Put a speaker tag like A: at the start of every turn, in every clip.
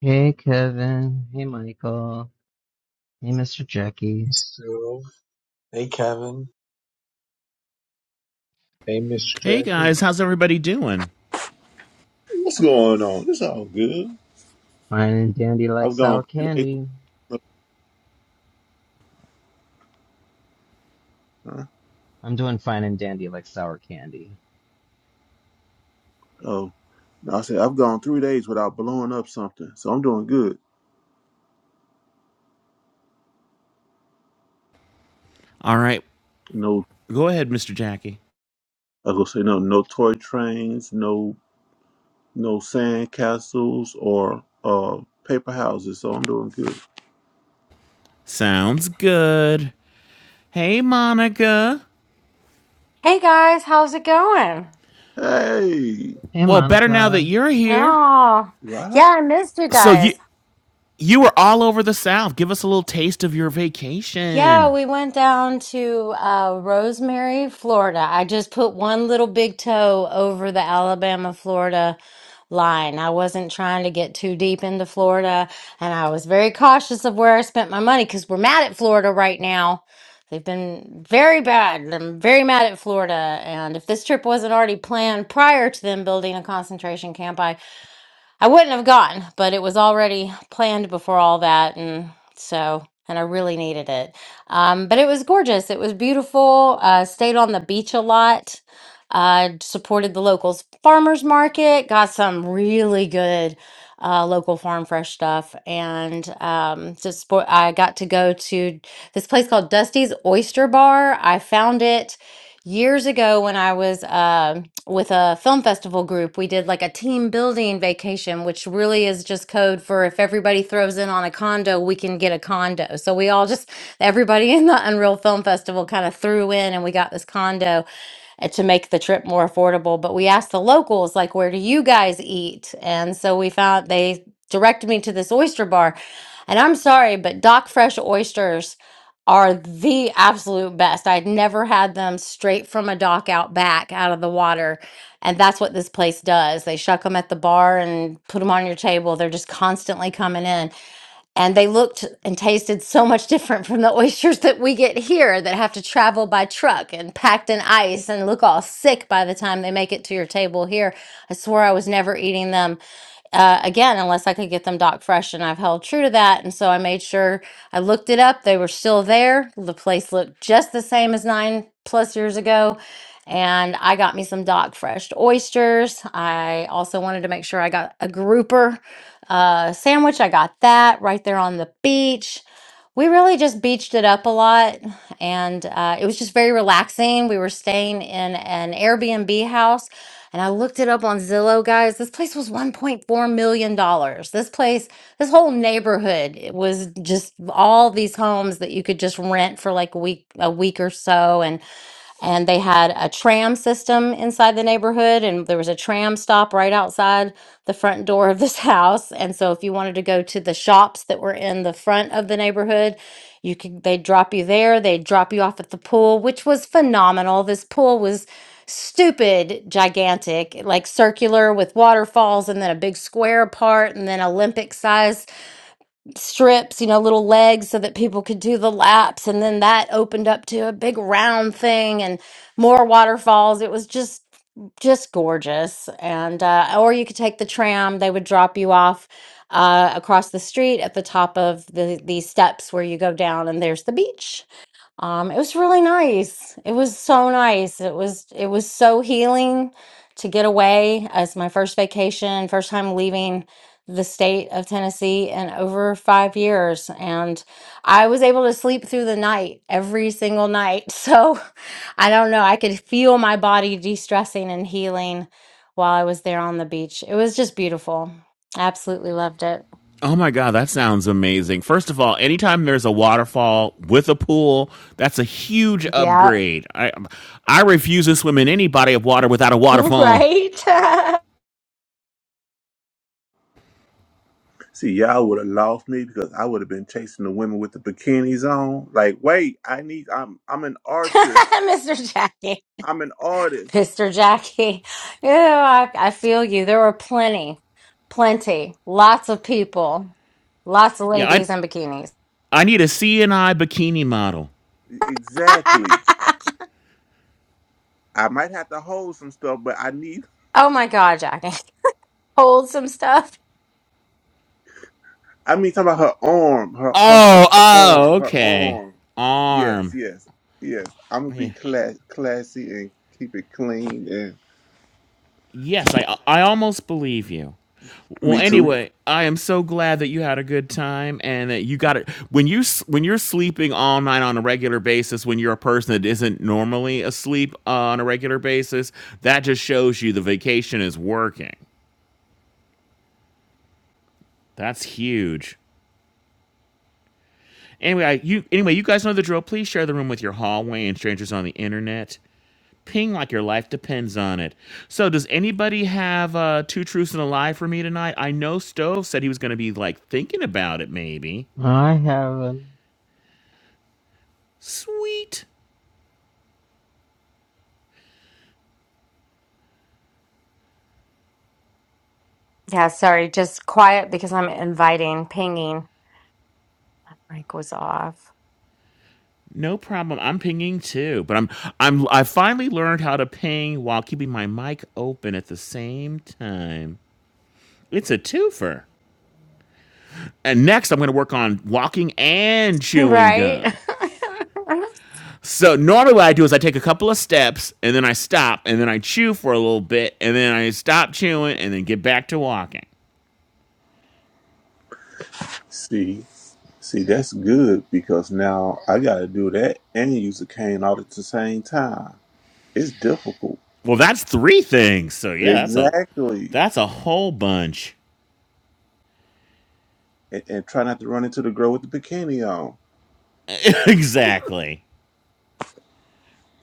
A: Hey Kevin, hey Michael, hey Mr. Jackie.
B: Hey, Stu. Hey, Kevin. Hey, Mr.
C: Hey
B: Jackie.
C: guys, how's everybody doing?
D: What's going on? It's all good.
A: Fine and dandy like
D: I've
A: sour
D: gone three days.
A: candy.
D: Without, huh?
A: I'm doing fine and dandy like sour candy.
D: Oh, no, I said I've gone three days without blowing up something, so I'm doing good.
C: All right,
D: No,
C: go ahead, Mr. Jackie.
D: I go say no, no toy trains, no, no sand castles or uh paper houses. So I'm doing good.
C: Sounds good. Hey Monica.
E: Hey guys, how's it going?
D: Hey,
A: Hey
C: Well, better now that
A: Monica,
C: you're here.
E: Oh,
D: right?
E: yeah, I missed you
C: So you
E: guys.
C: you were all over the South. Give us a little taste of your
E: Yeah,
C: vacation.
E: we went down to uh, Rosemary, Florida. I just put one little big toe over the Alabama Florida line. I wasn't trying to get too deep into Florida, and I was very cautious of where I spent my money because we're mad at Florida right now. They've been very bad. and I'm very mad at Florida. And if this trip wasn't already planned prior to them building a concentration camp, I wouldn't have gone, but it was already planned before all that, and so and I really needed it. Um, but it was gorgeous. It was beautiful. Uh, stayed on the beach a lot. Uh, supported the locals farmers market. Got some really good uh, local farm fresh stuff, and um, just spo- I got to go to this place called Dusty's Oyster Bar. I found it years ago when I was um with a film festival group, we did like a team building vacation, which really is just code for if everybody throws in on a condo, we can get a condo. So we all just, everybody in the Unreal Film Festival kind of threw in and we got this condo uh, to make the trip more affordable. But we asked the locals, like, where do you guys eat? And so we found they directed me to this oyster bar. And I'm sorry, but Doc Fresh oysters are the absolute best. I'd never had them straight from a dock out back out of the water. And that's what this place does. They shuck them at the bar and put them on your table. They're just constantly coming in and they looked and tasted so much different from the oysters that we get here that have to travel by truck and packed in ice and look all sick by the time they make it to your table here. I swore I was never eating them uh, again unless I could get them dock fresh, and I've held true to that. And so I made sure I looked it up; they were still there. The place looked just the same as nine plus years ago, and I got me some Dock Fresh oysters. I also wanted to make sure I got a grouper uh, sandwich. I got that right there on the beach. We really just beached it up a lot, and uh, it was just very relaxing. We were staying in an Airbnb house, and I looked it up on Zillow, guys. This place was $1.4 million. dollars. This place, this whole neighborhood, it was just all these homes that you could just rent for like a week, a week or so, and and they had a tram system inside the neighborhood and there was a tram stop right outside the front door of this house and so if you wanted to go to the shops that were in the front of the neighborhood you could they'd drop you there they'd drop you off at the pool which was phenomenal this pool was stupid gigantic like circular with waterfalls and then a big square part and then olympic size strips, you know, little legs so that people could do the laps. And then that opened up to a big round thing and more waterfalls. It was just, just gorgeous. And, uh, or you could take the tram, they would drop you off. Uh, across the street at the top of the these steps where you go down and there's the beach um, it was really nice. It was so nice. It was it was so healing to get away as my first vacation, first time leaving the state of Tennessee in over 5 years and I was able to sleep through the night every single night. So I don't know, I could feel my body de-stressing and healing while I was there on the beach. It was just beautiful. Absolutely loved it.
C: Oh my god, that sounds amazing. First of all, anytime there's a waterfall with a pool, that's a huge
E: Yeah.
C: upgrade. I I refuse to swim in any body of water without a waterfall.
E: Right?
D: See, y'all would have lost me because I would have been chasing the women with the bikinis on. Like, wait, I need. I'm I'm an artist.
E: Mr. Jackie.
D: I'm an artist.
E: Mr. Jackie. Yeah, I, I feel you. There were plenty, plenty, lots of people, lots of
C: Yeah, I
E: ladies in bikinis.
C: I need a C and I bikini model.
D: E-, Exactly. I might have to hold some stuff, but I need.
E: oh my God, Jackie. Hold some stuff.
D: I mean, talking about her arm, her her her,
C: Oh,
D: her
C: oh,
D: arm, her
C: okay.
D: arm. Yes,
C: Arm.
D: yes, yes. I'm gonna be
C: Yeah.
D: class, classy and keep it clean. And
C: Yes, I I almost believe you. Well,
D: me too.
C: anyway, I am so glad that you had a good time and that you got it. When you s- when you're sleeping all night on a regular basis, when you're a person that isn't normally asleep uh, on a regular basis, that just shows you the vacation is working. That's huge. Anyway, I, you anyway, you guys know the drill. Please share the room with your hallway and strangers on the internet. Ping like your life depends on it. So, does anybody have uh, two truths and a lie for me tonight? I know Stove said he was going to be like thinking about it, maybe.
A: I have um,
C: Sweet,
E: Yeah, sorry, just quiet because I'm inviting, pinging. Mic was off.
C: no problem. I'm pinging too, but I'm I'm I finally learned how to ping while keeping my mic open at the same time. It's a twofer. And next, I'm going to work on walking and chewing
E: Right?
C: gum. So normally what I do is I take a couple of steps and then I stop and then I chew for a little bit and then I stop chewing and then get back to walking.
D: See, see, that's good because now I gotta do that and use a cane all at the same time. It's difficult.
C: Well, that's three things. So yeah, that's a
D: Exactly.
C: that's a whole bunch.
D: And, and try not to run into the girl with the bikini on.
C: exactly.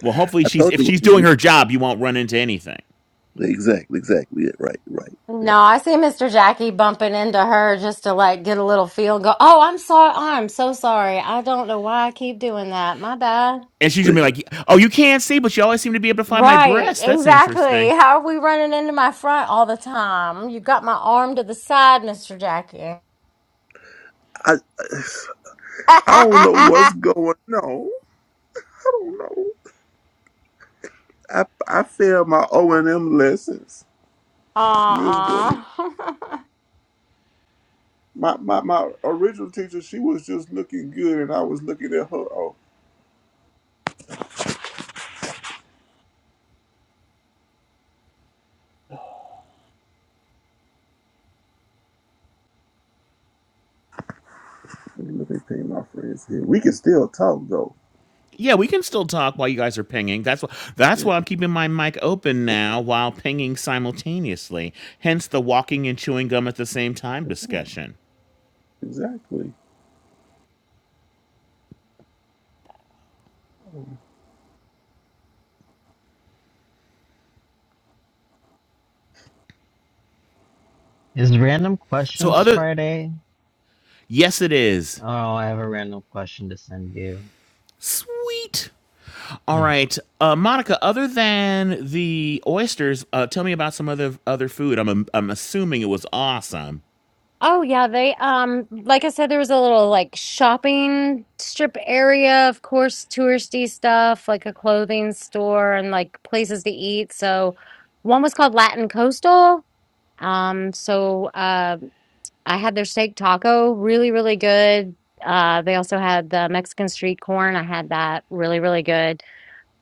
C: Well, hopefully
D: I
C: she's
D: told
C: if she's doing
D: you.
C: her job, you won't run into anything.
D: Exactly, exactly. Yeah, Right, right, right.
E: No, I see Mr. Jackie bumping into her just to like get a little feel go. Oh, I'm sorry. I'm so sorry. I don't know why I keep doing that. My bad.
C: And she's gonna
D: But
C: be like, "Oh, you can't see, but you always seem to be able to find my
E: Right,
C: breast. That's
E: exactly.
C: interesting."
E: How are we running into my front all the time? You got my arm to the side, Mr. Jackie.
D: I I don't know what's going on. I don't know. I I failed my O and M lessons
E: Uh-uh.
D: miserably. My, my my original teacher, she was just looking good, and I was looking at her. Oh, let me look at ping my friends here. We can still talk though.
C: Yeah, we can still talk while you guys are pinging. That's why that's
D: Yeah,
C: why I'm keeping my mic open now while pinging simultaneously. Hence the walking and chewing gum at the same time discussion.
D: exactly.
A: is random
C: So
A: questions
C: other
A: Friday?
C: yes it is.
A: Oh, I have a random question to send you.
C: Sweet. All
A: Ah,
C: right. Uh Monica, other than the oysters, uh tell me about some other other food. I'm I'm assuming it was awesome.
E: Oh yeah, they um like I said there was a little like shopping strip area, of course, touristy stuff, like a clothing store and like places to eat. So one was called Latin Coastal. Um so uh, I had their steak taco, really, really good. Uh, they also had the Mexican street corn. I had that really, really good.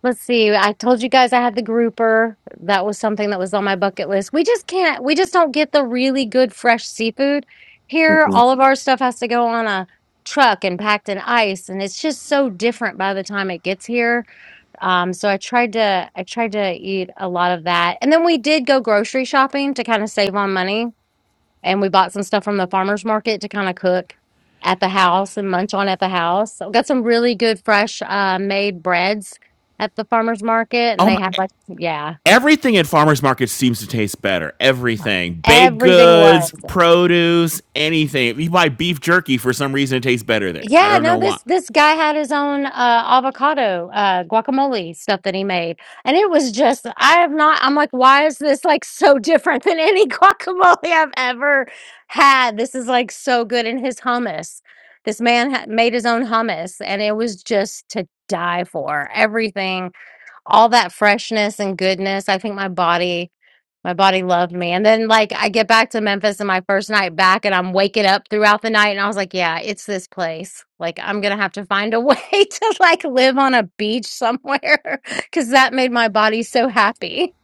E: Let's see. I told you guys I had the grouper. That was something that was on my bucket list. We just can't, we just don't get the really good fresh seafood here.
D: Mm-mm.
E: All of our stuff has to go on a truck and packed in ice, and it's just so different by the time it gets here. Um, so I tried to, I tried to eat a lot of that. And then we did go grocery shopping to kind of save on money and we bought some stuff from the farmers market to kind of cook at the house and munch on at the house. So we got some really good fresh uh, made breads at the farmers market, and
C: Oh
E: they
C: my
E: had like yeah,
C: everything at farmers markets seems to taste better. Everything, baked
E: everything
C: goods,
E: was.
C: produce, anything. If you buy beef jerky, for some reason, it tastes better there. I
E: Yeah,
C: don't
E: no,
C: know why.
E: this this guy had his own uh avocado uh guacamole stuff that he made. And it was just I have not I'm like, why is this like so different than any guacamole I've ever had? This is like so good in his hummus. This man ha- made his own hummus and it was just to die for. Everything, all that freshness and goodness. I think my body my body loved me. And then like I get back to Memphis and my first night back and I'm waking up throughout the night and I was like, yeah, it's this place. Like I'm gonna have to find a way to like live on a beach somewhere because that made my body so happy.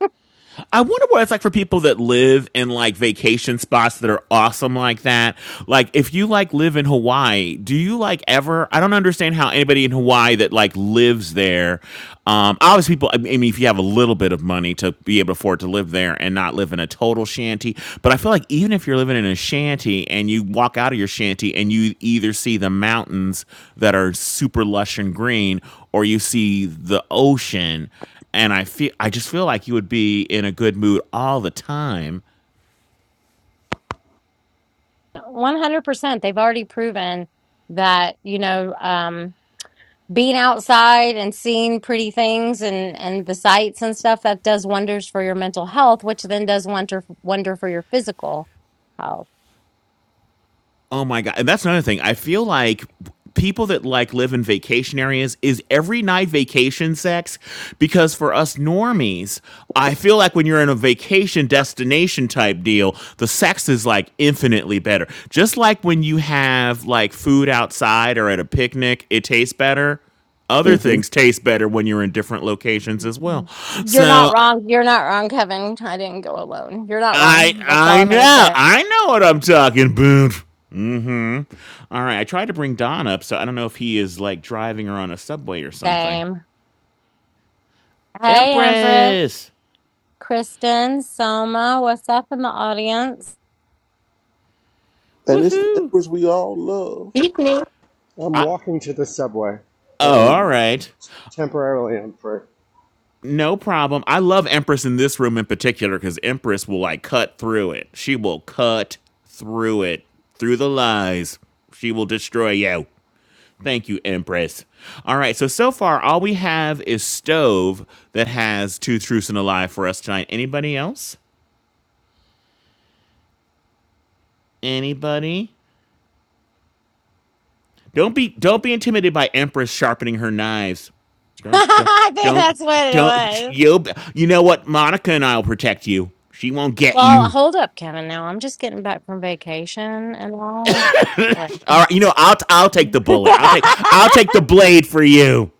C: I wonder what it's like for people that live in like vacation spots that are awesome like that. Like if you like live in Hawaii, do you like ever I don't understand how anybody in Hawaii that like lives there um obviously people I mean if you have a little bit of money to be able to afford to live there and not live in a total shanty, but I feel like even if you're living in a shanty and you walk out of your shanty and you either see the mountains that are super lush and green or you see the ocean and I feel I just feel like you would be in a good mood all the time.
E: 100%. They've already proven that, you know, um being outside and seeing pretty things and and the sights and stuff that does wonders for your mental health which then does wonder wonder for your physical health
C: Oh my god! And that's another thing. I feel like people that like live in vacation areas is every night vacation sex because for us normies i feel like when you're in a vacation destination type deal the sex is like infinitely better just like when you have like food outside or at a picnic it tastes better other
D: Mm-hmm.
C: things taste better when you're in different locations as well.
E: Mm. you're not
C: So
E: wrong you're not wrong kevin i didn't go alone you're not
C: I
E: wrong that's all
C: I
E: i'm gonna
C: know.
E: say
C: I know what I'm talking about. Hmm? All right, I tried to bring Don up, so I don't know if he is like driving her on a subway or something.
E: same hey empress
C: Empress.
E: Kristen, Soma, what's up in the audience?
D: And it's the
C: Woohoo.
D: empress we all love.
F: evening.
G: I'm
C: I,
G: walking to the subway, but
C: oh,
G: in
C: all right.
G: temporarily I'm free.
C: No problem. I love Empress in this room in particular cuz Empress will like cut through it. She will cut through it, through the lies. She will destroy you. Thank you, Empress. All right, so so far all we have is stove that has two truths and a lie for us tonight. Anybody else? Anybody? Don't be don't be intimidated by Empress sharpening her knives. Don't don't
E: I think
C: don't
E: that's what it
C: don't
E: was.
C: you you know what Monica and I'll protect you. She won't get
E: Well,
C: you.
E: hold up, Kevin. Now I'm just getting back from vacation and all. Like
C: All right, you know I'll I'll take the bullet. I'll take I'll take the blade for you.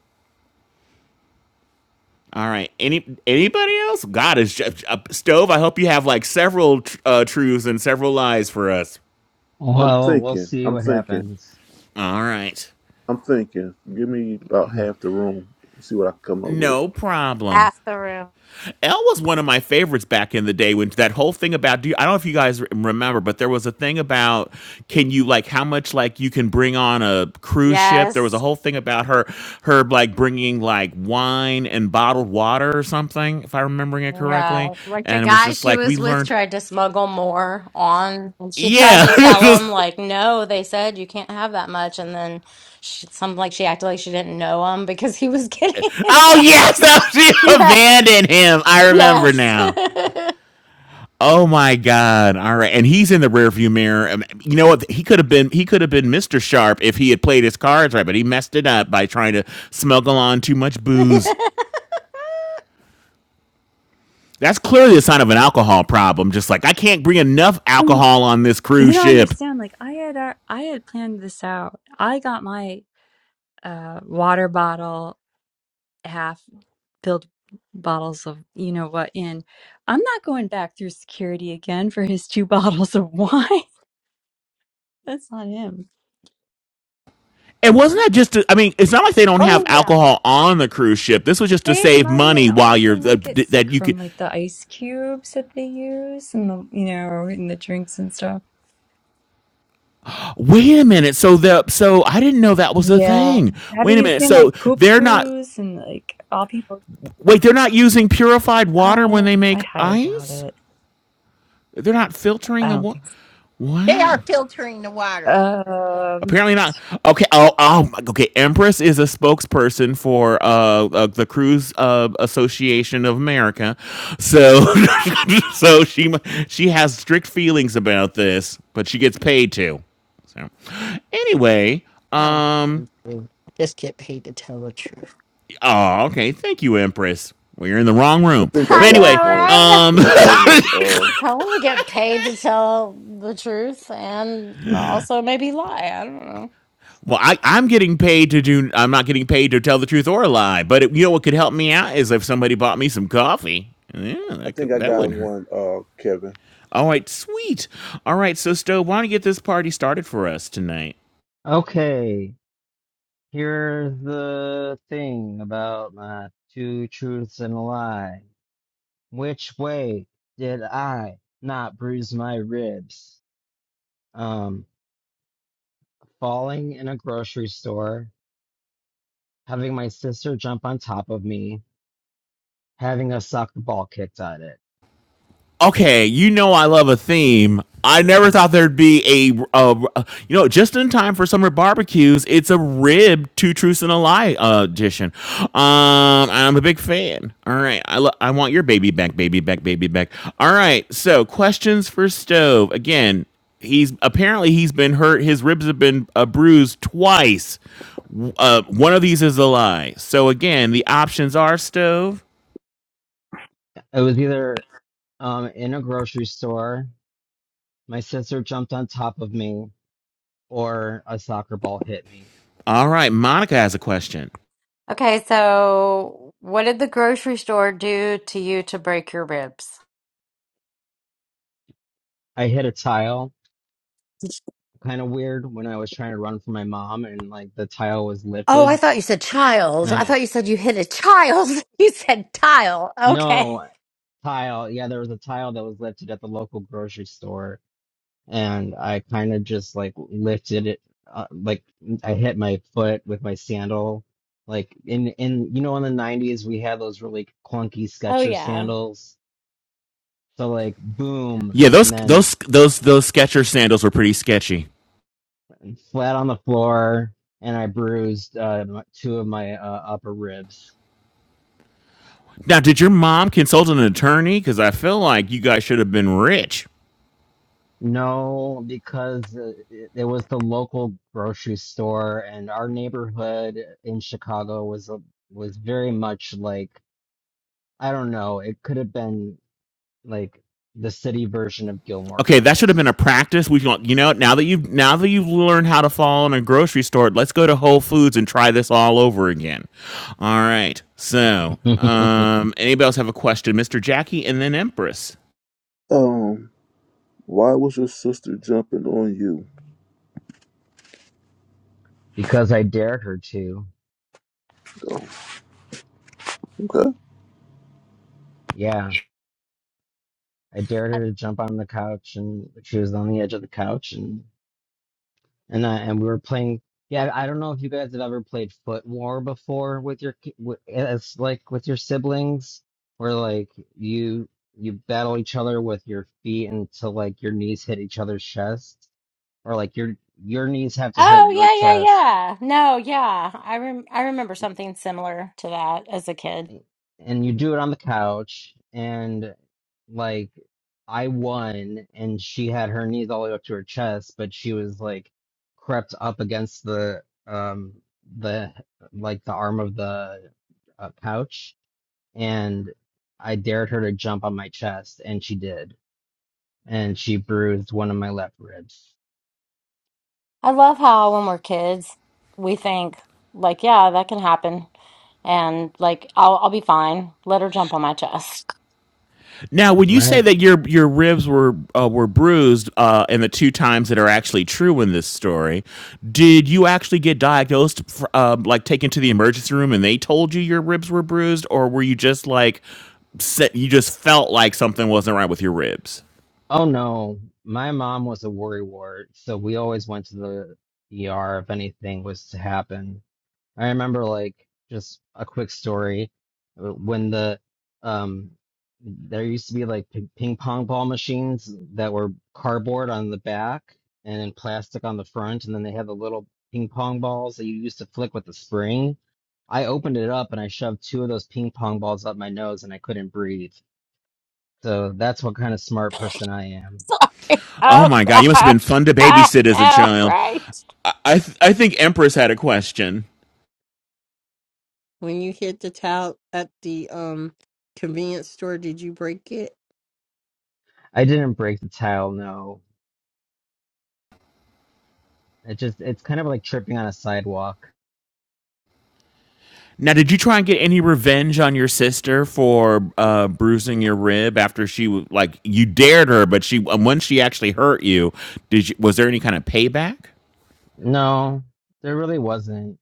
C: All right, any anybody else? God is just, uh, stove. I hope you have like several tr- uh, truths and several lies for us.
D: I'm
A: Well, we'll
D: thinking.
A: see
D: I'm
A: what
D: thinking.
A: happens.
C: All right.
D: I'm thinking. Give me about half the room. See what I can come up with.
C: No problem.
E: half the room.
C: Elle was one of my favorites back in the day when that whole thing about do you, I don't know if you guys remember, but there was a thing about can you like how much like you can bring on a cruise ship. There was a
E: Yes.
C: whole thing about her her like bringing like wine and bottled water or something, if I'm remembering it correctly.
E: Yeah. Like the
C: And it was
E: guy
C: just
E: she
C: like we
E: was with
C: learned.
E: tried to smuggle more on, and she tried
C: Yeah.
E: to tell him, like, no, they said you can't have that much. And then she, something like she acted like she didn't know him because he was getting in
C: oh
E: trouble.
C: yes, she
E: Yes.
C: abandoned him. I remember now.
E: Yes.
C: Oh my God! All right, and he's in the rearview mirror. Um, You know what? He could have been he could have been Mister Sharp if he had played his cards right, but he messed it up by trying to smuggle on too much
E: I
C: booze. That's clearly a sign of an alcohol problem. Just like I can't bring enough
H: Um,
C: alcohol on this
H: You
C: cruise
H: don't
C: ship.
H: understand. Like I had, uh, I had planned this out. I got my uh, water bottle, half filled bottles of you know what in. I'm not going back through security again for his two bottles of wine. That's on him.
C: And wasn't that just? To, I mean, it's not like they don't have
H: Oh yeah.
C: alcohol on the cruise ship. This was just to
H: Save
C: save
H: money and
C: money while
H: also
C: you're uh,
H: not get sick
C: that you could.
H: from like the ice cubes that they use and the you know in the drinks and stuff.
C: Wait a minute. So the so I didn't know that was a
H: Yeah.
C: thing.
H: Have
C: Wait a
H: you
C: minute.
H: seen like
C: So
H: poop
C: they're not.
H: crews and like all people?
C: Wait, they're not using purified water when
H: Oh,
C: they
H: I
C: make
H: highly doubt
C: ice?
H: it.
C: They're not filtering
H: I
C: the
H: don't
C: water?
H: think
F: They are
C: Wow.
F: filtering the water.
H: so. Um,
C: Apparently not. Okay. Oh, oh. Okay. Empress is a spokesperson for uh, uh the Cruise uh, Association of America, so so she she has strict feelings about this, but she gets paid to. So anyway,
F: I don't
C: um,
F: believe- I just get paid to tell the truth.
C: oh, okay. Thank you, Empress. Well, you are in the wrong
D: I
C: room,
E: know,
D: think I
C: but
D: got
C: anyway,
D: one.
E: right?
D: I
C: um,
D: think I got one.
E: I want to get paid to tell the truth and also maybe lie. I don't know.
C: Well, I, I'm getting paid to do. I'm not getting paid to tell the truth or a lie. But it, you know what could help me out is if somebody bought me some coffee. Yeah,
D: I
C: that could,
D: think I
C: that
D: got
C: wouldn't hurt.
D: one, uh, Kevin.
C: All right, sweet. All right, so Stowe, why don't you get this party started for us tonight?
A: Okay, here's the thing about my two truths and a lie. Which way did I not bruise my ribs? Um, falling in a grocery store, having my sister jump on top of me, having a soccer ball kicked at it.
C: okay, you know I love a theme. I never thought there'd be a, uh you know, just in time for summer barbecues. It's a rib, two truths and a lie uh, edition. Um, I'm a big fan. All right, I lo- I want your baby back, baby back, baby back. All right, so questions for stove again. He's apparently he's been hurt. His ribs have been uh, bruised twice. Uh, one of these is a lie. So again, the options are stove.
A: It was either um in a grocery store, my sister jumped on top of me, or a soccer ball hit me.
C: All right, Monica has a question.
E: Okay, so what did the grocery store do to you to break your ribs?
A: I hit a tile, kind of weird, when I was trying to run from my mom, and like the tile was
E: Oh, I
A: lifted,
E: thought you said
A: and
E: child.
A: I
E: I
A: didn't
E: thought you said you hit a child. You said tile. Okay.
A: No, tile. Yeah, there was a tile that was lifted at the local grocery store, and I kind of just like lifted it, uh, like I hit my foot with my sandal. Like in in you know in the 90s we had those really clunky
E: Oh
A: Skechers
E: yeah.
A: sandals. So like boom,
C: Yeah,
A: and
C: those
A: then
C: those those those Skechers sandals were pretty sketchy.
A: flat on the floor, and I bruised uh, my- two of my uh, upper ribs.
C: Now, did your mom consult an attorney? Because I feel like you guys should have been rich.
A: No, because uh, it, it was the local grocery store, and our neighborhood in Chicago was a, was very much like I don't know. It could have been like the city version of Gilmore
C: Okay, that should have been a
A: Girls,
C: practice. We, should- you know, now that you've now that you've learned how to fall in a grocery store, let's go to Whole Foods and try this all over again. All right. So, um, anybody else have a question, Mister Jackie, and then Empress?
D: Um, why was your sister jumping on you?
A: because I dared her to.
D: Oh, okay.
A: Yeah, I dared her to jump on the couch, and she was on the edge of the couch, and I and we were playing. Yeah, I don't know if you guys have ever played Foot War before with your ki- wi- it's like with your siblings, where like you you battle each other with your feet until like your knees hit each other's chest, or like your your knees have to hit
E: Oh
A: your
E: yeah, yeah,
A: chest
E: yeah. No, yeah. I rem- I remember something similar to that as a kid.
A: and you do it on the couch and like I won and she had her knees all the way up to her chest, but she was like crept up against the um the like the arm of the uh, couch and I dared her to jump on my chest and she did and she bruised one of my left ribs.
E: I love how when we're kids, we think like, yeah, that can happen, and like, I'll I'll be fine. Let her jump on my chest.
C: Now, when you say
A: Right.
C: that your your ribs were uh, were bruised, uh, and the two times that are actually true in this story, did you actually get diagnosed, fr- um, like taken to the emergency room, and they told you your ribs were bruised, or were you just like, se- you just felt like something wasn't right with your ribs?
A: Oh no, my mom was a worrywart, so we always went to the ER if anything was to happen I remember like just a quick story uh, when the um there used to be like p- ping pong ball machines that were cardboard on the back and then plastic on the front, and then they had the little ping pong balls that you used to flick with the spring. I opened it up and I shoved two of those ping pong balls up my nose and I couldn't breathe. So that's what kind of smart person I am.
C: Oh
E: Oh
C: my god, you must have
E: gosh,
C: been fun to
E: I
C: babysit as a
E: know,
C: child.
E: right?
C: I I, th- I think Empress had a question.
F: When you hit the towel at the um convenience store, did you break it?
A: I didn't break the tile, no. It just it's kind of like tripping on a sidewalk.
C: Now, did you try and get any revenge on your sister for uh, bruising your rib after she w- like you dared her, but she and when she actually hurt you, did you, was there any kind of payback?
A: No, there really wasn't.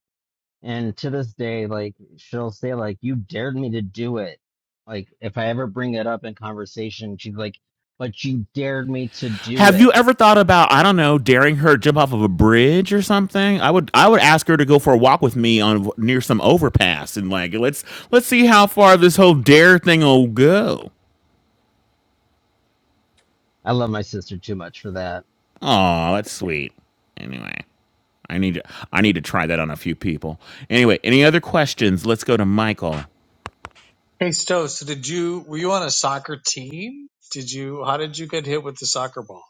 A: And to this day, like she'll say, like, you dared me to do it. Like if I ever bring it up in conversation, she's like, but you dared me to do
C: Have you
A: it.
C: ever thought about I don't know daring her to jump off of a bridge or something? I would I would ask her to go for a walk with me on near some overpass and like let's let's see how far this whole dare thing will go.
A: I love my sister too much for that.
C: Aw, that's sweet. Anyway, I need to I need to try that on a few people. Anyway, any other questions? Let's go to Michael.
B: Hey, Stu. So, did you were you on a soccer team? Did you? How did you get hit with the soccer ball?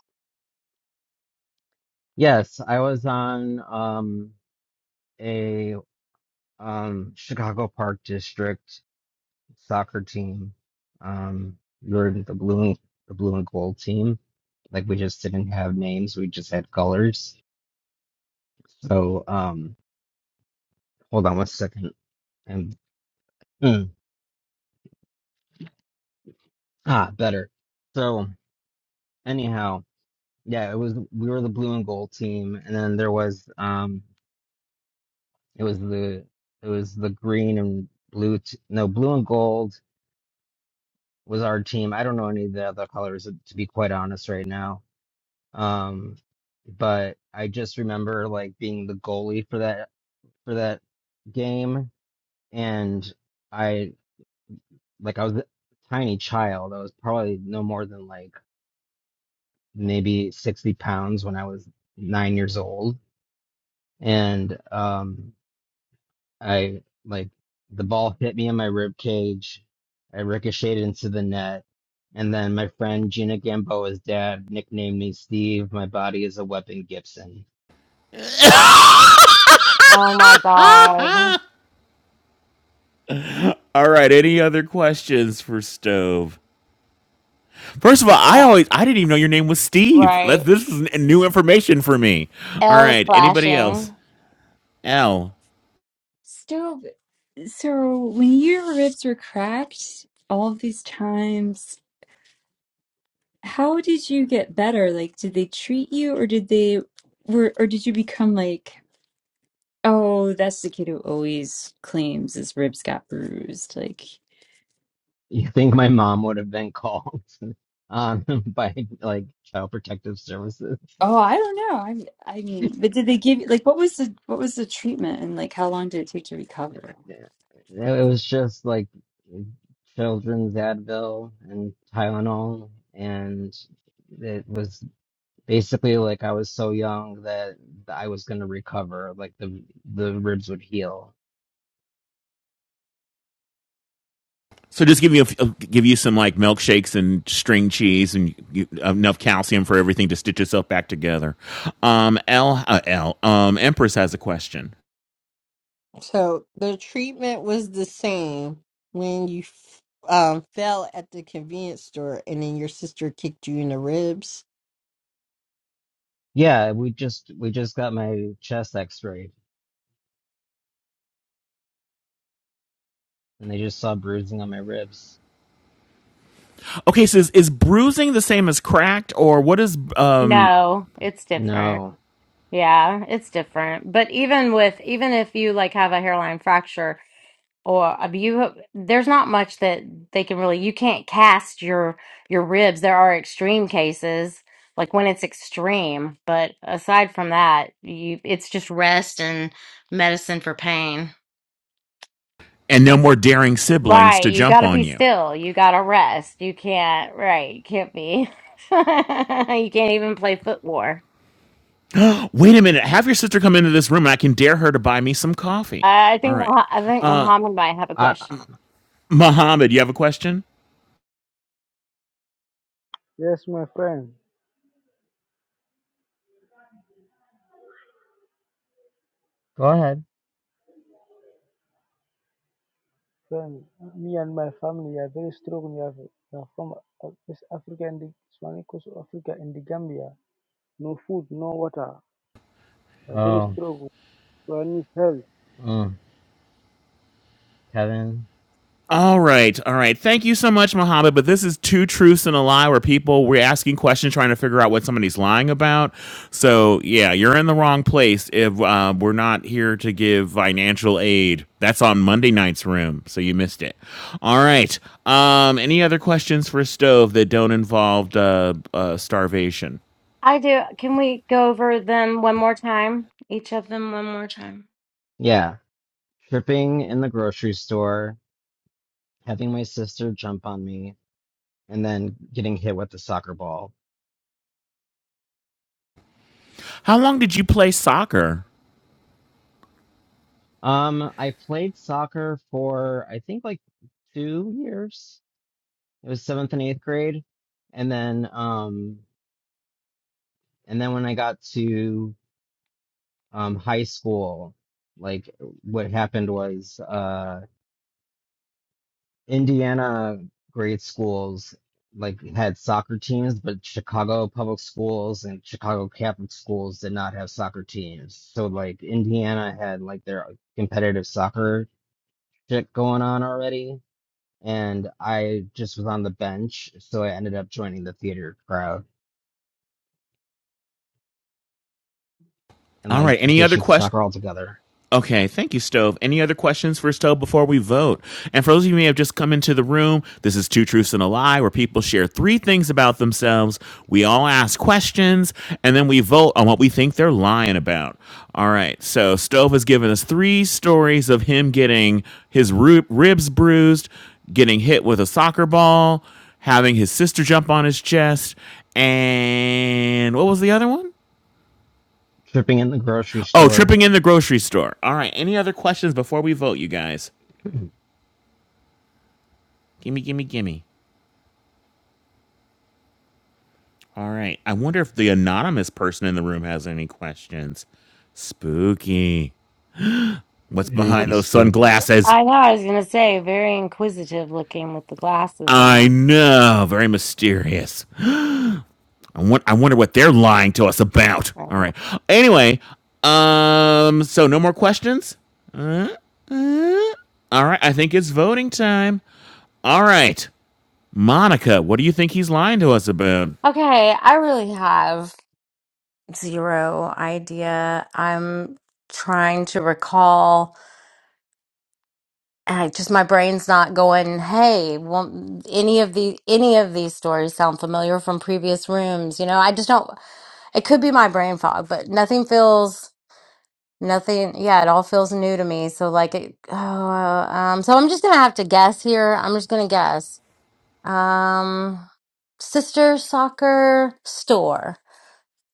A: Yes, I was on um a um Chicago Park District soccer team. Um we were the blue and the blue and gold team. Like we just didn't have names, we just had colors. So um hold on one second and hmm. Ah, better. So anyhow, yeah, it was we were the blue and gold team, and then there was um it was the it was the green and blue t no blue and gold was our team. I don't know any of the other colors to be quite honest right now. Um, but I just remember like being the goalie for that for that game, and I like I was a tiny child. I was probably no more than like maybe 60 pounds when I was nine years old and um I like the ball hit me in my rib cage. I ricocheted into the net, and then my friend Gina Gamboa's dad nicknamed me Steve. My body is a weapon, Gibson.
E: Oh my God,
C: All right. Any other questions for Stove? First of all, I
E: Uh,
C: always I didn't even know your name was Steve.
E: right?
C: That this is n- new information for me. All
E: L is
C: right. Anybody else?
E: flashing.
C: L.
H: Stop. So, when your ribs were cracked all of these times, how did you get better? Like, did they treat you, or did they were, or did you become like, oh, that's the kid who always claims his ribs got bruised? Like,
A: You think my mom would have been called um by like child protective services?
H: oh, I don't know. i I mean, but did they give you like what was the what was the treatment, and like how long did it take to recover?
A: Yeah. It was just like children's Advil and Tylenol, and it was Basically, like I was so young that I was gonna recover, like the the ribs would heal.
C: So just give you a f- uh, give you some like milkshakes and string cheese and you, enough calcium for everything to stitch itself back together. Um, L uh, L um, Empress has a question.
F: So the treatment was the same when you f- um fell at the convenience store and then your sister kicked you in the ribs.
A: Yeah, we just we just got my chest x-rayed and they just saw bruising on my ribs.
C: Okay, so is, is bruising the same as cracked, or what is um
E: No, it's different.
A: No.
E: Yeah, it's different. But even with even if you like have a hairline fracture. or abuse there's not much that they can really you can't cast your your ribs there are extreme cases like when it's extreme but aside from that you it's just rest and medicine for pain
C: and no more daring siblings
E: right
C: to
E: you got
C: jump
E: to be
C: on you.
E: still you got to rest you can't right you can't be you can't even play foot war
C: Wait a minute. Have your sister come into this room and I can dare her to buy me some coffee.
E: i I
C: All
E: think
C: right.
E: Mo- i think
C: Uh,
E: muhammad might have a
A: I
E: question
C: Mohammed, you have a question?
I: Yes, my friend.
A: go ahead.
I: friend. Me and my family are very strong. We are, we are from Af- West Africa and the Swahili Coast of Africa and the Gambia. No food, no water. We are very
A: Oh,
I: strong. We need help.
A: mm, Kevin.
C: All right, all right. Thank you so much, Mohammed. But this is two truths and a lie, where people we're asking questions, trying to figure out what somebody's lying about. So yeah, you're in the wrong place if uh, we're not here to give financial aid. That's on Monday night's room, so you missed it. All right. Um, any other questions for Stove that don't involve uh, uh, starvation?
E: i do can we go over them one more time each of them one more time
A: Yeah, tripping in the grocery store, having my sister jump on me, and then getting hit with the soccer ball.
C: How long did you play soccer?
A: Um, I played soccer for I think like two years It was seventh and eighth grade, and then um, and then when I got to um, high school, like what happened was uh, Indiana grade schools like had soccer teams, but Chicago public schools and Chicago Catholic schools did not have soccer teams. So like Indiana had like their competitive soccer shit going on already, and I just was on the bench, so I ended up joining the theater crowd. and
C: All
A: like
C: right. Any other
A: ditching
C: questions?
A: soccer altogether,
C: Okay, thank you, Stove. Any other questions for Stove before we vote? And for those of you who may have just come into the room, this is Two Truths and a Lie, where people share three things about themselves. We all ask questions, and then we vote on what we think they're lying about. All right, so Stove has given us three stories of him getting his ru- ribs bruised, getting hit with a soccer ball, having his sister jump on his chest, and what was the other one?
A: tripping in the grocery
C: Oh,
A: store.
C: tripping in the grocery store. All right. Any other questions before we vote, you guys? Gimme, gimme, gimme. All right. I wonder if the anonymous person in the room has any questions. Spooky. What's behind
A: Ookie
C: those
A: scoops.
C: sunglasses?
E: I know, I was gonna say, very inquisitive looking with the glasses
C: I
E: on.
C: know. Very mysterious. I, want, I wonder what they're lying to us about. All
E: Mhm.
C: right. Anyway, um, so no more questions? All right. I think it's voting time. All right. Monica, what do you think he's lying to us about?
E: Okay, I really have zero idea. I'm trying to recall, and I just my brain's not going, hey, won't any of the any of these stories sound familiar from previous rooms? You know, I just don't, it could be my brain fog, but nothing feels Nothing, yeah, it all feels new to me. So like it, oh, um, so I'm just gonna have to guess here. I'm just gonna guess. Um, sister soccer store.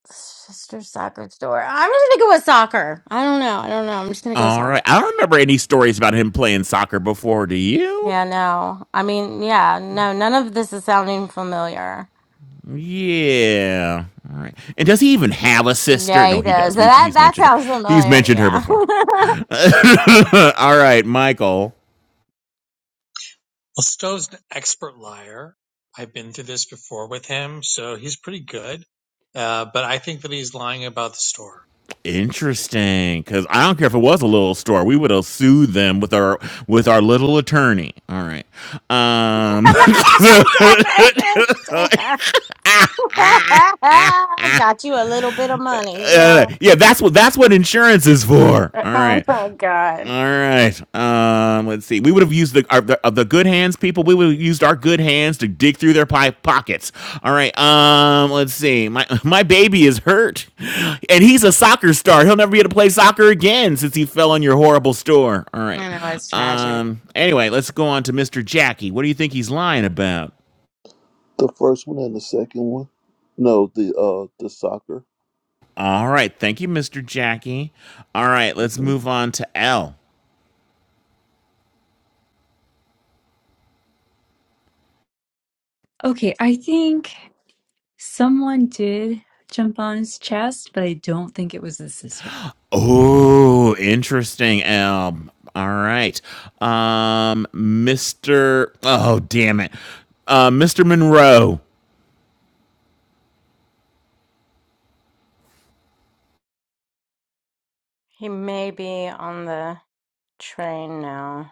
E: Sister soccer store. I'm just gonna go with soccer. I don't know. I don't know. I'm just gonna go with
C: All right.
E: soccer.
C: I don't remember any stories about him playing soccer before. Do you?
E: Yeah, no. I mean, yeah, no. None of this is sounding familiar.
C: Yeah. All right. And does he even have a sister?
E: Yeah,
C: No,
E: he
C: he
E: does.
C: does. We,
E: That
C: he's
E: that
C: mentioned her.
E: sounds
C: He's
E: familiar.
C: mentioned her
E: Yeah.
C: before. All right, Michael.
B: Well, Stu's an expert liar. I've been through this before with him, so he's pretty good. Uh, but I think that he's lying about the store.
C: Interesting, because I don't care if it was a little store, we would have sued them with our with our little attorney. All right, um,
E: Damn. Got you a little bit of money.
C: yeah,
E: Yeah.
C: that's what that's what insurance is for. All
E: Oh
C: right,
E: my
C: All
E: god.
C: right. Um, let's see. We would have used the our, the, of the good hands people. We would have used our good hands to dig through their pie pockets. All right. Um, let's see. My my baby is hurt, and he's a soccer star. He'll never be able to play soccer again since he fell on your horrible store. All right.
E: I know it's tragic.
C: Um. Anyway, let's go on to Mr. Jackie. What do you think he's lying about?
D: The first one and the second one. No, the uh, the soccer.
C: All right. Thank you, Mr. Jackie. All right. Let's
D: hmm
C: move on to L.
H: Okay, I think. Someone did jump on his chest, but I don't think it was his sister.
C: Oh, interesting, Elm. All right. Um, Mr. Oh, damn it. Uh, Mr. Monroe,
E: He may be on the train now.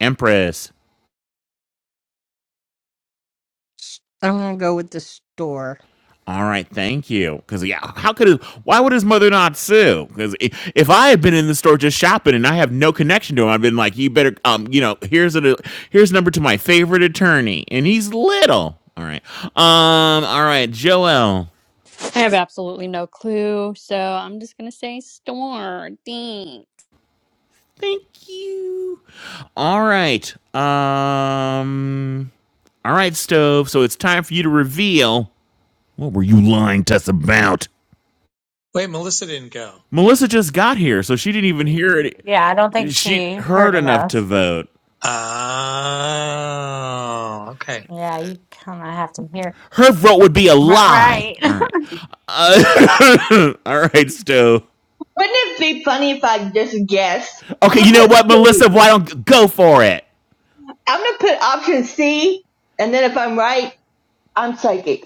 C: Empress.
F: I'm gonna go with the store.
C: All right, thank you. Because, yeah, how could his, why would his mother not sue? Because if I had been in the store just shopping and I have no connection to him, I've been like, you better, um, you know, here's a, here's a number to my favorite attorney. And he's little. All right. Um, all right, Joel.
J: I have absolutely no clue, so I'm just gonna say store. Thanks.
C: Thank you. All right. Um. All right, stove. So it's time for you to reveal. What were you lying to us about?
B: Wait, Melissa didn't go.
C: Melissa just got here, so she didn't even hear it.
E: Yeah, I don't think
C: She
E: she heard
C: heard enough to
E: enough.
C: vote.
B: Oh, okay.
E: Yeah, you kind of have to hear.
C: Her vote would be a
E: Ri-
C: lie.
E: Right.
C: All right. Uh, all right, stove.
K: Wouldn't it be funny if I just guessed? I'm
C: Okay,
K: gonna
C: you know
K: put
C: what,
K: C.
C: Melissa? Why don't go for it?
K: I'm gonna put option C, and then if I'm right, I'm psychic.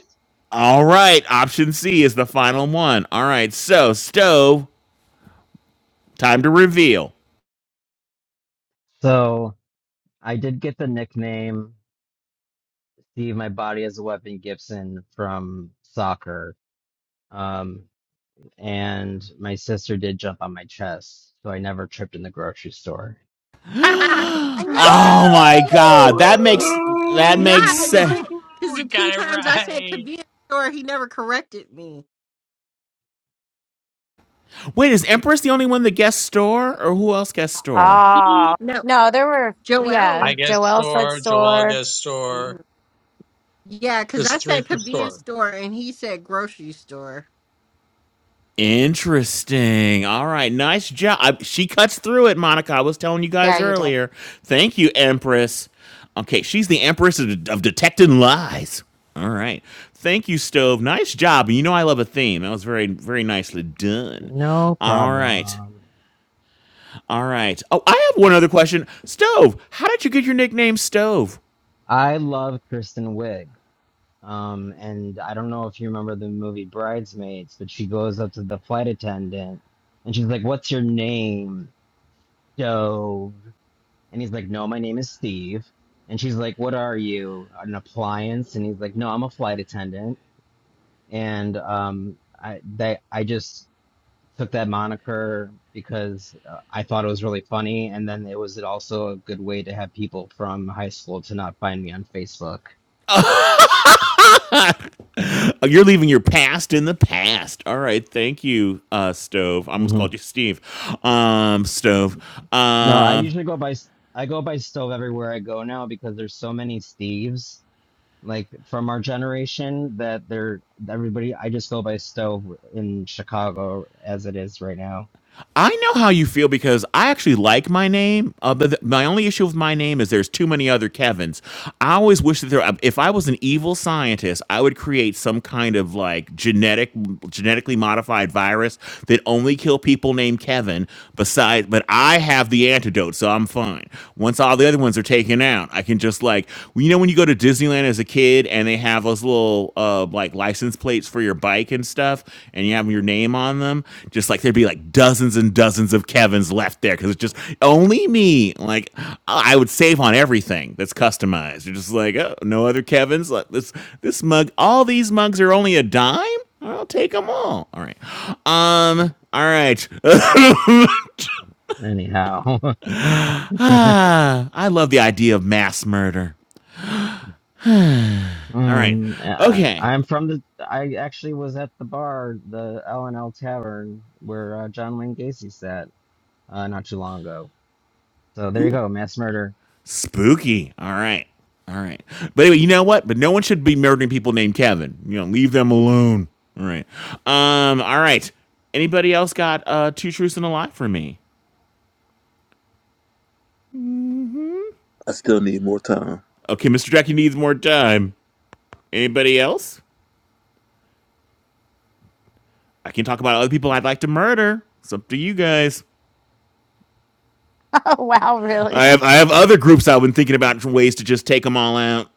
C: All right. Option C is the final one. All right. So stove. Time to reveal.
A: So I did get the nickname "Steve, my body as a weapon" Gibson from soccer. Um, and my sister did jump on my chest, so I never tripped in the grocery store.
F: I
J: Woo!
F: know, I
C: oh my
F: know.
B: Woo!
C: god, that
F: You,
C: makes that
F: you know
C: makes
F: how I knew
C: sense.
F: it? Because the
B: We
F: two
B: got it
F: times I said
B: right.
F: convenience store, he never corrected me.
C: Wait, is Empress the only one that guest store, or who else guest store?
E: Oh, no, there were,
F: Joel.
E: yeah,
B: I guess
E: Joelle's
B: store. Joel
E: bookstore.
B: guessed store.
F: Yeah, because
B: There's
F: I
B: three
F: said
B: for
F: convenience
B: store.
F: store and he said grocery store.
C: Interesting. All right, nice job. I- she cuts through it, Monica. I was telling you
E: Yeah,
C: guys
E: you do.
C: earlier. Thank you, Empress. Okay, she's the Empress of, of detecting lies. All right. Thank you, Stove. Nice job. You know I love a theme. That was very, very nicely done.
A: No
C: All right.
A: problem.
C: All right. Oh, I have one other question. Stove, how did you get your nickname Stove?
A: I love Kristen Wiig. Um, and I don't know if you remember the movie Bridesmaids, but she goes up to the flight attendant and she's like, "What's your name?" stove. And he's like, no, my name is Steve. And she's like, what are you? An appliance? And he's like, no, I'm a flight attendant. And um, I that I just took that moniker because uh, I thought it was really funny, and then it was also a good way to have people from high school to not find me on Facebook.
C: Oh, You're leaving your past in the past. All right. Thank you, uh, Stove. I almost
A: hmm
C: called you Steve. Um, Stove.
A: No, I
C: Um,
A: usually go by s- I go by stove everywhere I go now because there's so many Steves like from our generation that they're everybody I just go by stove in Chicago as it is right now.
C: I know how you feel because I actually like my name. Uh, but the, my only issue with my name is there's too many other Kevins. I always wish that there. um, If I was an evil scientist, I would create some kind of like genetic, genetically modified virus that only kill people named Kevin. Besides, but I have the antidote, so I'm fine. Once all the other ones are taken out, I can just like you know when you go to Disneyland as a kid and they have those little uh, like license plates for your bike and stuff and you have your name on them just like there'd be like dozens and dozens of kevins left there because it's just only me like i would save on everything that's customized you're just like oh no other kevins Like, this this mug all these mugs are only a dime i'll take them all all right um all right
A: Anyhow,
C: ah, i love the idea of mass murder all right
A: mm, I,
C: okay
A: I'm from the. I actually was at the bar, the L and L Tavern, where uh, John Wayne Gacy sat uh, not too long ago. So there you
C: Ooh,
A: go, mass murder.
C: Spooky. All right. All right. But anyway, you know what? But no one should be murdering people named Kevin. You know, leave them alone. All right. Um, all right. Anybody else got uh two truths and a lie for me?
D: I still need more time.
C: Okay, Mr. Jackie needs more time. Anybody else? I can talk about other people I'd like to murder. It's up to you guys.
E: Oh, wow, really?
C: I have I have other groups I've been thinking about for ways to just take them all out.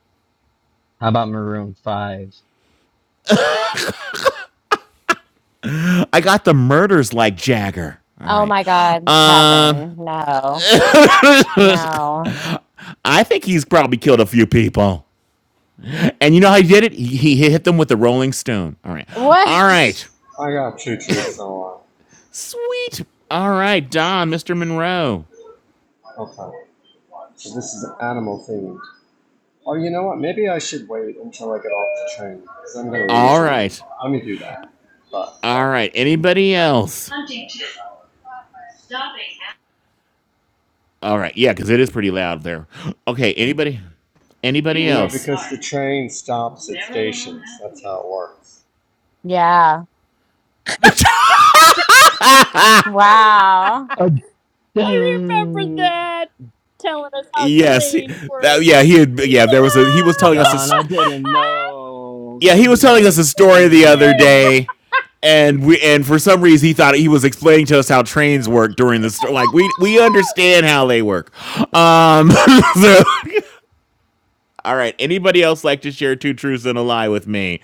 A: How about Maroon Five?
C: I got the murders like Jagger. All
E: Oh
C: right.
E: my
C: Um,
E: God,
C: Uh,
E: Kevin. No, no.
C: I think he's probably killed a few people. And you know how he did it? He, he hit them with the Rolling Stone. All right. All
E: What?
C: right.
G: I got two truths and a
C: Sweet. All right, Don, Mr. Monroe.
G: Okay. So this is animal themed. Oh, you know what? Maybe I should wait until I get off the train because I'm gonna
C: All
G: lose you. in a
C: right.
G: I'm gonna do that. But
C: All
G: but
C: right. Anybody else?
G: Huntington, stopping. at
C: All right. Yeah, because it is pretty loud there. Okay. Anybody?
G: New
C: Anybody
G: you know
C: else?
G: because the train stops at stations. That's how it works.
E: Yeah. Wow.
A: Uh,
J: I remember
A: dang,
J: that telling us how
C: yes.
J: trains
C: that-
J: work.
C: yeah. He had. Yeah. There was a. He was telling us. a.
A: Don, I didn't know.
C: yeah, he
A: Thank
C: was
A: you
C: telling
A: for
C: us a story the other
A: explaining.
C: day, and we and for some reason he thought he was explaining to us how trains work during the story. Like we we understand how they work. Um, so, all right. Anybody else like to share two truths and a lie with me,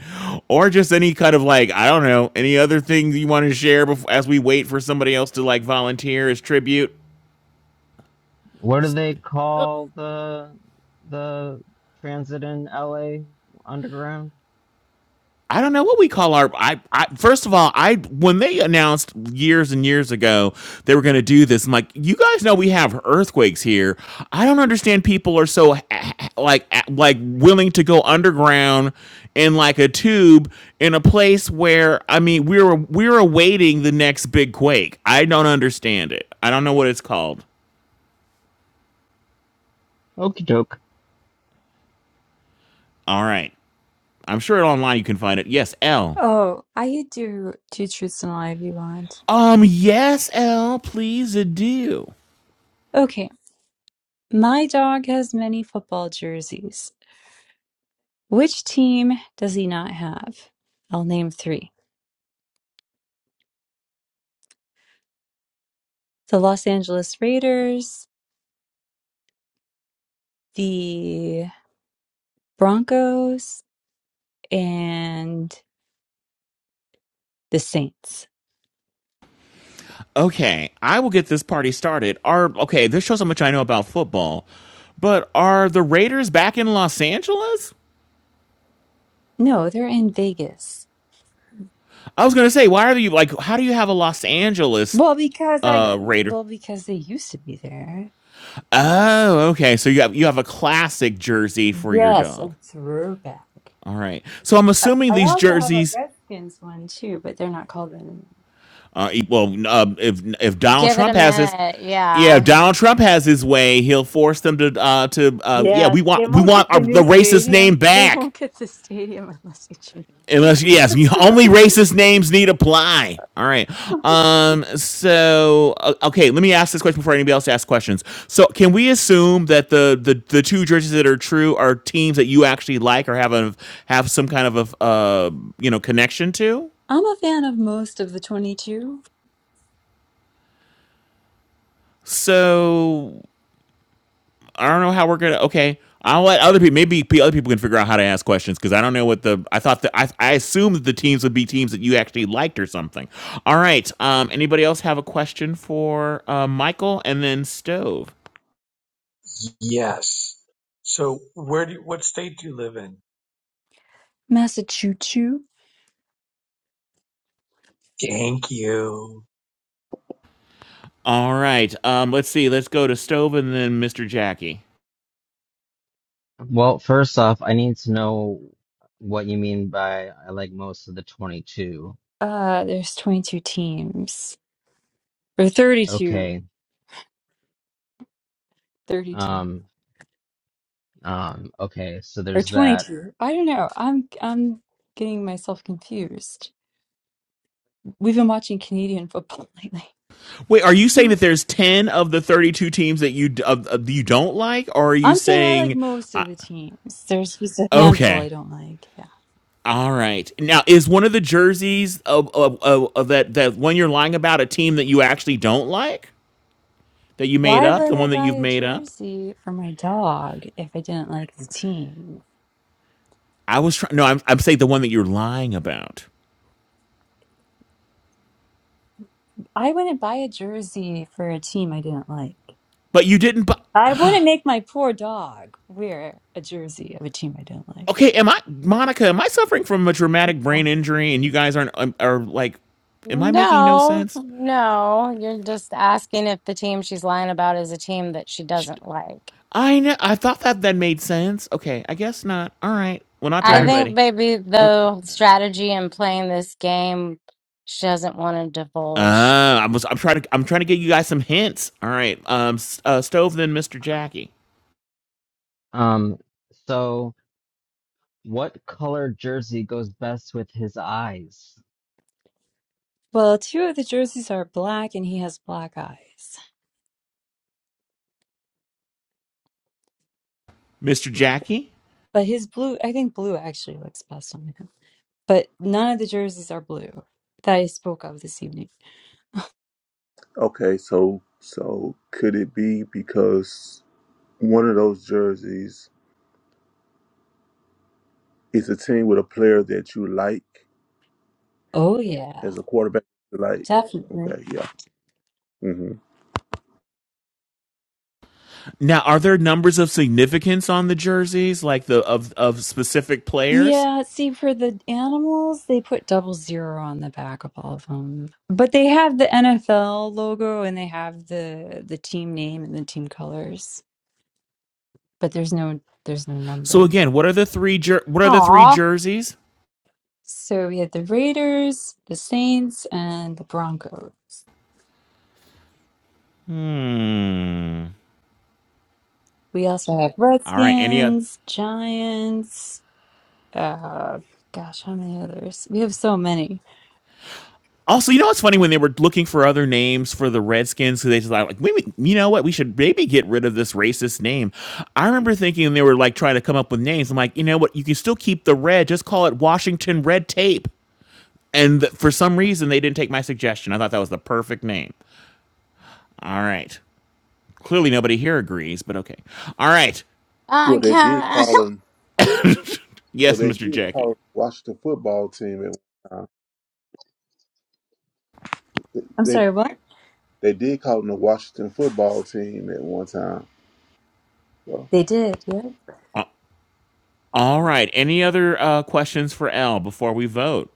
C: or just any kind of like I don't know any other thing you want to share before, as we wait for somebody else to like volunteer as tribute?
A: What do they call the the transit in LA underground?
C: I don't know what we call our. I, I first of all, I when they announced years and years ago they were going to do this, I'm like, you guys know we have earthquakes here. I don't understand people are so h- h- like a- like willing to go underground in like a tube in a place where I mean we're we're awaiting the next big quake. I don't understand it. I don't know what it's called.
A: Okie doke.
C: All right, I'm sure online you can find it. Yes, L.
H: Oh, I could do two truths and a lie if you want.
C: Um, yes, L. Please do.
H: Okay, my dog has many football jerseys. Which team does he not have? I'll name three the Los Angeles Raiders, the Broncos, and the Saints.
C: okay, I will get this party started. Are okay, this shows how much I know about football. But are the Raiders back in Los Angeles?
H: No, they're in Vegas.
C: I was gonna say, why are you like how do you have a Los Angeles
H: Well, because I,
C: uh Raider?
H: well, because they used to be there.
C: Oh, okay. So you have you have a classic jersey for your
H: Yes, a
C: dog.
H: throwback.
C: All right. So I'm
H: I,
C: assuming
H: I
C: these
H: also have a
C: jerseys
H: Redskins one too, but they're not called that anymore.
C: uh e- well uh, if if Donald
E: Give it a
C: Trump has this
E: minute.
C: yeah, if
E: Yeah.
C: Donald Trump has his way, he'll force them to uh to uh yeah,
H: Yeah,
C: we
H: they
C: want we
H: won't
C: want
H: get
C: our,
H: the
C: the
H: new
C: racist name
H: stadium. They
C: back.
H: won't get the stadium unless they change.
C: Unless yes, only racist names need apply. All right. Um. So o- okay, let me ask this question before anybody else asks questions. So can we assume that the the, the two jerseys that are true are teams that you actually like or have a have some kind of a uh you know connection to?
H: I'm a fan of most of the 22
C: So I don't know how we're gonna. Okay, I'll let other people. Maybe other people can figure out how to ask questions because I don't know what the. I thought that I, I assumed the teams would be teams that you actually liked or something. All right. Um. Anybody else have a question for uh, Michael and then Stove?
B: Yes. So where do you, what state do you live in?
H: Massachusetts.
B: Thank you.
C: All right. Um. Let's see. Let's go to Stove and then Mr. Jackie.
A: Well, first off, I need to know what you mean by I like most of the 22.
H: Uh, there's 22 teams or 32,
A: Okay.
H: 32
A: Um um okay, so
H: or
A: there's that.
H: 22. I don't know. I'm I'm getting myself confused. We've been watching Canadian football lately.
C: Wait. Are you saying that there's ten of the thirty-two teams that you uh you don't like, or are you
H: I'm saying I like
C: saying?
H: most
C: Uh,
H: of the teams. There's just a handful
C: okay.
H: I don't like. Yeah.
C: All right. Now, is one of the jerseys of, of, of, of that that one you're lying about a team that you actually don't like that you made
H: Why
C: up, the
H: would I
C: one that
H: buy
C: you've
H: a
C: made up?
H: jersey for my dog if I didn't like the team?
C: I was trying. No, I'm I'm saying the one that you're lying about,
H: I wouldn't buy a jersey for a team I didn't like.
C: but you didn't. Bu-
H: I wouldn't make my poor dog wear a jersey of a team I didn't like.
C: okay, am I Monica? Am I suffering from a traumatic brain injury, and you guys aren't um, are like, am I making no
E: No,
C: sense?
E: no. You're just asking if the team she's lying about is a team that she
C: J-
E: doesn't like.
C: I know. I thought that that made sense. Okay, I guess not. All right. Well, not to
E: I
A: I
E: think
C: everybody.
E: maybe
C: Um,
E: the
A: uh,
E: strategy in playing this game, she doesn't want to divulge.
C: Uh, I was, I'm trying to I'm trying to get you guys some hints. All right. Um, S- uh, stove then Mr. Jackie.
A: um so what color jersey goes best with his eyes?
H: Well, two of the jerseys are black and he has black eyes.
C: Mr. Jackie.
H: But his blue, I think blue actually looks best on him. But none of the jerseys are blue that I spoke of this evening.
D: Okay, so so could it be because one of those jerseys is a team with a player that you like
H: Oh, yeah,
D: has a quarterback you like?
H: definitely.
D: Okay, yeah. hmm
C: Now, are there numbers of significance on the jerseys, like the of of specific players?
H: Yeah, see, for the animals, they put double zero on the back of all of them. But they have the NFL logo and they have the the team name and the team colors. But there's no there's no
C: So
H: number.
C: again, what are the three jer- what are the three
E: Aw.
C: jerseys?
H: So we had the Raiders, the Saints, and the Broncos.
C: Hmm.
H: We also have
C: All right. Any other?
H: Redskins, Giants, uh gosh, how many others? We have so many.
C: Also, you know what's funny when they were looking for other names for the Redskins, because they just like, maybe you know what, we should maybe get rid of this racist name. I remember thinking they were like trying to come up with names. I'm like, you know what, you can still keep the red, just call it Washington Red Tape. And th- for some reason, they didn't take my suggestion. I thought that was the perfect name. All right, clearly nobody here agrees, but okay. All right,
D: Well,
E: Uh,
D: they did
E: can,
D: call them. Well,
C: yes,
D: they
C: Mr.
D: did call
C: Jackie.
D: 'em Washington football team at one time.
H: I'm
D: They,
H: sorry, what?
D: They did call him the Washington football team at one time. So
H: They did, yeah.
C: A- All right, any other uh, questions for L before we vote?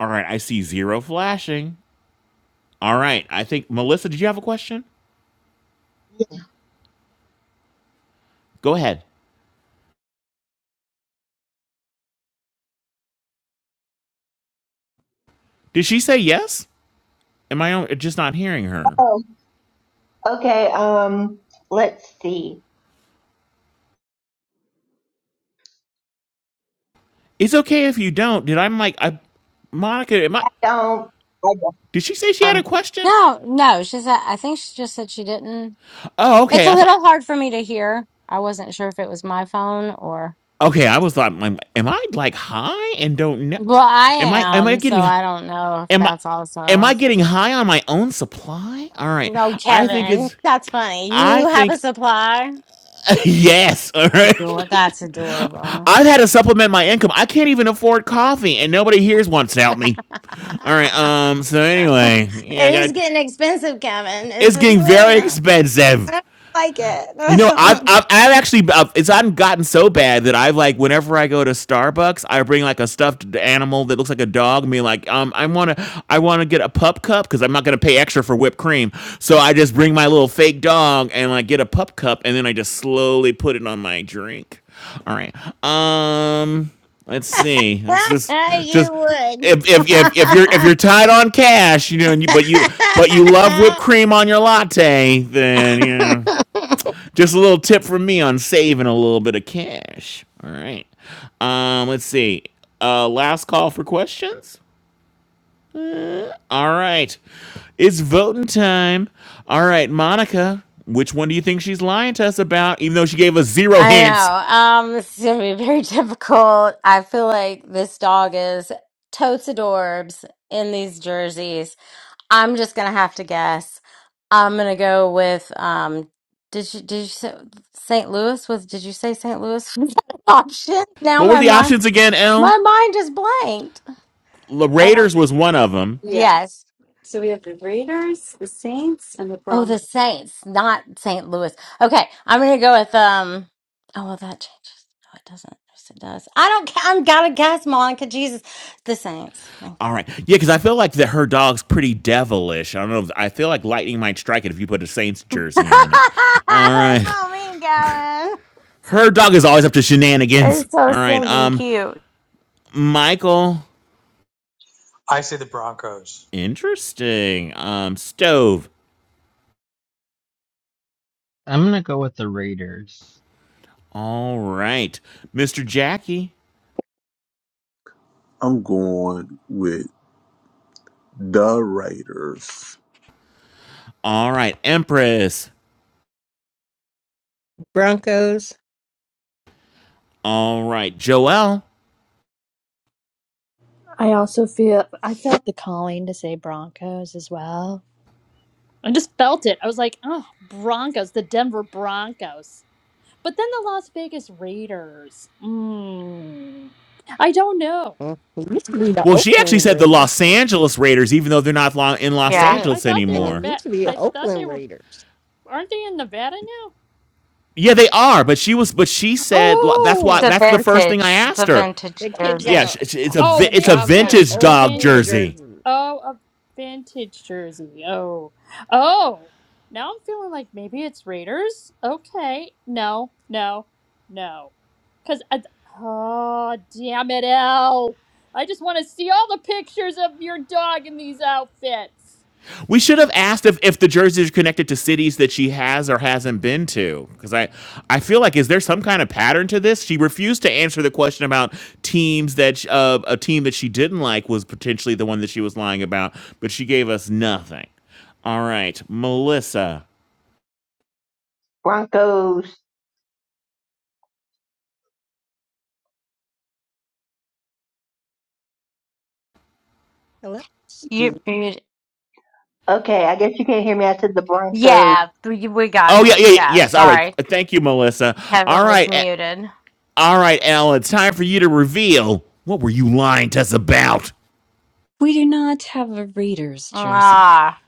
C: All right, I see zero flashing. All right. I think Melissa, did you have a question? Go ahead. Did she say yes? Am I just not hearing her?
K: Oh, okay. Um, let's see.
C: It's okay if you don't. Did I'm like I Monica, am I
K: Don't. I guess
C: did she say she had a
K: I'm
C: question?
E: no, no. She said, I think she just said she didn't.
C: Oh,
E: It's
C: okay.
E: a
C: I thought
E: little hard for me to hear. I wasn't sure if it was my phone or.
C: okay, I was like am I like high and don't know
E: Well, I
C: am I am I
E: am, so
C: getting
E: I don't know if
C: am I
E: that's
C: am
E: also.
C: I getting high on my own supply? All right.
E: No,
C: I think
E: Kevin,
C: it's
E: that's funny.
C: I
E: You have a
C: think
E: supply.
C: yes. All right.
E: Ador- that's adorable.
C: I've had to supplement my income. I can't even afford coffee, and nobody here wants to help me.
E: it
C: All right. Um. So anyway, yeah, I
E: is
C: got.
E: getting expensive, Kevin. It's
C: It's getting very
E: like. I
C: expensive.
E: don't like
C: You know, I've
E: it.
C: I've, I've actually I've, it's I've gotten so bad that I've like whenever I go to Starbucks, I bring like a stuffed animal that looks like a dog. Me like um I want to I want to get a pup cup because I'm not gonna pay extra for whipped cream, so I just bring my little fake dog and like get a pup cup and then I just slowly put it on my drink. All right, um, let's see. Let's just
E: I do
C: just.
E: you would.
C: If, if, if, if you're if you're tied on cash, you know, and you, but you but you love whipped cream on your latte, then you know just a little tip from me on saving a little bit of cash. All right. Um, let's see. Uh, last call for questions. All right. It's voting time. All right, Monica, which one do you think she's lying to us about, even though she gave us zero
E: I
C: hints?
E: know. Um, this is gonna be very difficult. I feel like this dog is totes adorbs in these jerseys. I'm just gonna have to guess. I'm gonna go with um. Did you did you say St. Louis was? Did you say St. Louis was an option? Now
C: What were
E: my
C: the
E: mind
C: options again, L?
E: my mind is blanked.
C: The
H: Uh
C: Raiders was one of them.
H: yeah.
E: Yes.
H: So we have the Raiders, the Saints, and the
E: Oh, the
H: Broncos.
E: Saints, not St. Louis. Okay, I'm gonna go with um. Oh well, that changes. No, it doesn't. Yes, it does. I don't. ca- I'm gotta guess, Monica. Jesus, the Saints. Thank
C: All
E: you.
C: right. Yeah, because I feel like that her dog's pretty devilish. I don't know. If, I feel like lightning might strike it if you put a Saints jersey on it. All
E: That's
C: right.
E: so mean, Gavin.
C: Her dog is always up to shenanigans.
E: It's so
C: All right.
E: stinking
C: Um,
E: cute.
C: Michael.
B: I say the Broncos.
C: Interesting. Um, stove.
A: I'm gonna go with the Raiders.
C: All right. Mr. Jackie.
D: I'm going with the Raiders.
C: All right. Empress.
F: Broncos.
C: All right. Joelle.
J: Broncos as well. I just felt it. I was like, oh, Broncos, the Denver Broncos. But then the Las Vegas Raiders. Mm. I don't know.
F: Mm, It used to be the
C: Well, she actually
F: Oakland
C: said the
F: Raiders.
C: Los Angeles Raiders, even though they're not lo- in Los
E: Yeah,
F: Yeah.
J: I
C: Angeles
J: thought they
F: And
J: were
F: it
C: anymore.
J: bad.
F: used to be the
E: the-
J: I thought they
F: Oakland
J: were.
F: Raiders.
J: Aren't they in Nevada now?
C: Yeah, they are. But she was. But she said that's
E: it's
C: why.
E: a
J: Oh,
C: That's the first thing I
E: vintage. It's a
C: asked her.
E: vintage
F: The kid
E: jersey.
F: got
C: Yeah,
F: a,
C: it's a
J: oh,
F: that
C: it's a
F: dog got an
J: vintage,
C: vintage
J: a
F: old
C: dog
F: school
J: vintage.
C: jersey.
F: jersey.
J: Oh, a vintage jersey. Oh, oh. Now I'm feeling like maybe it's Raiders. Okay, no, no, no. Cause I, oh damn it, L. I just want to see all the pictures of your dog in these outfits.
C: We should have asked if, if the jerseys are connected to cities that she has or hasn't been to. Because I, I feel like, is there some kind of pattern to this? She refused to answer the question about teams that uh, a team that she didn't like was potentially the one that she was lying about, but she gave us nothing. All right, Melissa.
K: Broncos.
F: Hello. Stu.
E: You, you
K: Okay, I guess you can't hear me. I said the Broncos.
E: yeah, we, we got
C: Oh,
E: it.
C: yeah, yeah, yeah,
E: Yeah,
C: yes. All right.
E: sorry,
C: Thank you, Melissa.
E: Kevin
C: All
E: was
C: right. a-
E: muted.
C: All right, Al, it's time for you to reveal what were you lying to us about?
H: We do not have a Raiders jersey,
E: Ah.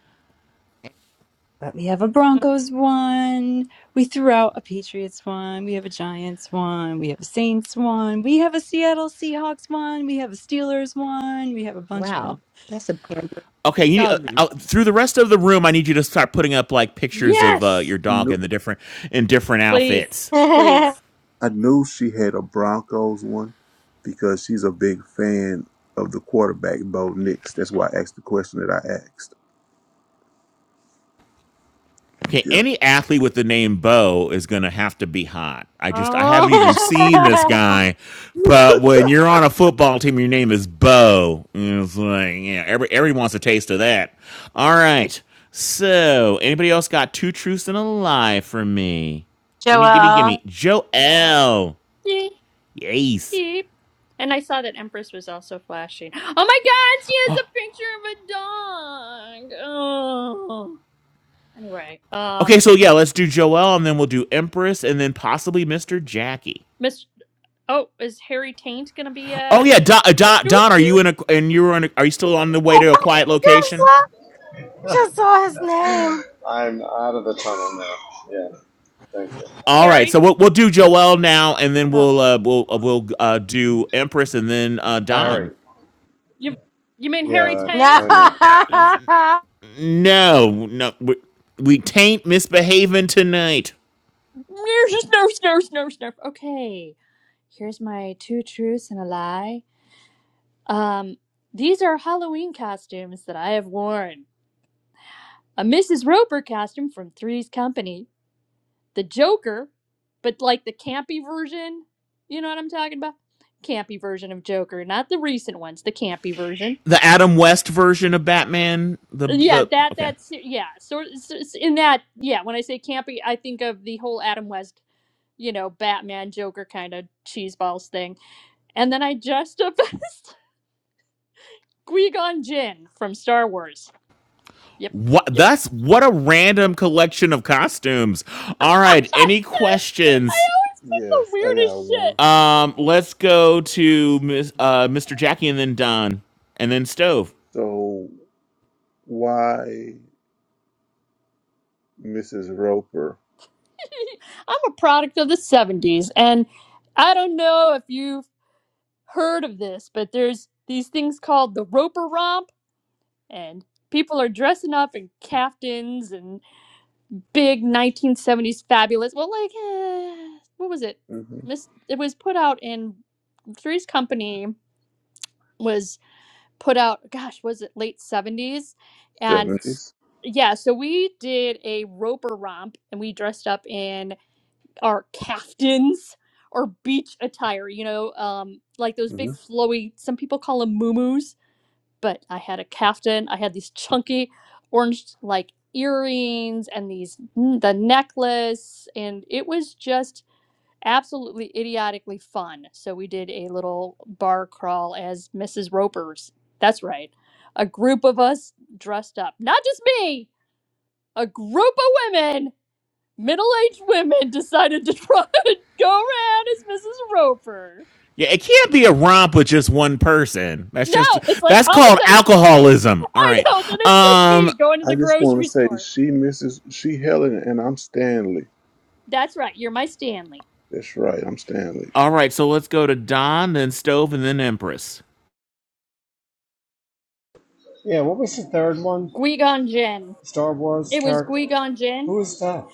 H: but we have a Broncos one. We threw out a Patriots one. We have a Giants one. We have a Saints one. We have a Seattle Seahawks one. We have a Steelers one. We have a bunch of
F: Wow.
H: them.
F: That's a pampered
C: Okay, you, uh,
F: doggy.
C: uh, through the rest of the room, I need you to start putting up like pictures of uh, your
D: I
C: dog
D: knew,
C: in the different in different
J: Please,
C: outfits.
J: please.
D: I knew she had a Broncos one because she's a big fan of the quarterback, Bo Nix. That's why I asked the question that I asked.
C: Okay,
D: Yeah.
C: any athlete with the name Bo is gonna have to be hot. I just I haven't even seen this guy, but when you're on a football team, your name is Bo. It's like yeah, every everyone wants a taste of that. All right, so anybody else got two truths and a lie for me?
E: Joel.
C: Gimme, gimme, gimme. Joel, yes.
J: Beep. And I saw that Empress was also flashing. Oh my god, she has a picture of a dog. Oh. Anyway,
C: Okay,
J: um,
C: so yeah, let's do Joelle, and then we'll do Empress, and then possibly Mister Jackie.
J: Miss. Oh, is Harry Taint gonna be
C: Oh
J: uh
C: yeah, Don, uh,
J: two
C: Don,
J: to
C: Don are
J: two?
C: you in a and you were in a, are you still on the way
E: I
C: to a quiet
E: Just
C: location?
E: saw, I just saw his name.
G: I'm out of the tunnel now. Yeah. Thank you,
C: All right, so
J: Harry.
C: we'll we'll do Joelle now, and then
J: Oh,
C: we'll uh, we'll uh, we'll uh, do Empress, and then uh, Don.
G: Harry.
J: you you mean Harry
G: Yeah, that's
J: Taint?
E: No,
G: my name.
J: Oh, sorry.
C: No, no, we, we taint misbehaving tonight.
J: Snurf, snurf, snurf, snurf. Okay, here's my two truths and a lie. Um, these are Halloween costumes that I have worn. A Mrs. Roper costume from Three's Company the Joker, but like the campy version. You know what I'm talking about? Campy version of Joker, not the recent ones. The campy version.
C: The Adam West version of Batman. The
J: Yeah,
C: the
J: that
C: okay.
J: that's yeah. Sort so, so in that yeah. When I say campy, I think of the whole Adam West, you know, Batman Joker kind of cheeseballs thing, and then I just best Qui-Gon Jinn from Star Wars. Yep,
C: What
J: yep.
C: that's what a random collection of costumes. All
J: I
C: right, any questions?
J: own the
D: Yes, I got
J: weirdest
D: one.
J: shit.
C: Um, let's go to Ms., uh, Mr. Jackie and then Don and then Stove.
D: So why Mrs. Roper?
J: I'm a product of the '70s, and I don't know if you heard of this, but there's these things called the Roper Romp, and people are dressing up in caftans and big 1970s fabulous. Well, like, eh, what was it?
D: Mm-hmm.
J: Miss, it was put out in Three's Company was put out. Gosh, was it late 70s? And
D: 70s.
J: yeah, so we did a Roper Romp, and we dressed up in our caftans. Or beach attire, you know, um, like those big
D: hmm
J: flowy. Some people call them moo but I had a caftan. I had these chunky orange like earrings and these mm, the necklace, and it was just absolutely idiotically fun. So we did a little bar crawl as Mrs. Roper's. That's right, a group of us dressed up, not just me, a group of women. Middle-aged women decided to try and go around as Mrs. Roper.
C: Yeah, it can't be a romp with just one person. That's
J: No,
C: just
J: it's like
C: that's
J: all of a
C: called
J: sudden
C: alcoholism. All
J: I
C: right.
J: know that it's just
C: Um,
J: me going to
D: I
J: the
D: just want to
J: grocery
D: say
J: store.
D: she misses, she Helen, and I'm Stanley.
J: That's right. You're my Stanley.
D: That's right, I'm Stanley.
C: all right, so let's go to Don, then Stove, and then Empress.
G: Yeah. What was the third one?
J: Gwigon Jin.
G: Star Wars
J: It was
G: character.
J: Gwigon Jin.
G: Who is that?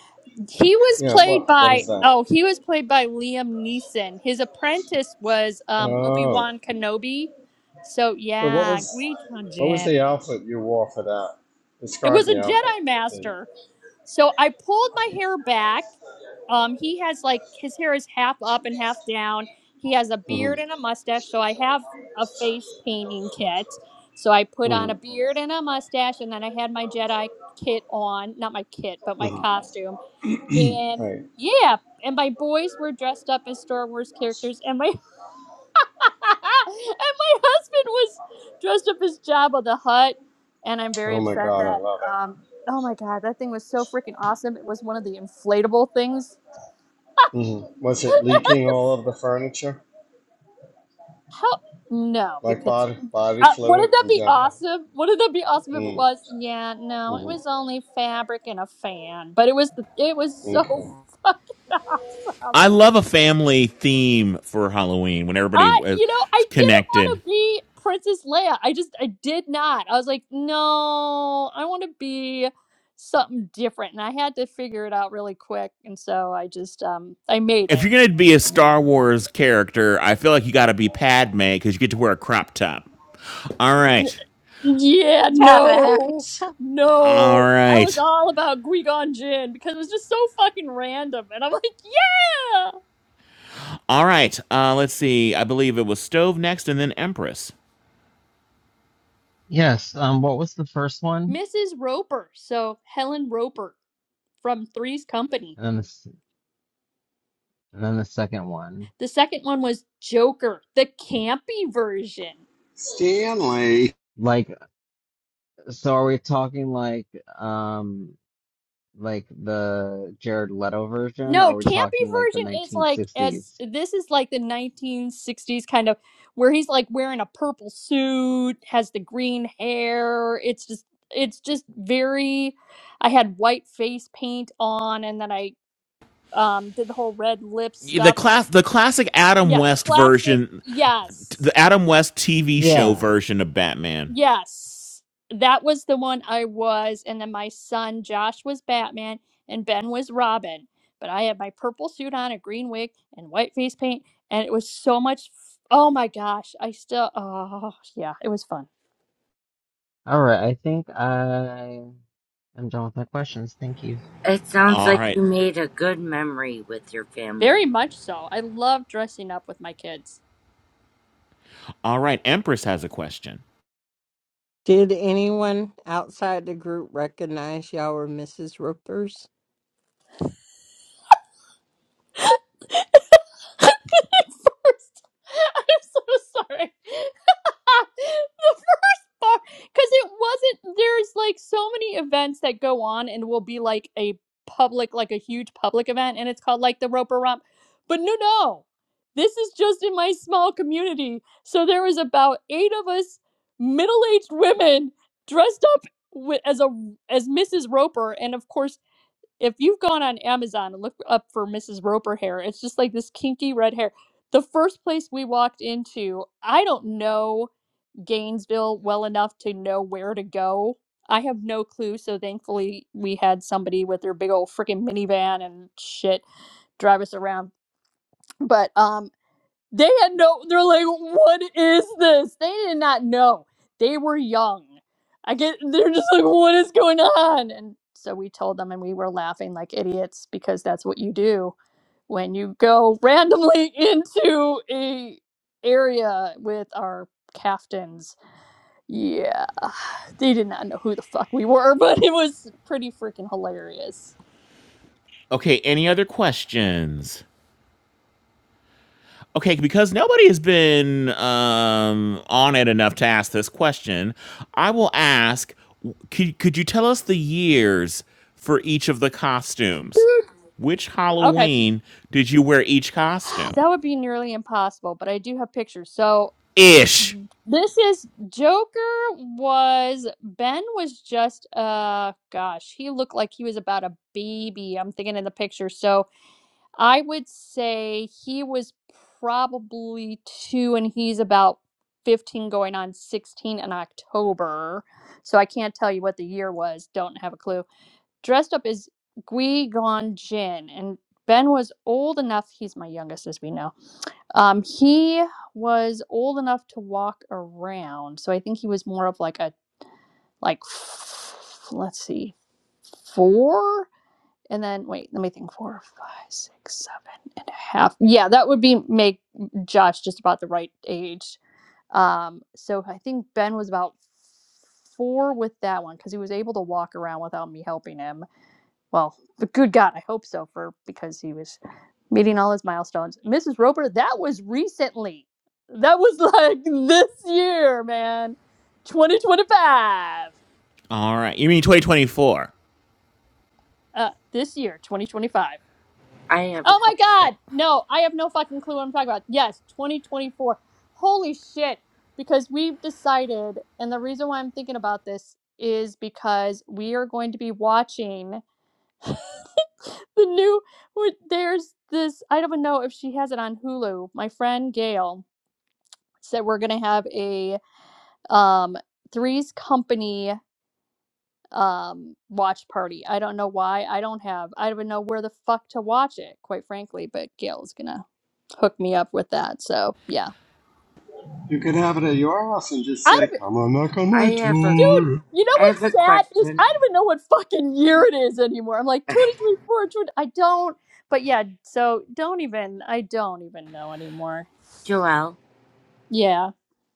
J: He was
G: Yeah,
J: played
G: what what is
J: by
G: that?
J: oh, he was played by Liam Neeson. His apprentice was um Obi
G: Oh.
J: Wan Kenobi. So
G: So what
J: yeah,
G: was
J: Gwigon
G: what was the
J: Jin.
G: outfit you wore for that?
J: It
G: Describe
J: was a
G: the outfit.
J: Jedi Master. So I pulled my hair back. Um, he has like his hair is half up and half down. He has a
G: Mm-hmm.
J: beard and a mustache. So I have a face painting kit. So I put on a
G: Mm-hmm.
J: beard and a mustache, and then I had my Jedi kit on, not my kit, but my
G: Mm-hmm.
J: costume and
G: Right.
J: yeah, and my boys were dressed up as Star Wars characters, and my and my husband was dressed up as Jabba the Hutt, and I'm very
G: Oh my
J: upset
G: god, I
J: that
G: love it.
J: um oh my god, that thing was so freaking awesome. It was one of the inflatable things.
G: Mm-hmm. Was it leaking all of the furniture?
J: How no,
G: Like
J: because
G: body body
J: uh, wouldn't
G: fluid
J: that
G: from
J: be
G: Jeff?
J: awesome? Wouldn't that be awesome if it
G: Mm,
J: was? Yeah, no, it
G: mm,
J: was only fabric and a fan, but it was the, it was so
G: okay.
J: fucking awesome.
C: I love a family theme for Halloween when everybody
J: I,
C: is
J: you know, I didn't want
C: connected.
J: to be Princess Leia. I just, I did not. I was like, no, I want to be something different, and I had to figure it out really quick. And so I just, um, I made
C: If
J: it.
C: you're gonna be a
J: Mm.
C: Star Wars character, I feel like you gotta be Padme because you get to wear a crop top. All
J: N-
C: right.
J: Yeah,
E: haven't.
J: no,
C: All
J: no. I was
C: right.
J: all about Guigon Jin because it was just so fucking random, and I'm like, yeah,
C: All right. Uh, let's see. I believe it was Stove next, and then Empress.
A: Yes, um what was the first one?
J: Mrs. Roper. So Helen Roper from Three's Company.
A: And then the s- And then the second one.
J: The second one was Joker, the campy version.
G: Stanley,
A: Like, so are we talking like, um, like the Jared Leto version, or
J: No,
A: are
J: campy
A: we talking like the
J: version is like as
A: 1960s?
J: this is like the 1960s kind of where he's like wearing a purple suit, has the green hair. It's just it's just very I had white face paint on and then I um did the whole red lip
C: The
J: stuff.
C: class, the classic Adam
J: Yeah,
C: West
J: classic.
C: version,
J: Yes.
C: the Adam West TV show
A: Yeah.
C: version of Batman.
J: Yes, that was the one I was, and then my son Josh was Batman and Ben was Robin. But I had my purple suit on, a green wig, and white face paint, and it was so much. F- oh my gosh, I still. Oh yeah, it was fun.
A: All right. I think I am done with my questions. Thank you.
L: It sounds
C: All
L: like
C: right.
L: you made a good memory with your
J: Very
L: family.
J: much so. I love dressing up with my kids.
C: All right. Empress has a question.
F: Did anyone outside the group recognize y'all were Mrs. Rippers?
J: I'm so sorry. The far because it wasn't there's like so many events that go on and will be like a public like a huge public event and it's called like the roper romp but no no this is just in my small community so there was about eight of us middle-aged women dressed up wi- as a as mrs roper and of course if you've gone on amazon and looked up for mrs roper hair it's just like this kinky red hair the first place we walked into i don't know Gainesville well enough to know where to go. I have no clue, so thankfully we had somebody with their big old freaking minivan and shit drive us around. But um they had no they're like, what is this? They did not know. They were young. I get they're just like, what is going on? And so we told them and we were laughing like idiots because that's what you do when you go randomly into a area with our caftans yeah, they did not know who the fuck we were, but it was pretty freaking hilarious.
C: Okay. Any other questions? Okay, because nobody has been um, on it enough to ask this question, I will ask. Could, could you tell us the years for each of the costumes? Which
J: Okay,
C: Halloween did you wear each costume?
J: that would be nearly impossible, but I do have pictures. So
C: ish.
J: this is Joker was Ben was just uh gosh, he looked like he was about a baby. I'm thinking in the picture. So I would say he was probably 2 and he's about 15 going on 16 in October. So I can't tell you what the year was. Don't have a clue dressed up as Gui Gon Jin, and Ben was old enough. He's my youngest, as we know. Um, he was old enough to walk around, so I think he was more of like a like. f- Let's see, four, and then wait, let me think. Four, five, six, seven and a half. Yeah, that would be make Josh just about the right age. Um, so I think Ben was about four with that one because he was able to walk around without me helping him well, but good God, I hope so for because he was meeting all his milestones. Mrs. Roper, that was recently. That was like this year, man. 2025.
C: All right. You mean 2024.
J: Uh, this year, 2025.
L: I have a
J: Oh my
L: que-
J: God. No, I have no fucking clue what I'm talking about. Yes, 2024. Holy shit. Because we've decided, and the reason why I'm thinking about this is because we are going to be watching. the new where there's this I don't even know if she has it on Hulu. My friend Gail said we're gonna have a um Three's Company um watch party. I don't know why. I don't have I don't even know where the fuck to watch it, quite frankly, but Gail's gonna hook me up with that. So yeah.
G: you could have it at your house and just
J: I
G: say,
J: don't e,
G: "Come on, knock on
L: I
G: my
L: have a
J: dude
G: door."
J: you know
L: I have
J: what's
L: a
J: sad is
L: question.
J: I don't even know what fucking year it is anymore. I'm like 2024, 20, I don't. But yeah, so don't even. I don't even know anymore.
L: Joelle,
J: Yeah.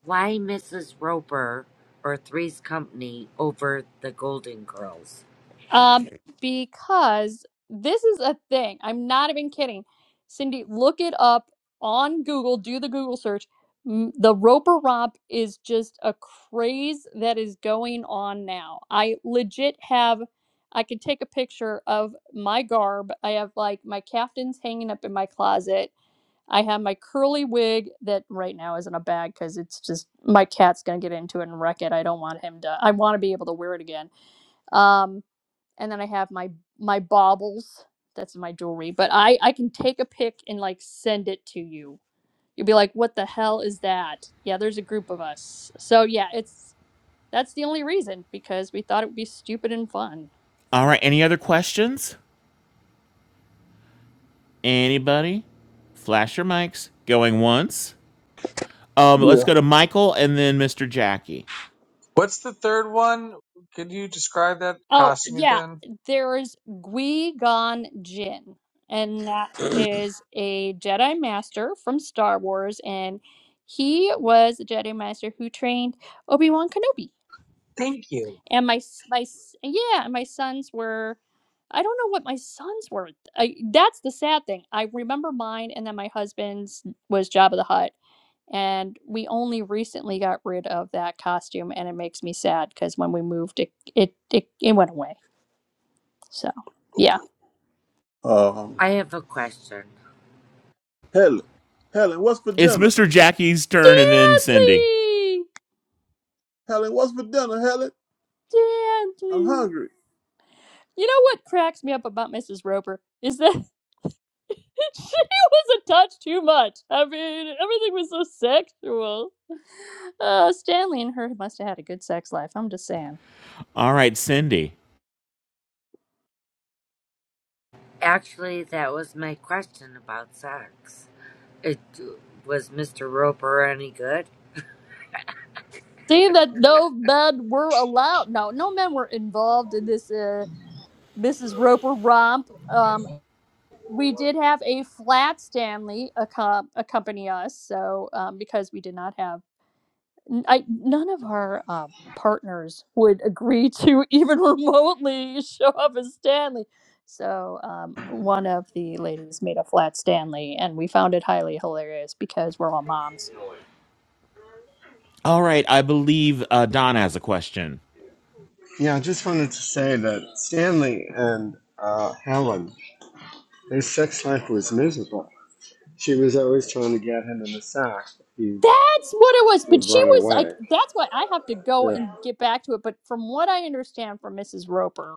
L: why Mrs. Roper or Three's Company over the Golden Girls?
J: Um, because this is a thing. I'm not even kidding. Cindy, look it up on Google, do the Google search. M- The Roper Romp is just a craze that is going on now. I legit have, I could take a picture of my garb. I have like my caftans hanging up in my closet. I have my curly wig that right now is in a bag because it's just my cat's gonna get into it and wreck it. I don't want him to. I want to be able to wear it again. Um and then I have my my baubles. That's my jewelry, but I I can take a pic and like send it to you. You'll be like, "What the hell is that?" Yeah, there's a group of us. So yeah, it's that's the only reason because we thought it would be stupid and fun.
C: All right. Any other questions? Anybody? Flash your mics. Going once. Um, let's
D: Yeah.
C: go to Michael and then Mr. Jackie.
B: What's the third one? Could you describe that
J: Oh
B: costume
J: yeah,
B: again?
J: there is Qui Gon Jinn, and that is a Jedi Master from Star Wars, and he was a Jedi Master who trained Obi Wan Kenobi.
B: Thank you.
J: and my s- my s- yeah and my sons were i don't know what my sons were I, that's the sad thing i remember mine and then my husband's was job of the hut and we only recently got rid of that costume and it makes me sad because when we moved it, it it it went away so yeah
D: Um,
L: I have a question.
D: Helen, Helen, what's for
C: It's
D: dinner?
C: Mr. Jackie's turn and then Cindy.
J: stanley
D: Helen, what's for dinner, Helen? I'm
J: stanley
D: hungry.
J: you know what cracks me up about mrs roper is that she was a touch too much. I mean, everything was so sexual. Uh, Stanley and her must have had a good sex life. I'm just saying.
C: All right, Cindy.
L: Actually, that was my question about sex. It was Mr. Roper any good?
J: Seeing that no men were allowed, no, no men were involved in this uh, Mrs. Roper romp. Um, we did have a flat Stanley accom- accompany us, so um, because we did not have n- I, none of our uh, partners would agree to even remotely show up as Stanley. So um, one of the ladies made a flat Stanley, and we found it highly hilarious because we're all moms.
C: All right. I believe uh, Don has a question.
G: Yeah, I just wanted to say that Stanley and uh, Helen His sex life was miserable. She was always trying to get him in the sack. He
J: That's what it was. But
G: would
J: she
G: run
J: was
G: away.
J: like, that's why I have to go
G: Yeah.
J: and get back to it. But from what I understand from Mrs. Roper,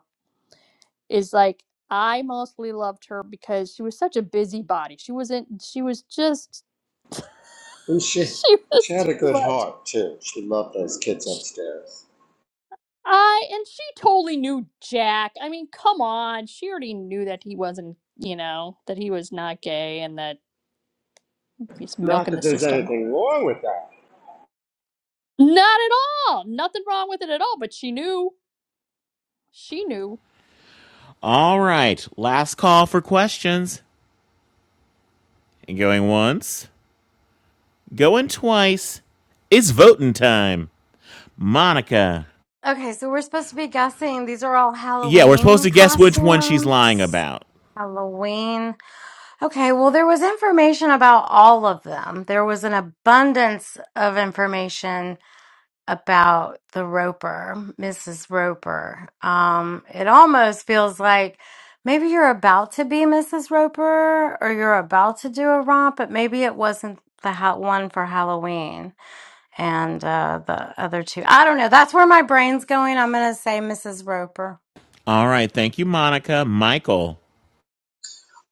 J: is like, I mostly loved her because she was such a busybody. She wasn't, she was just,
G: And she
J: she
G: she
J: was
G: had a
J: too
G: good
J: much.
G: heart too. She loved those kids upstairs.
J: Uh, and she totally knew Jack. I mean, come on. She already knew that he wasn't, you know, that he was not gay and that he's
G: Not
J: milking
G: that
J: the
G: there's
J: system.
G: anything wrong with that.
J: Not at all. Nothing wrong with it at all, but she knew. She knew.
C: All right. Last call for questions. Going once. Going twice. It's voting time. Monica.
E: Okay, so we're supposed to be guessing. These are all
C: Yeah, we're supposed
E: Halloween
C: to guess which one she's lying
E: costumes.
C: about.
E: Halloween. Okay, well, there was information about all of them. There was an abundance of information about the Roper, Mrs. Roper. Um, it almost feels like maybe you're about to be Mrs. Roper or you're about to do a romp, but maybe it wasn't the ha- one for Halloween and uh, the other two. I don't know. That's where my brain's going. I'm going to say Mrs. Roper.
C: All right. Thank you, Monica. Michael.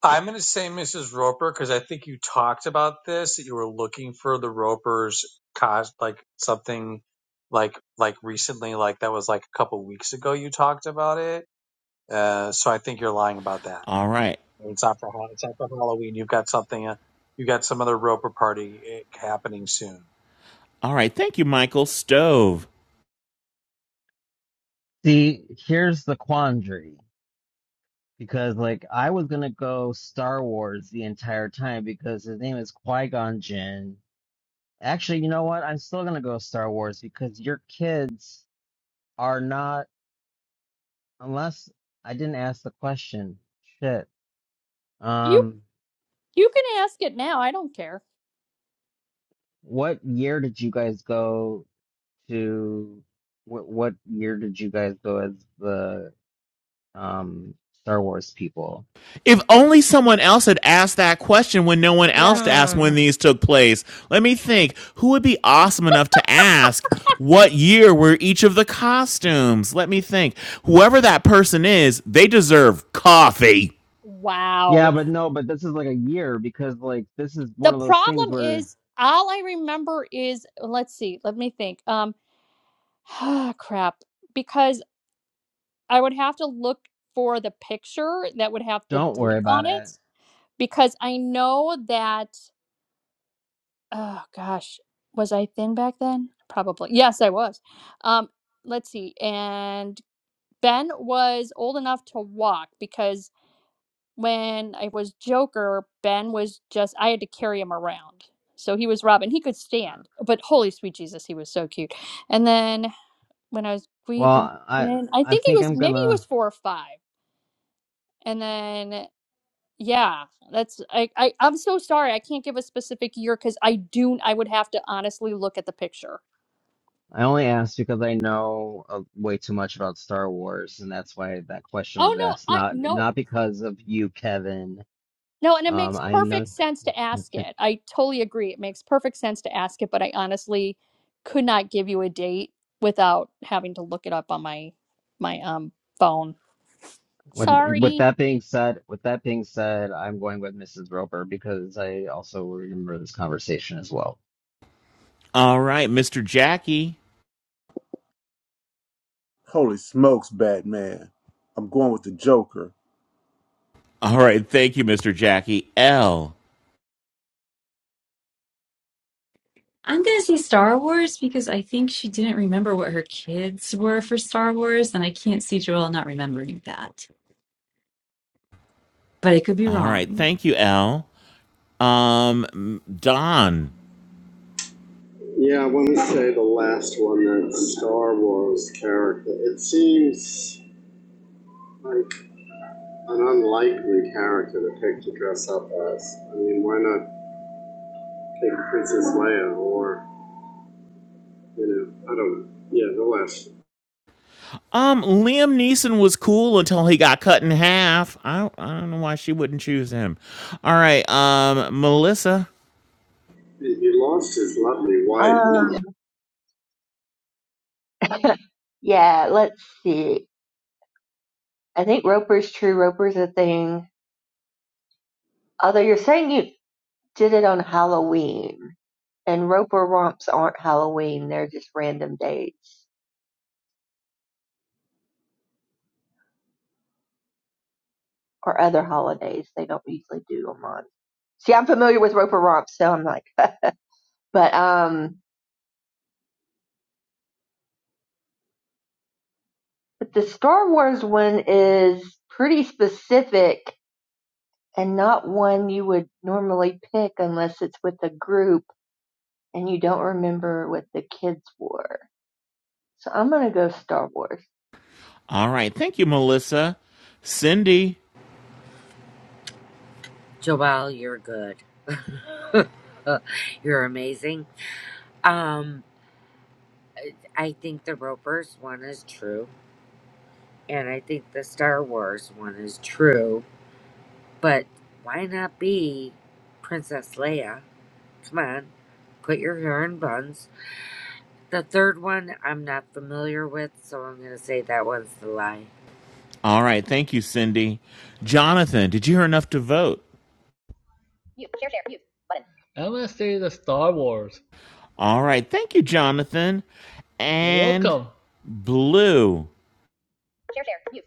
B: I'm going to say Mrs. Roper because I think you talked about this that you were looking for the Ropers cos like something like like recently like that was like a couple weeks ago you talked about it. Uh, so I think you're lying about that.
C: All right.
B: It's after Ha- it's after Halloween. You've got something. uh, You've got some other roper party uh, happening soon.
C: All right. Thank you, Michael. Stove.
A: See, here's the quandary. Because, like, I was gonna go Star Wars the entire time because his name is Qui-Gon Jinn. Actually, you know what? I'm still gonna go Star Wars because your kids are not. Unless I didn't ask the question. Shit.
J: You
A: Um,
J: you can ask it now. I don't care.
A: what year did you guys go to? What what year did you guys go as the um Star Wars people?
C: If only someone else had asked that question when no one else
J: Yes.
C: asked when
E: Hmm.
C: these took place. Let me think. Who would be awesome enough to ask what year were each of the costumes? Let me think. Whoever that person is, they deserve coffee.
J: Wow.
A: Yeah, but no, but this is like a year because like this is
J: The
A: one of those things
J: problem
A: where
J: is all I remember is let's see. Let me think. Um crap. Because I would have to look for the picture that would have the
A: don't worry
J: date
A: about
J: on it.
A: it.
J: because I know that oh gosh, was I thin back then? Probably. Yes, I was. Um let's see. And Ben was old enough to walk because when I was Joker, Ben was just I had to carry him around. So he was Robin. He could
A: Uh,
J: stand, but holy sweet Jesus, he was so cute. And then when I was we go
A: Well, I
J: then I
A: I
J: think he
A: think
J: was
A: I'm
J: maybe he
A: gonna.
J: was 4 or 5. And then Yeah, that's I, I I'm so sorry. I can't give a specific year because I do I would have to honestly look at the picture.
A: I only asked because I know uh, way too much about Star Wars, and that's why that question
J: Oh
A: was asked.
J: no, I
A: Not
J: no
A: not because of you, Kevin.
J: no, and it
A: Um,
J: makes
A: I know.
J: perfect sense to ask
A: okay.
J: it. I totally agree. It makes perfect sense to ask it, but I honestly could not give you a date without having to look it up on my my um phone.
A: With with
J: Sorry.
A: that being said, with that being said, I'm going with Mrs. Roper because I also remember this conversation as well.
C: All right, Mr. Jackie.
D: Holy smokes, Batman. I'm going with the Joker.
C: All right. Thank you, Mr. Jackie. L.
H: I'm gonna say Star Wars because I think she didn't remember what her kids were for Star Wars, and I can't see Joelle not remembering that. But I could be
C: All right.
H: wrong.
C: Thank you, L. Um, Don.
G: Yeah, I want to say the last one, that Star Wars character. It seems like an unlikely character to pick to dress up as. I mean, why not pick Princess Leia or, you know, I don't know. Yeah, the last.
C: Um, Liam Neeson was cool until he got cut in half. I, I don't know why she wouldn't choose him. All right, um, Melissa.
G: He he lost his lovely wife
K: Um, yeah. Let's see. I think Roper's true. Roper's a thing. Although you're saying you did it on Halloween, and Roper romps aren't Halloween. They're just random dates. or other holidays. They don't usually do them on. See, I'm familiar with Roper Romp, so I'm like, but um, but the Star Wars one is pretty specific and not one you would normally pick unless it's with a group and you don't remember what the kids wore. So I'm gonna go Star Wars.
C: All right, thank you, Melissa. Cindy.
L: Joelle, you're good. you're amazing. Um, I think the Roper's one is true. and I think the Star Wars one is true. But why not be Princess Leia? Come on, put your hair in buns. The third one I'm not familiar with, so I'm gonna say that one's the lie.
C: All right, thank you, Cindy. Jonathan, did you hear enough to vote?
M: Mute. Share. Share. Mute. Button. I'm gonna say the Star Wars.
C: All right, thank you, Jonathan.
M: You're
C: And
M: welcome.
C: Blue,
M: Share. Share. Mute.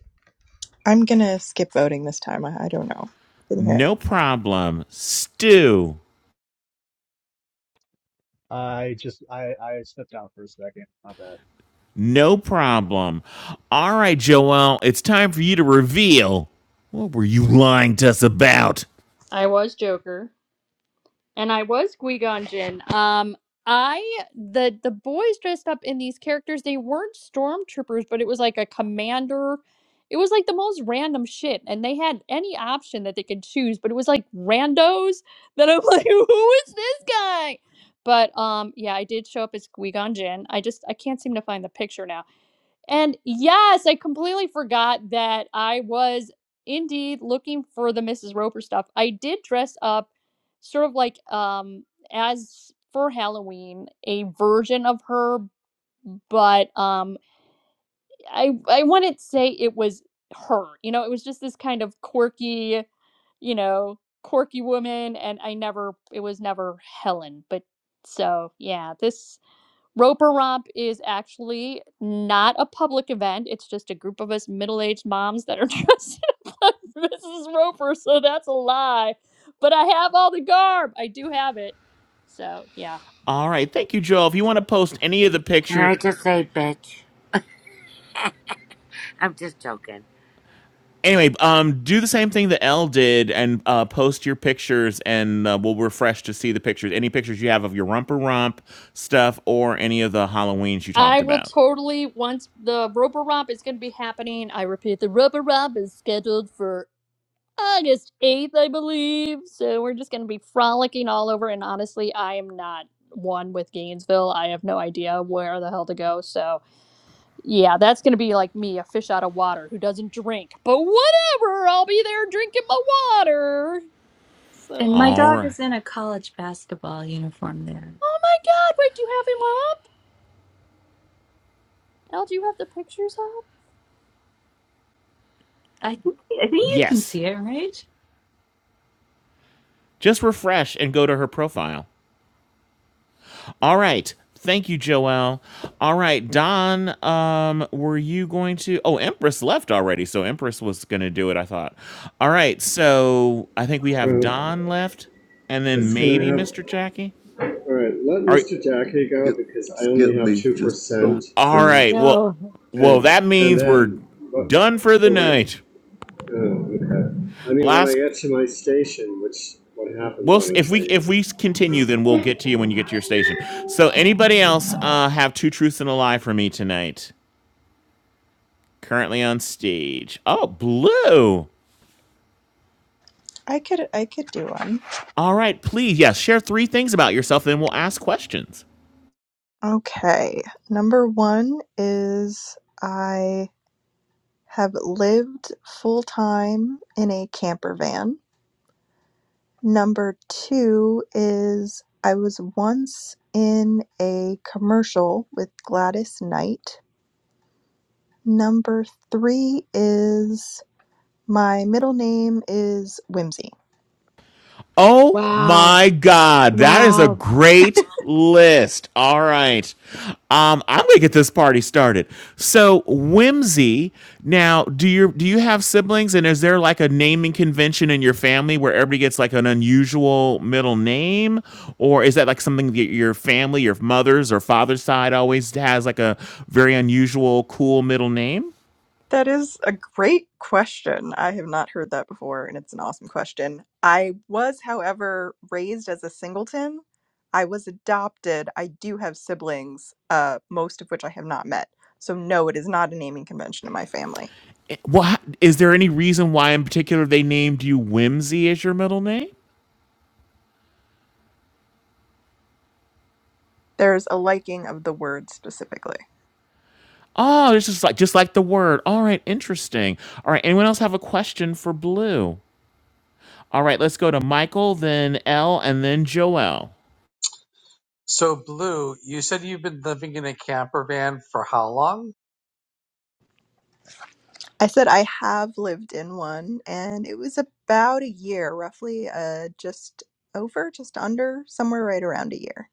N: I'm gonna skip voting this time. I, I don't know. Didn't hear it.
C: no problem. Stu,
O: I just I I stepped out for a second. My bad.
C: no problem. All right, Joelle, it's time for you to reveal what were you lying to us about?
J: I was Joker. and I was Qui Gon Jinn. Um, I the the boys dressed up in these characters. They weren't stormtroopers, but it was like a commander. It was like the most random shit, and they had any option that they could choose, but it was like randos. That I'm like, who is this guy? But um, yeah, I did show up as Qui Gon Jinn. I just I can't seem to find the picture now. And yes, I completely forgot that I was indeed looking for the Mrs. Roper stuff. I did dress up sort of like um as for Halloween, a version of her, but um I I wouldn't say it was her. You know, it was just this kind of quirky, you know, quirky woman and I never it was never Helen, but so yeah, this Roper Romp is actually not a public event. It's just a group of us middle-aged moms that are dressed up like Mrs. Roper, so that's a lie. But I have all the garb. I do have it. So yeah.
C: All right. Thank you, Joel. If you want to post any of the
L: Can
C: picture,
L: I just say bitch? I'm just joking.
C: anyway, um, do the same thing that Elle did and uh, post your pictures, and uh, we'll refresh to see the pictures. Any pictures you have of your rumper rump stuff or any of the Halloweens you talked
J: I will
C: about.
J: totally once the Roper Romp is gonna be happening. I repeat the Roper Romp is scheduled for August 8th, I believe. So we're just gonna be frolicking all over and honestly I am not one with Gainesville. I have no idea where the hell to go. So Yeah, that's gonna be like me, a fish out of water who doesn't drink. But whatever, I'll be there drinking my water. So,
H: And my
C: All
H: dog
C: right.
H: is in a college basketball uniform there.
J: oh my God, wait, do you have him up? Al, do you have the pictures up?
H: I think I think you can
C: Yes.
H: see it, right?
C: Just refresh and go to her profile. All right. Thank you, Joelle. All right, Don, um, were you going to? Oh, Empress left already, so Empress was going to do it, I thought. All right, so I think we have
G: Well,
C: Don left, and then
G: it's gonna
C: maybe
G: have,
C: Mr. Jackie.
G: all right, let
C: Are,
G: Mr. Jackie go
D: Skip,
G: because I
D: skip
G: only have
D: me.
G: two
D: Just
G: percent.
D: don't
C: all
D: done.
C: right, well,
E: No.
C: well,
G: And,
C: that
G: and
C: means we're
G: then, but,
C: done for the
G: but wait,
C: night.
G: oh, okay. I mean, when I
C: Last,
G: get to my station, which, what happens
C: we'll s-
G: on the
C: if we
G: train?
C: if we continue, then we'll get to you when you get to your station. So, anybody else uh, have two truths and a lie for me tonight? Currently on stage. Oh, blue.
N: I could I could do one.
C: All right, please, yes, share three things about yourself, then we'll ask questions.
N: Okay. Number one is I have lived full time in a camper van. Number two is I was once in a commercial with Gladys Knight. Number three is my middle name is Whimsy.
C: Oh
E: Wow.
C: my God, that is a
E: Wow.
C: great list. All right. Um, I'm gonna get this party started. So, Whimsy, now do you do you have siblings and is there like a naming convention in your family where everybody gets like an unusual middle name? Or is that like something that your family, your mother's or father's side always has like a very unusual, cool middle name?
N: That is a great question. I have not heard that before, and it's an awesome question. I was, however, raised as a singleton. I was adopted. I do have siblings, uh, most of which I have not met. So, no, it is not a naming convention in my family.
C: What is there any reason why in particular they named you Whimsy as your middle name?
N: There's a liking of the word specifically.
C: Oh, it's just like just like the word. All right, interesting. All right, anyone else have a question for Blue? All right, let's go to Michael, then L, and then Joel.
B: So, Blue, you said you've been living in a camper van for how long?
N: I said I have lived in one, and it was about a year, roughly uh, just over, just under, somewhere right around a year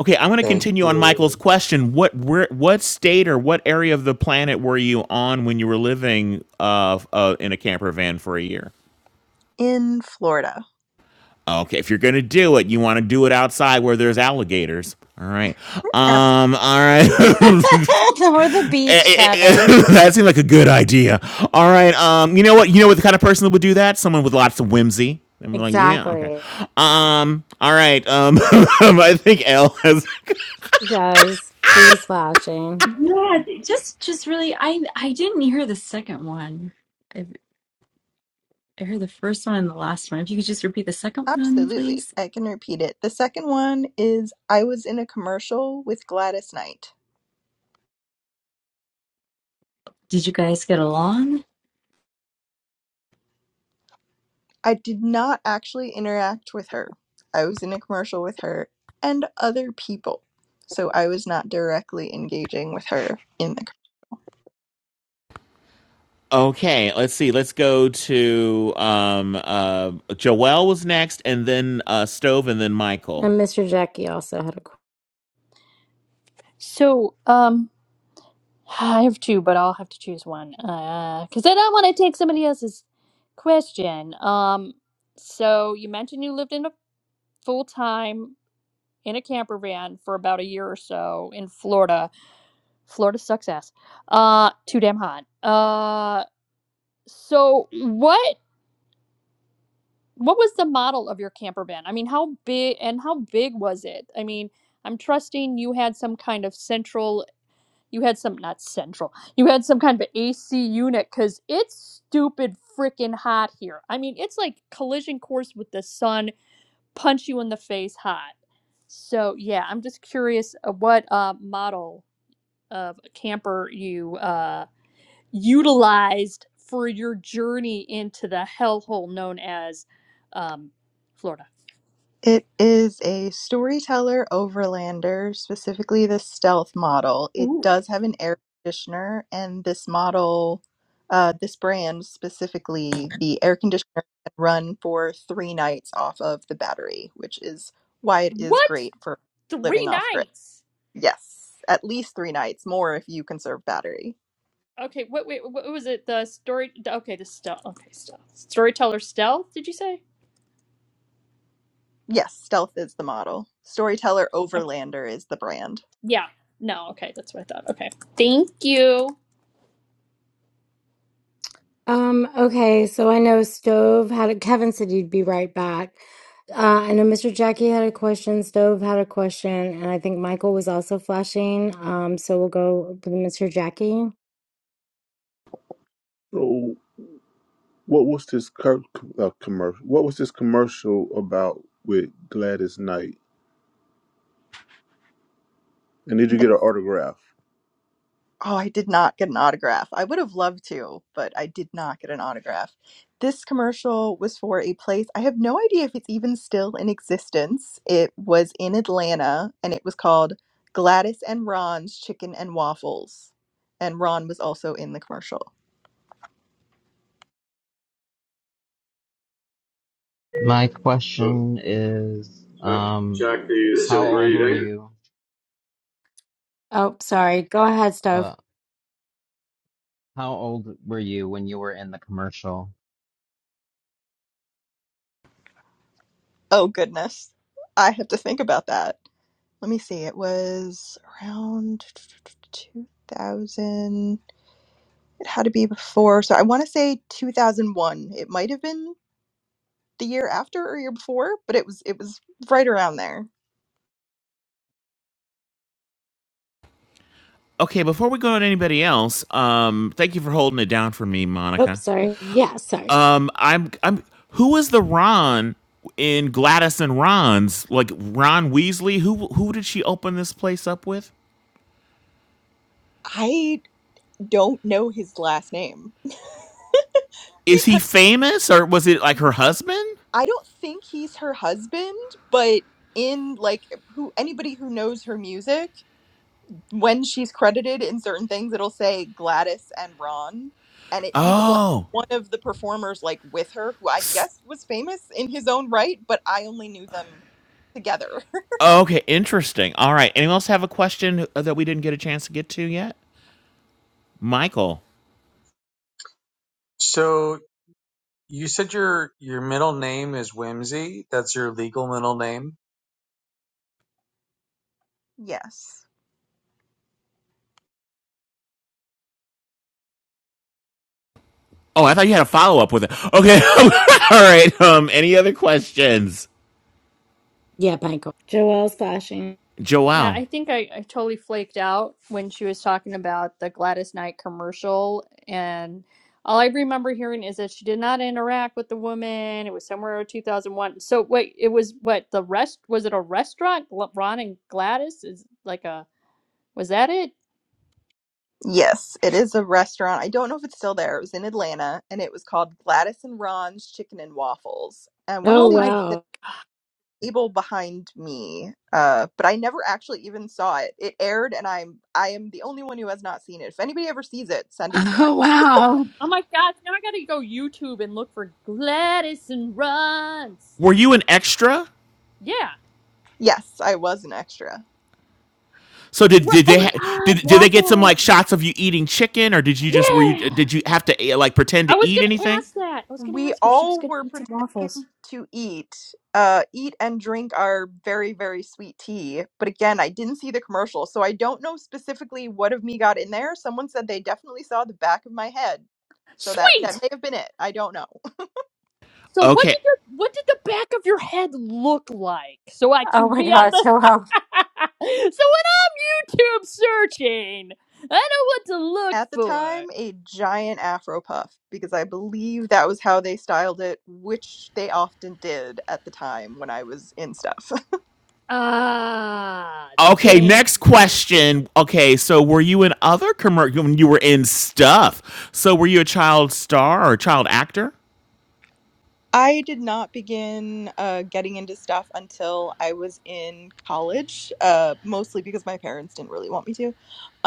C: Okay, I'm going to
B: Thank
C: continue on Michael's
B: you.
C: question. What where, what state or what area of the planet were you on when you were living uh, uh, in a camper van for a year?
N: in Florida.
C: Okay, if you're gonna do it, you want to do it outside where there's alligators. All right. Um. All right.
E: or the
C: Eh,
E: beach,
C: eh, eh,
E: Kevin.
C: that seemed like a good idea. All right. Um, you know what? You know what the kind of person that would do that? Someone with lots of whimsy. I'm like, yeah, okay.
E: Exactly.
C: Um, all right. Um, I think L has.
E: She does. She was flashing.
H: Yeah, just just really I I didn't hear the second one. I I heard the first one and the last one. If you could just repeat the second one,
N: Absolutely.
H: please.
N: I can repeat it. The second one is I was in a commercial with Gladys Knight.
H: Did you guys get along?
N: I did not actually interact with her. I was in a commercial with her and other people. So I was not directly engaging with her in the
C: Okay, let's see. Let's go to um, uh, Joelle was next, and then uh, Stove, and then Michael.
E: And Mr. Jackie also had a. qu-
J: So, um, I have two, but I'll have to choose one. Uh, cause I don't want to take somebody else's question. Um, so you mentioned you lived in a full time in a camper van for about a year or so in Florida. Florida sucks ass. Uh, too damn hot. Uh. So what what was the model of your camper van? I mean, how big and how big was it? I mean, I'm trusting you had some kind of central you had some not central. You had some kind of AC unit cuz it's stupid freaking hot here. I mean, it's like collision course with the sun, punch you in the face hot. So, yeah, I'm just curious uh, what uh model of camper you uh utilized for your journey into the hellhole known as um, Florida.
N: It is a storyteller overlander, specifically the stealth model. It does have an air conditioner, and this model, uh, this brand specifically, the air conditioner can run for three nights off of the battery, which is why it is
J: What?
N: great for
J: Three
N: living off grid.
J: nights.
N: Yes, at least three nights, more if you conserve battery.
J: Okay, what, wait, what was it? The story. Okay, the stealth. Okay, stealth. Storyteller stealth, did you say?
N: Yes, stealth is the model. Storyteller
J: Okay.
N: Overlander is the brand.
J: Yeah. No, okay, that's what I thought. Okay. Thank you.
E: Um. Okay. So I know Stove had a. Kevin said you'd be right back. Uh, I know Mr. Jackie had a question. Stove had a question, and I think Michael was also flashing. Um. So we'll go with Mr. Jackie.
D: So, what was this cur- uh, commercial? What was this commercial about with Gladys Knight? And did you get her autograph?
N: Oh, I did not get an autograph. I would have loved to, but I did not get an autograph. This commercial was for a place. I have no idea if it's even still in existence. It was in Atlanta and it was called Gladys and Ron's Chicken and Waffles. And Ron was also in the commercial.
A: My
G: Oh,
A: question is,
G: Jack,
A: um,
G: Jack, are you
A: how
G: still
A: old were
G: breathing?
A: you?
E: Oh, sorry. Go ahead, Stove.
A: Uh, how old were you when you were in the commercial?
N: Oh, goodness. I have to think about that. Let me see. It was around 2000. It had to be before. So I want to say 2001. It might have been the year after or year before, but it was it was right around there.
C: Okay, before we go to anybody else, um, thank you for holding it down for me,
E: Oops,
C: Monica.
E: sorry. Yeah. Sorry.
C: Um, I'm I'm who is the Ron in Gladys and Ron's like Ron Weasley? Who who did she open this place up with?
N: I don't know his last name
C: Is he
N: because
C: famous or was it like her husband?
N: I don't think he's her husband, but in like who anybody who knows her music, when she's credited in certain things, it'll say Gladys and Ron, and it, he was like
C: Oh,
N: one of the performers like with her who I
C: s-
N: guess was famous in his own right, but I only knew them together.
C: okay, interesting. All right, anyone else have a question that we didn't get a chance to get to yet? Michael.
B: So, you said your your middle name is Whimsy. That's your legal middle name,
N: yes.
C: Oh, I thought you had a follow up with it. Okay, all right. Um, any other questions,
E: Yeah, Michael. Joelle's flashing.
J: Yeah,
C: Joelle?
J: I think I, I totally flaked out when she was talking about the Gladys Knight commercial. And all I remember hearing is that she did not interact with the woman. It was somewhere in 2001. So, wait, it was what the rest was it a restaurant? Gl- Ron and Gladys is like a was that it?
N: Yes, it is a restaurant. I don't know if it's still there. It was in Atlanta and it was called Gladys and Ron's Chicken and Waffles. And I want to
E: Oh
J: Oh
N: say it's
J: my,
N: the
E: wow.
N: table behind me. Uh, but I never actually even saw it. It aired and I'm I am the only one who has not seen it. If anybody ever sees it, send it to me.
E: Oh wow.
J: oh my gosh, now I gotta go YouTube and look for Gladys and Ron's.
C: Were you an extra?
J: Yeah.
N: Yes, I was an extra.
C: So did
J: What?
C: did
J: Oh
C: they
J: my
C: ha- did
J: God,
C: did they get some like
J: waffles.
C: shots of you eating chicken, or did you just were you
J: Yeah.
C: did you have to eh, like pretend
J: I
C: to
J: was
C: eat
J: gonna
C: anything?
J: ask that. I was gonna
N: We
J: ask if she was
N: all
J: gonna
N: were
J: eat some waffles.
N: pretending to eat, uh, eat and drink our very, very sweet tea. But again, I didn't see the commercial, so I don't know specifically what of me got in there. Someone said they definitely saw the back of my head. So that that
J: Sweet.
N: may have been it. I don't know.
J: So what
C: Okay.
J: did your what did the back of your head look like? So I
E: Oh
J: can
E: my
J: be on
E: gosh.
J: the
E: So well,
J: So when I'm YouTube searching, I know what to look
N: At the time,
J: for.
N: a giant afro puff because I believe that was how they styled it, which they often did at the time when I was in stuff.
J: Ah,
C: Okay,
J: thank
C: next
J: you.
C: question. Okay, so were you in other commercial when you were in stuff? So were you a child star or a child actor?
N: I did not begin uh, getting into stuff until I was in college, uh, mostly because my parents didn't really want me to.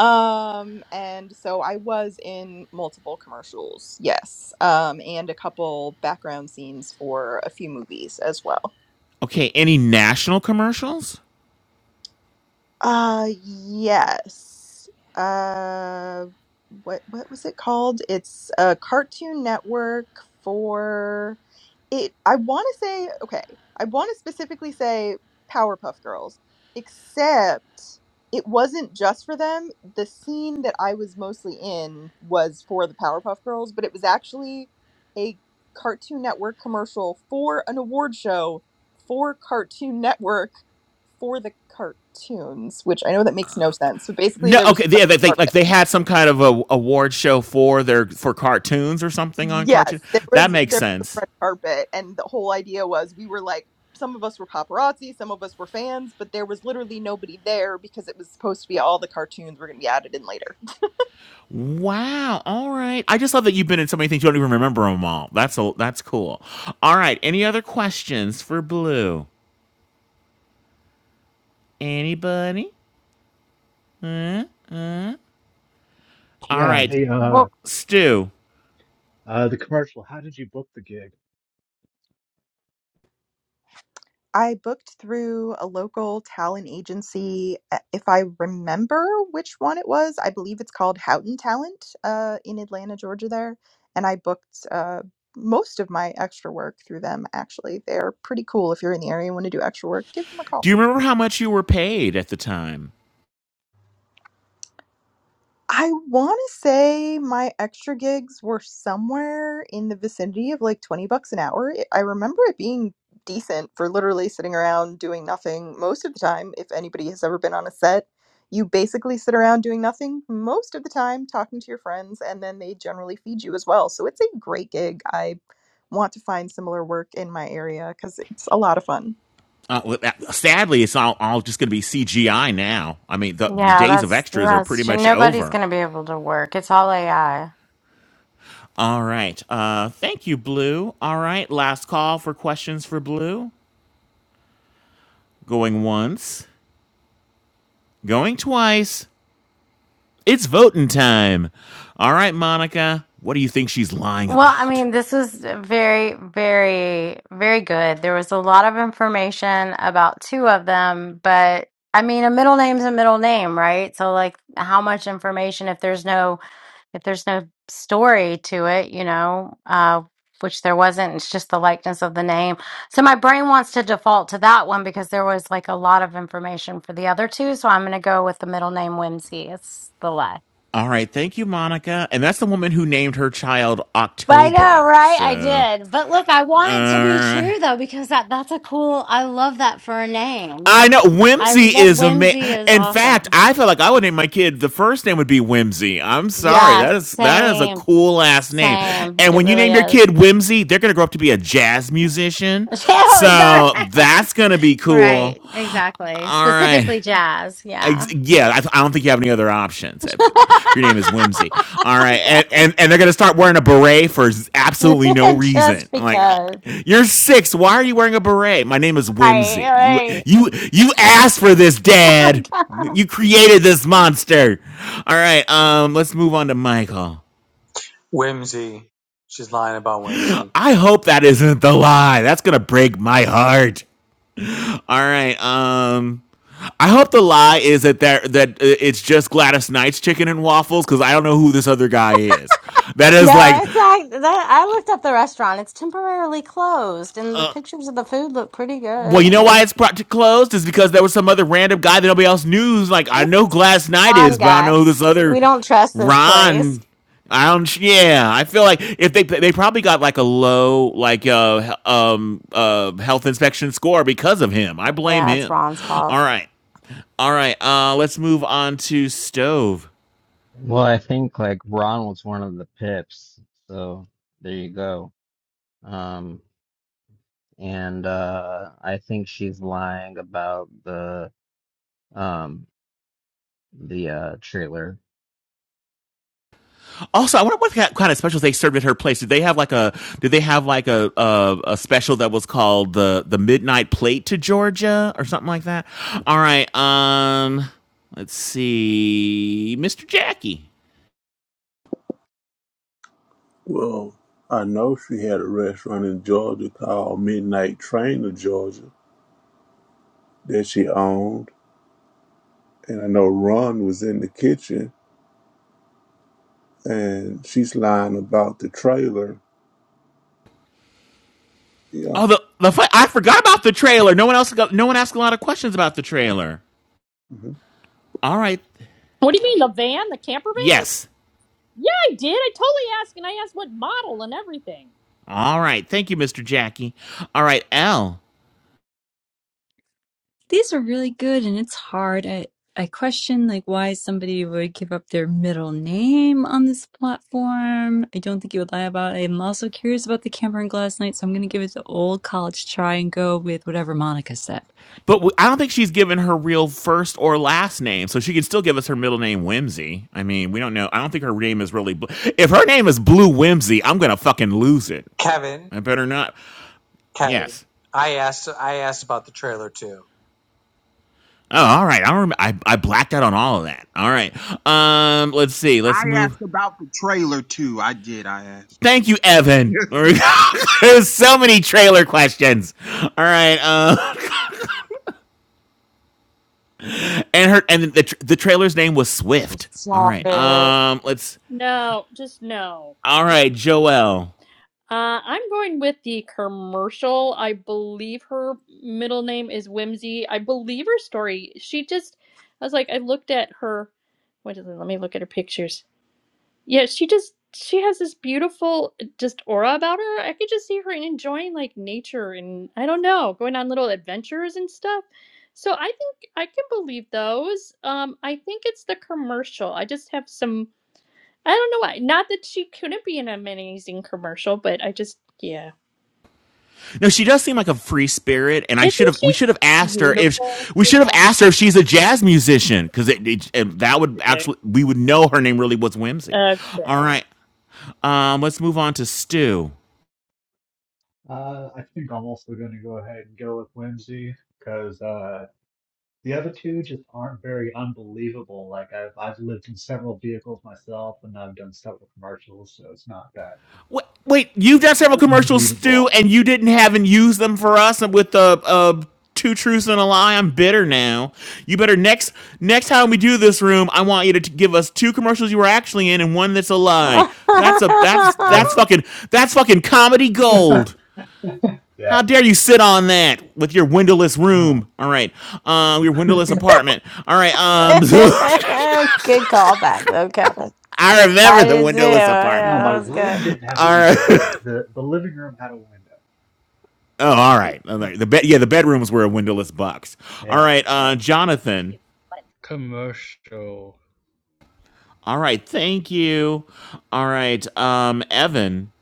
N: Um, and so I was in multiple commercials, yes, um, and a couple background scenes for a few movies as well.
C: Okay, any national commercials?
N: Uh yes. Uh what what was it called? It's a Cartoon Network for it I want to say okay. I want to specifically say Powerpuff Girls, except it wasn't just for them. The scene that I was mostly in was for the Powerpuff Girls, but it was actually a Cartoon Network commercial for an award show for Cartoon Network for the cartoons, which I know that makes no sense. So basically,
C: No,
N: there was
C: okay,
N: a red
C: yeah, they, they, like
N: carpet.
C: they had some kind of a award show for their for cartoons or something on cartoon.
N: Yes, there
C: That
N: was
C: makes
N: there was a
C: sense.
N: red carpet, and the whole idea was we were like some of us were paparazzi, some of us were fans, but there was literally nobody there because it was supposed to be all the cartoons were going to be added in later.
C: Wow. All right. I just love that you've been in so many things you don't even remember them all. That's all. that's cool. All right. Any other questions for Blue? Anybody? All
O: Yeah,
C: right.
O: the uh
C: Stu,
O: uh the commercial. How did you book the gig?
N: I booked through a local talent agency. uh, If I remember which one it was, I believe it's called Houghton Talent uh, in Atlanta, Georgia, there. And I booked uh, most of my extra work through them, actually. They're pretty cool. If you're in the area and want to do extra work, give them a
C: do
N: call.
C: you remember how much you were paid at the time?
N: I want to say my extra gigs were somewhere in the vicinity of like 20 bucks an hour. It- I remember it being decent for literally sitting around doing nothing most of the time. If anybody has ever been on a set, you basically sit around doing nothing most of the time, talking to your friends, and then they generally feed you as well. So it's a great gig. I want to find similar work in my area because it's a lot of fun.
C: Uh, well, that- sadly, it's all, all just going to be CGI now. I mean, the,
E: well,
C: the
E: yeah,
C: days of
E: that's
C: extras are pretty
E: that's
C: much
E: nobody's
C: over.
E: gonna be able to work. It's all AI.
C: All right. Uh, thank you, Blue. All right. Last call for questions for Blue. Going once, going twice. It's voting time. All right, Monica, what do you think she's lying
E: Well, I
C: about?
E: mean, this was very, very, very good. There was a lot of information about two of them, but I mean, a middle name's a middle name, right? So, like, how much information if there's no if there's no story to it, you know, uh, which there wasn't. It's just the likeness of the name. So my brain wants to default to that one because there was like a lot of information for the other two. So I'm going to go with the middle name Whimsy. It's the less.
C: All right, thank you, Monica. And that's the woman who named her child
E: I know,
C: October.
E: right? I
C: So,
E: did. But look, I want it to be
C: uh,
E: true though, because that that's a cool I love that for a name.
C: I know
E: I
C: whimsy
E: love
C: is a
E: whimsy is
C: In fact,
E: awesome.
C: I feel like I would name my kid. The first name would be Whimsy. I'm sorry,
E: Yeah,
C: that is that is a
E: same.
C: cool ass name.
E: Same.
C: And
E: It
C: when you
E: really
C: name your
E: is.
C: kid Whimsy, they're gonna grow up to be a jazz musician.
E: Oh, is that
C: So
E: right?
C: that's gonna be cool.
E: Right, exactly.
C: All right.
E: Specifically jazz,
C: Ex-
E: yeah.
C: Yeah, I, I don't think you have any other options if, if your name is Whimsy. All right, and, and and they're gonna start wearing a beret for absolutely no reason.
E: Just
C: I'm like, I,
E: because.
C: you're six. Why are you wearing a beret? My name is
E: Right,
C: Whimsy. You
E: right.
C: you you asked for this,
E: Oh my
C: Dad.
E: God.
C: You created this monster. All right, um, let's move on to Michael.
B: Whimsy. She's lying about Whimsy.
C: I hope that isn't the lie. That's gonna break my heart. All right. Um, I hope the lie is that that that it's just Gladys Knight's chicken and waffles because I don't know who this other guy is. That is
E: No,
C: like,
E: it's like that. I looked up the restaurant. It's temporarily closed, and the pictures of the food look pretty
C: well,
E: good.
C: you
E: I
C: know why
E: mean,
C: it's pro- closed is because there was some other random guy that nobody else knew. Who's like,
E: I
C: I
E: think
C: know who
E: it's this
C: Gladys Knight
E: Ron
C: is, but I don't
E: guy.
C: know who this
E: We
C: other
E: don't trust this place.
C: Ron. I don't. Yeah, I feel like if they they probably got like a low like uh um uh health inspection score because of him. I blame
E: Yeah, it's
C: him.
E: Ron's fault.
C: All right, all right. Uh, let's move on to stove.
A: Well, I think like Ron was one of the pips, so there you go. Um, and uh, I think she's lying about the um the uh trailer
C: Also, I wonder what kind of specials they served at her place. Did they have like a? Did they have like a a, a special that was called the the Midnight Plate to Georgia or something like that? All right. Um, let's see, Mr. Jackie.
D: Well, I know she had a restaurant in Georgia called Midnight Train of Georgia that she owned, and I know Ron was in the kitchen, and she's lying about the trailer. Yeah.
C: Oh, the the I forgot about the trailer. No one else got. No one asked a lot of questions about the trailer.
D: Mm-hmm.
C: All right.
J: What do you mean the van, the camper van?
C: Yes.
J: Yeah, I did. I totally asked and I asked what model and everything.
C: All right. Thank you, Mr. Jackie. All right, Al.
H: these are really good and it's hard i i question like why somebody would give up their middle name on this platform i don't think you would lie about it i'm also curious about the Camper and glass night so i'm going to give it the old college try and go with whatever monica said
C: But w- I don't think she's given her real first or last name, so she can still give us her middle name, Whimsy. I mean, we don't know. I don't think her name is really. Bl- if her name is Blue Whimsy, I'm gonna fucking lose it.
B: Kevin,
C: I better not.
B: Kevin.
C: Yes.
B: I asked. I asked about the trailer too.
C: Oh, all right. I remember. I, I blacked out on all of that. All right. Um, let's see. Let's
P: I
C: move.
P: asked about the trailer too. I did. I asked
C: Thank
P: too.
C: you, Evan. There's so many trailer questions. All right. Uh, and her and the the trailer's name was
E: I'm
C: Swift. All
E: sorry.
C: right. Um, let's.
J: No, just no.
C: All right, Joel.
J: Uh, I'm going with the commercial. I believe her middle name is Whimsy. I believe her story. She just, I was like, I looked at her. Wait a minute, let me look at her pictures. Yeah, she just, she has this beautiful just aura about her. I could just see her enjoying like nature and I don't know, going on little adventures and stuff. So I think I can believe those. Um, I think it's the commercial. I just have some. I don't know why. Not that she couldn't be in an amazing commercial, but I just, yeah.
C: No, she does seem like a free spirit, and I
J: Isn't
C: should have. We should have
J: she
C: asked her
J: beautiful?
C: if we should have asked her if she's a jazz musician, because it, it, it- that would
J: Okay.
C: actually we would know her name really was Whimsy. All right, um, let's move on to Stu.
O: Uh, I think I'm also gonna go ahead and go with Whimsy because uh the other two just aren't very unbelievable. Like I've I've lived in several vehicles myself and I've done several commercials, so it's not that
C: Wait, wait, you've done several commercials, Stu,
O: unbelievable.
C: and you didn't haven't used them for us with the uh, two truths and a lie. I'm bitter now. You better next next time we do this room, I want you to t- give us two commercials you were actually in and one that's a lie.
E: good
C: That's a that's
O: Okay.
C: that's fucking that's fucking comedy gold. How
O: That
C: dare you sit on that with your windowless
O: oh,
C: room? All right, um, your windowless apartment. All right,
O: my
C: um,
O: bad.
E: callback though, Kevin.
C: I remember
E: I
C: the
E: did too.
C: windowless apartment.
E: Yeah,
O: No, my
E: that was
O: room
E: good.
O: didn't have a
C: All right.
O: windows. The the living room had a window.
C: Oh, all right. All right. The bed, yeah, the bedrooms were a windowless box. All right, uh, Jonathan.
M: Mute. Button. Commercial.
C: All right, thank you. All right, um, Evan.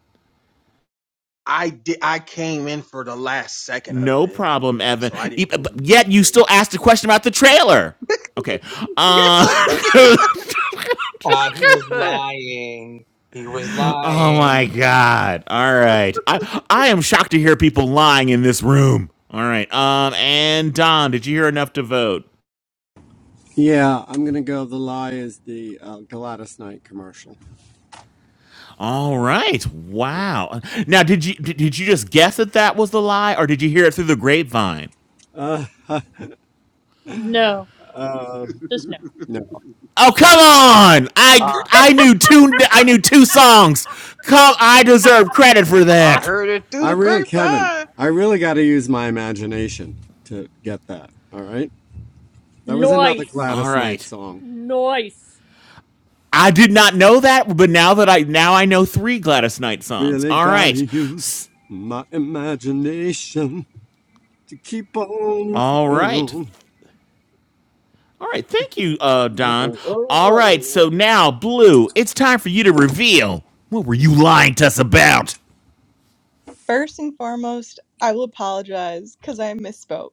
P: I did. I came in for the last second of
C: No
P: it,
C: problem, Evan.
P: so I
C: E-
P: didn't hear
C: but
P: anything.
C: Yet you
P: before.
C: still asked a question about the trailer. Okay.
P: yes, I
C: Uh,
B: Uh, he was lying. He was
C: Oh my
B: lying.
C: god. All right. I I am shocked to hear people lying in this room. All right. Um and Don, did you hear enough to vote?
G: Yeah, I'm gonna go. The lie is the uh, Galatas Night commercial.
C: All right.
G: Yeah.
C: Wow. Now, did you did did you just guess that that was the lie or did you hear it through the grapevine?
G: Uh, huh,
J: No,
P: did.
J: just no.
G: no,
C: Oh, come on. I
P: I,
C: I knew two I knew two songs. Come I deserve credit for
P: I
C: that.
P: heard it through
G: I
P: the
G: really, Kevin,
P: grapevine.
G: I really got to use my imagination to get that. All right, that was another
J: Noise.
C: All
G: Gladys Knight
C: right.
G: song.
J: Noise.
C: I did not know that, but now that I now I know three Gladys Knight songs.
G: Really
C: All
G: gotta
C: right.
G: use my imagination to keep on
C: All
G: keeping
C: right.
G: on.
C: All right, thank you, uh, Don.
P: Oh, oh,
C: All right, so
P: oh, oh,
C: now, Blue, it's time for you to reveal. What were you lying to us about?
N: First and foremost, I will apologize because I misspoke.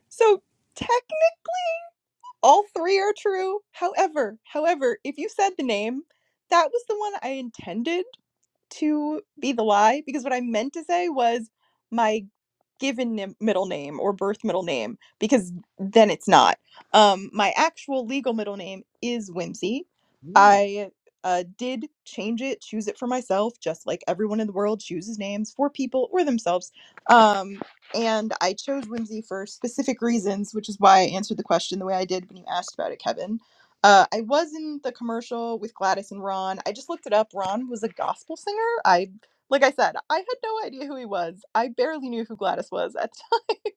N: So, all three are true. However, however, if you said the name, that was the one I intended to be the lie because what I meant to say was my given nim- middle name or birth middle name because then it's not. Um, my actual legal middle name is Whimsy.
P: oh.
N: I uh, did change it, choose it for myself, just like everyone in the world chooses names for people or themselves. Um, and I chose Whimsy for specific reasons, which is why I answered the question the way I did when you asked about it, Kevin. Uh, I was in the commercial with Gladys and Ron. I just looked it up. Ron was a gospel singer. I like I said, I had no idea who he was. I barely knew who Gladys was at the time.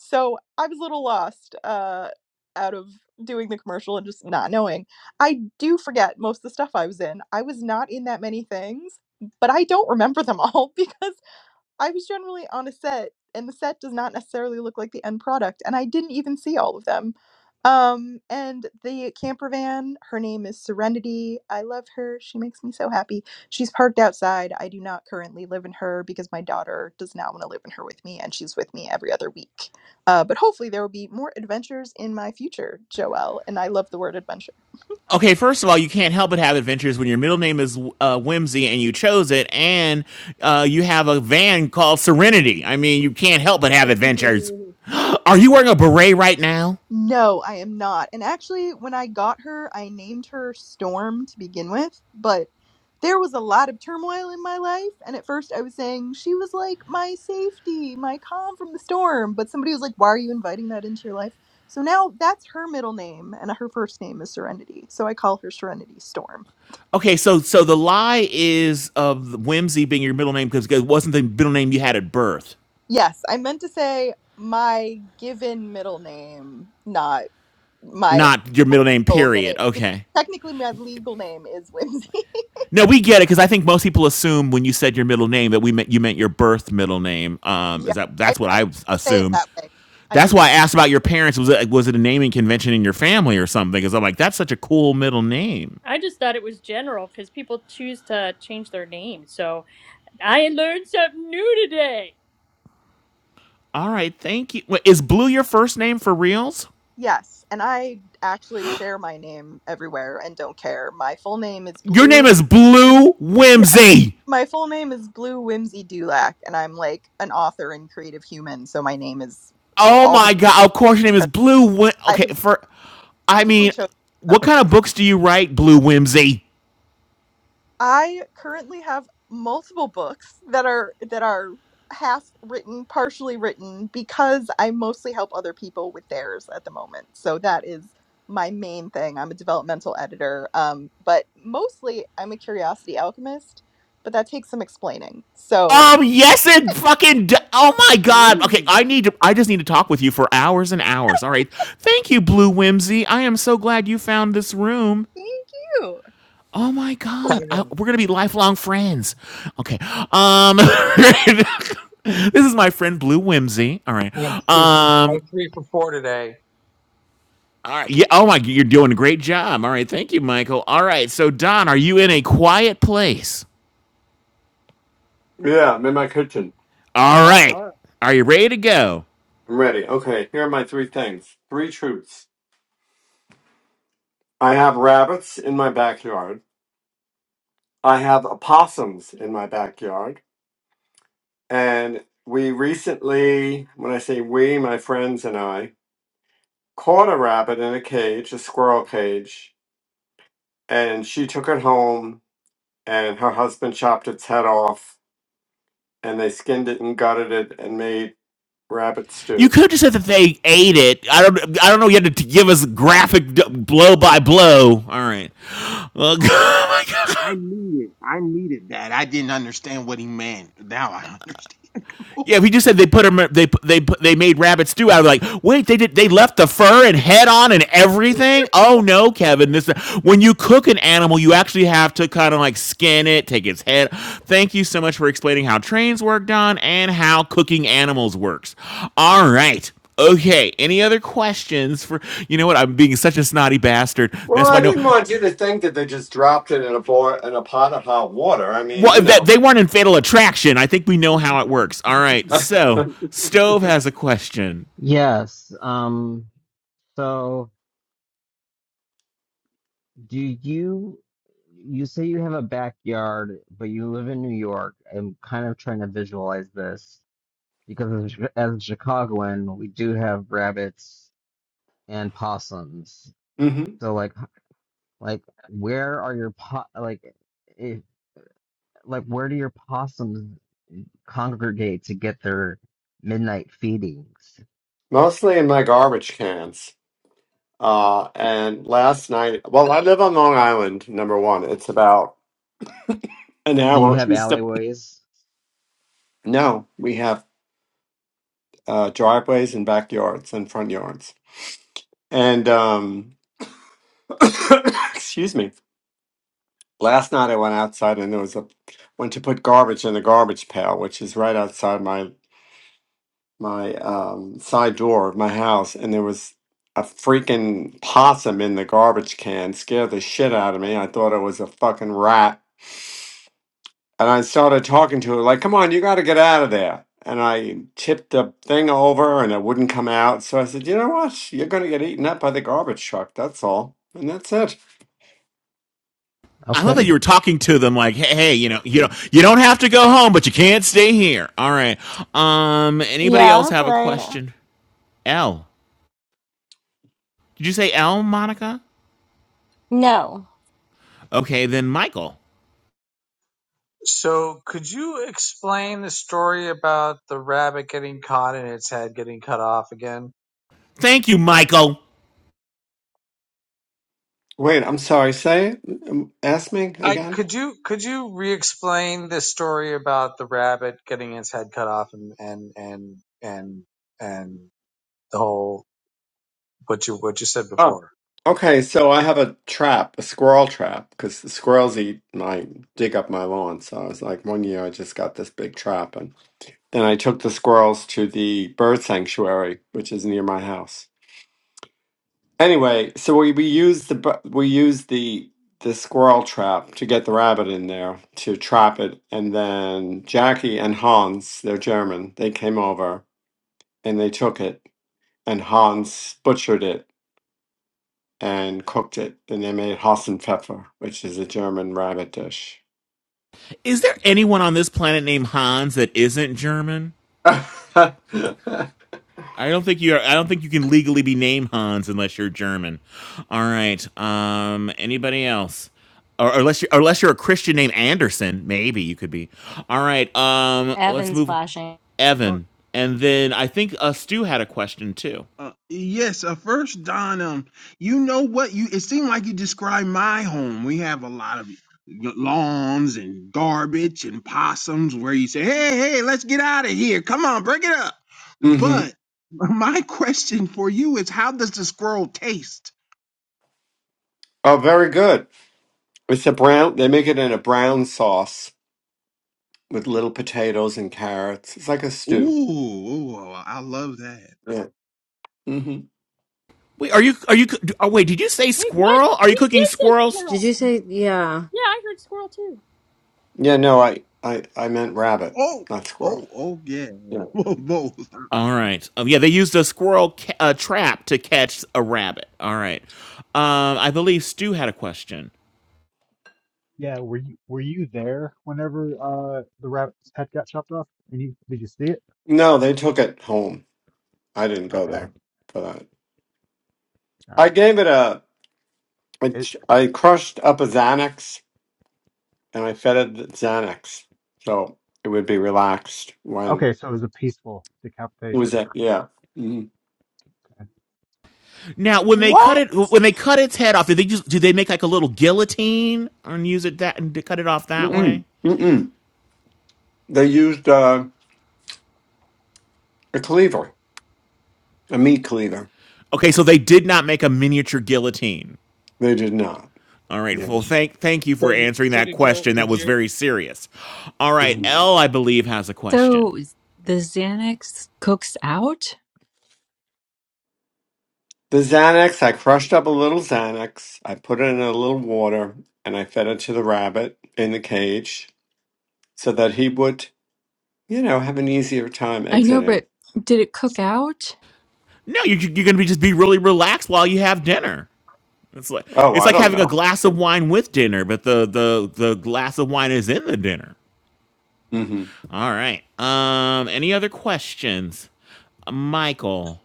N: So I was a little lost uh, out of doing the commercial and just not knowing. I do forget most of the stuff I was in. I was not in that many things, but I don't remember them all because I was generally on a set, and the set does not necessarily look like the end product, and I didn't even see all of them. Um, and the camper van, her name is Serenity. I love her. She makes me so happy. She's parked outside. I do not currently live in her because my daughter does not want to live in her with me, and she's with me every other week. Uh, but hopefully, there will be more adventures in my future, Joelle, and I love the word adventure.
C: Okay, first of all, you can't help but have adventures when your middle name is uh, Whimsy and you chose it, and uh, you have a van called Serenity. I mean, you can't help but have adventures.
P: Mm.
C: Are you wearing a beret right now?
N: No, I am not. And actually, when I got her, I named her Storm to begin with, but there was a lot of turmoil in my life. And at first, I was saying she was like my safety, my calm from the storm. But somebody was like, why are you inviting that into your life? So now that's her middle name, and her first name is Serenity. So I call her Serenity Storm.
C: Okay, so so the lie is of Whimsy being your middle name because it wasn't the middle name you had at birth,
N: Yes, I meant to say my given middle name, not my
C: not your middle name.
N: actual name,
C: Period.
N: because
C: Okay.
N: technically my legal name is Whimsy.
C: No, we get it because I think most people assume when you said your middle name that we meant you meant your birth middle name. Um,
N: Yeah,
C: is that
N: I,
C: that's what
N: I
C: I
N: say it
C: assumed.
N: that way. I
C: That's why I
N: didn't.
C: asked about your parents. Was it was it a naming convention in your family or something? Because I'm like, that's such a cool middle name.
J: I just thought it was general because people choose to change their name. So I learned something new today.
C: All right, thank you. Wait, is Blue your first name for reals?
N: Yes, and I actually share my name everywhere and don't care. My full name is
C: Your name
N: Blue.
C: is Blue
N: Yes,
C: Whimsy.
N: my full name is Blue Whimsy Dulac, and I'm like an author and creative human, so my name is
C: Oh
N: all the
C: my god! Of course, your name is
N: because
C: Blue. Whim-
N: I
C: okay,
N: have
C: for I mean,
N: specifically chosen that
C: what kind of
N: purpose.
C: books do you write, Blue Whimsy?
N: I currently have multiple books that are that are half written, partially written because I mostly help other people with theirs at the moment. So that is my main thing. I'm a developmental editor, um, but mostly I'm a curiosity alchemist, but that takes some explaining. So
C: Um, yes, it fucking. D- oh my god. Okay,
P: Mm.
C: I need to. I just need to talk with you for hours and hours. All right. Thank you, Blue Whimsy. I am so glad you found this room.
N: thank you.
C: Oh my god. I,
B: Kevin.
C: we're gonna be lifelong friends. Okay. Um, this is my friend Blue Whimsy. All right.
B: I'm three, I'm
C: Um.
B: three for four today.
C: All right. Yeah. Oh my. You're doing a great job. All right. Thank you, Michael. All right. So Don, are you in a quiet place?
G: Yeah, I'm in my kitchen.
C: All
P: All
C: right.
P: right.
C: Are you ready to go?
G: I'm ready. Okay, here are my three things. Three truths. I have rabbits in my backyard. I have opossums in my backyard. And we recently, when I say we, my friends and I, caught a rabbit in a cage, a squirrel cage, and she took it home and her husband chopped its head off and they skinned it and gutted it and made rabbit
C: You
G: stew.
C: could have said that they ate it. I don't. I don't know. You had to give us graphic blow by blow. All right. Well,
P: oh, I needed. I needed that. I didn't understand what he meant. Now I understand.
C: Yeah, if he just said they put him, they put- they put- they made rabbit stew out of it, like, wait, they did they left the fur and head on and everything. Oh no, Kevin, this when you cook an animal, you actually have to kind of like skin it, take its head. Thank you so much for explaining how trains work, Don, and how cooking animals works. All right. Okay. Any other questions for you know what? I'm being such a snotty bastard.
G: Well,
C: That's
G: I
C: why no.
G: didn't want you to think that they just dropped it in a boil in a pot of hot water. I mean,
C: Well,
G: you
C: that
G: know.
C: they weren't in Fatal Attraction. I think we know how it works. All right. So Stove has a question.
A: Yes. Um, so do you you say you have a backyard, but you live in New York. I'm kind of trying to visualize this because as, a- as a Chicagoan, we do have rabbits and possums.
G: hmm
A: So like h- like where are your po like if, like where do your possums congregate to get their midnight feedings?
G: Mostly in my garbage cans. Uh, and last night, well, I live on Long Island. Number one, it's about an
A: So you
G: hour
A: have
G: east of.
A: alleyways.
G: No, we have uh, driveways and backyards and front yards. And um, excuse me Last night I went outside and there was a went to put garbage in the garbage pail, which is right outside my my um, side door of my house, and there was a freaking possum in the garbage can. Scared the shit out of me. I thought it was a fucking rat, and I started talking to it like, "Come on, you got to get out of there." And I tipped the thing over, and it wouldn't come out. So I said, "You know what? You're gonna get eaten up by the garbage truck. That's all." And that's it.
C: I love that
A: Okay.
C: you were talking to them like, hey, hey, you know, you know, you don't have to go home, but you can't stay here. All right. Um, anybody else
E: Yeah,
C: have a
E: right.
C: question? L. Did you say L, Monica?
E: No,
C: Okay, then Michael.
B: So, could you explain the story about the rabbit getting caught and its head getting cut off again?
C: Thank you, Michael.
G: Wait, I'm sorry. Say, it. Um, ask me
B: I
G: again.
B: could you could you re-explain the story about the rabbit getting its head cut off and and and and and the whole what you what you said
G: Oh,
B: before?
G: okay. So I have a trap, a squirrel trap, because the squirrels eat my dig up my lawn. So I was like, one year I just got this big trap, and then I took the squirrels to the bird sanctuary, which is near my house. Anyway, so we we used the bu- we used the the squirrel trap to get the rabbit in there to trap it, and then Jackie and Hans, they're German, they came over and they took it, and Hans butchered it and cooked it, and they made Hassenpfeffer, which is a German rabbit dish.
C: Is there anyone on this planet named Hans that isn't German?
G: hmm
C: I don't think you are, I don't think you can legally be named Hans unless you're German. All right. Um, anybody else? or or unless you're or unless you're a Christian named Anderson, maybe you could be. All right, um, let's
E: Evan's
C: move.
E: flashing.
P: Oh,
C: Evan, and then I think uh, Stu had a question too.
P: Uh, yes, uh, first, Don, um, you know what? You it seemed like you described my home. We have a lot of lawns and garbage and possums where you say, "Hey, hey, let's get out of here! Come on, break it up." But my question for you is, how does the squirrel taste?
G: Oh, very good. It's a brown. They make it in a brown sauce with little potatoes and carrots. It's like a
P: Ooh,
G: stew.
P: ooh, oh, I love that.
G: Yeah. hmm
C: Wait, are you are you? Oh, wait, did you say
J: Wait, what?
C: squirrel? Are you
J: He
C: cooking
J: did say
C: squirrels?
E: Did
J: squirrel.
E: you say yeah?
J: Yeah, I heard squirrel too.
G: Yeah. No, I, I, I meant rabbit,
P: Oh,
G: not squirrel.
P: oh, oh, yeah,
G: Yeah.
P: Well, both.
C: All right. Um, yeah, they used a squirrel ca- uh, trap to catch a rabbit. All right. Um, I believe Stu had a question.
O: Yeah, were you were you there whenever uh the rabbit's head got chopped off? And you did you see it?
G: No, they took it home. I didn't go
O: Okay,
G: there for that.
O: all
G: I
O: right.
G: gave it a. I
O: It
G: ch- I crushed up a Xanax and I fed it the Xanax, so it would be relaxed when
O: okay, so it was a peaceful
G: It was
O: decapitation.
G: that, yeah. Mm-mm.
O: Okay.
C: Now, when they cut
E: What?
C: it, when they cut its head off, did they just do they make like a little guillotine and use it that and to cut it off that
G: Mm-mm.
C: way?
G: Mm-mm. They used uh, a cleaver, a meat cleaver.
C: Okay, so they did not make a miniature guillotine.
G: They did not.
C: All right.
G: Yeah.
C: Well, thank thank you
B: So
C: for
B: you
C: answering
B: so
C: that
B: did you
C: question. That
B: did
C: was
B: you
C: very serious. All right,
G: Mhm.
C: L, I believe has a question.
H: so the xanax cooks out
G: The Xanax, I crushed up a little Xanax. I put it in a little water and I fed it to the rabbit in the cage so that he would, you know, have an easier time
H: i know
G: exiting.
H: but did it cook out
C: No, you, you're gonna be just be really relaxed while you have dinner. It's like
G: Oh,
C: it's
G: I
C: like
G: don't
C: having a
G: know.
C: glass
G: Yeah.
C: of wine with dinner, but the the the glass of wine is in the dinner.
G: hmm
C: All right. Um. Any other questions, Michael?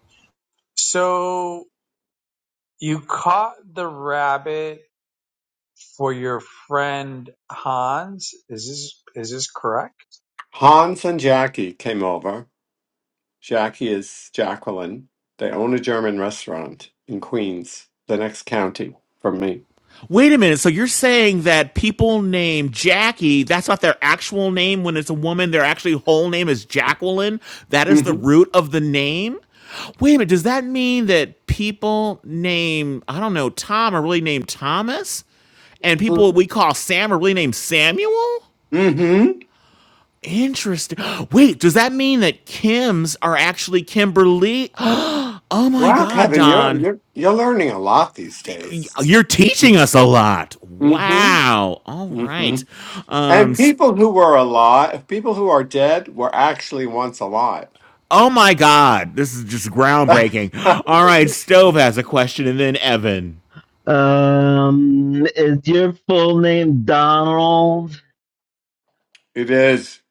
B: so you caught the rabbit for your friend Hans? Is this is this correct?
G: Hans and Jackie came over. Jackie is Jacqueline. They own a German restaurant in Queens, the next county from me.
C: Wait a minute. So you're saying that people named Jackie, that's not their actual name when it's a woman, their actually whole name is Jacqueline? That is the root of the name? Wait a minute. Does that mean that people named, I don't know, Tom are really named Thomas? And people we call Sam are really named Samuel?
G: Mm-hmm.
C: Interesting. Wait, does that mean that Kims are actually Kimberly? Oh my
G: Wow,
C: God,
G: Kevin, you're
C: Don.
G: you're you're learning a lot these days.
C: You're teaching us a lot.
G: Mm-hmm.
C: Wow. All
G: Mm-hmm.
C: right. Um.
G: And people who were alive, people who are dead, were actually once alive.
C: Oh my God. This is just
G: it
C: groundbreaking. All right. Stove has a question, and then Evan.
A: Um, is your full name Donald?
G: is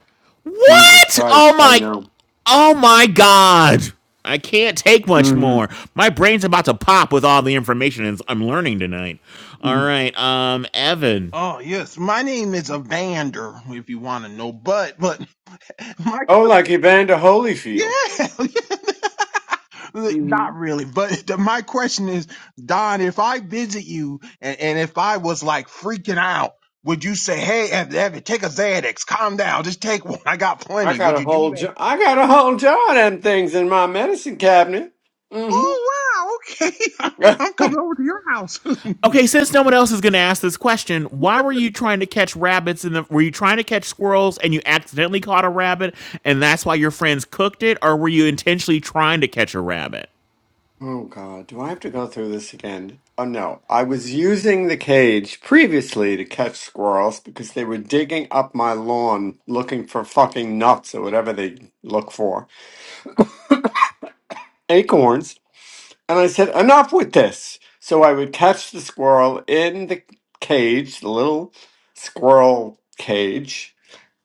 G: Jesus
C: What? Oh
G: Christ. I
C: my.
G: know.
C: Oh my God. I can't take much more.
G: Mm-hmm.
C: My brain's about to pop with all the information I'm learning tonight. All right. Um. Evan.
P: Oh yes, my name is Evander, if you want to know. But, but my
G: Oh, like Evander
P: Yeah.
G: Holyfield. Mm-hmm.
P: Not really, but the, my question is, Don, if I visit you and, and if I was like freaking out, would you say, "Hey, Ev, Ev, take a Xanax, calm down, just take one, I got
G: I
P: plenty"?
G: got
P: Would
G: a
P: you do
G: whole
P: that?
G: jo- I got a whole jar of them things in my medicine cabinet. Mm-hmm.
P: Oh wow, okay, I'm coming over to your house.
C: Okay, since no one else is going to ask this question, why were you trying to catch rabbits in the were you trying to catch squirrels and you accidentally caught a rabbit and that's why your friends cooked it or were you intentionally trying to catch a rabbit?
G: Oh God, do I have to go through this again? Oh no, I was using the cage previously to catch squirrels because they were digging up my lawn looking for fucking nuts or whatever they look for, acorns. And I said, enough with this. So I would catch the squirrel in the cage, the little squirrel cage,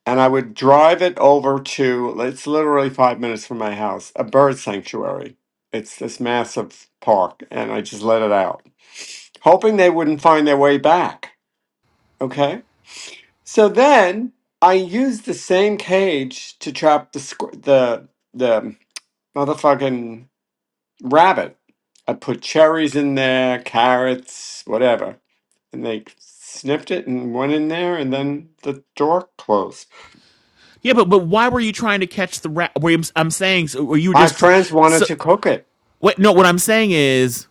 G: and I would drive it over to, it's literally five minutes from my house, a bird sanctuary. It's this massive park, and I just let it out. hoping they wouldn't find their way back. Okay. So then I used the same cage to trap the squ- the the motherfucking rabbit. I put cherries in there, carrots, whatever, and they sniffed it and went in there, and then the door closed.
C: Yeah, but but why were you trying to catch the rabbit? I'm, I'm saying so were you
G: My
C: just trying
G: friends wanted
C: so
G: to cook it.
C: what no what I'm saying is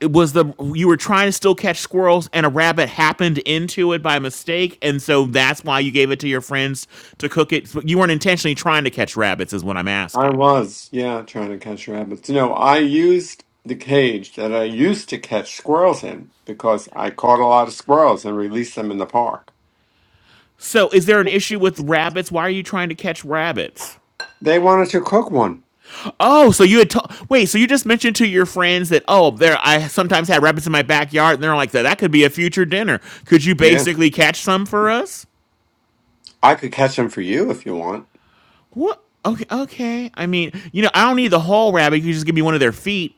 C: it was the you were trying to still catch squirrels and a rabbit happened into it by mistake and so that's why you gave it to your friends to cook it. So You weren't intentionally trying to catch rabbits is what I'm
G: I
C: asking.
G: was, yeah, trying to catch rabbits. No, I used the cage that I used to catch squirrels in because I caught a lot of squirrels and released them in the park.
C: So, is there an issue with rabbits? Why are you trying to catch rabbits?
G: They wanted to cook one.
C: Oh, so you had to- wait. So you just mentioned to your friends that oh, there I sometimes had rabbits in my backyard, and they're like that. That could be a future dinner. Could you
G: Yeah,
C: basically catch some for us?
G: I could catch them for you if you want.
C: What? Okay, okay. I mean, you know, I don't need the whole rabbit. You can just give me one of their feet.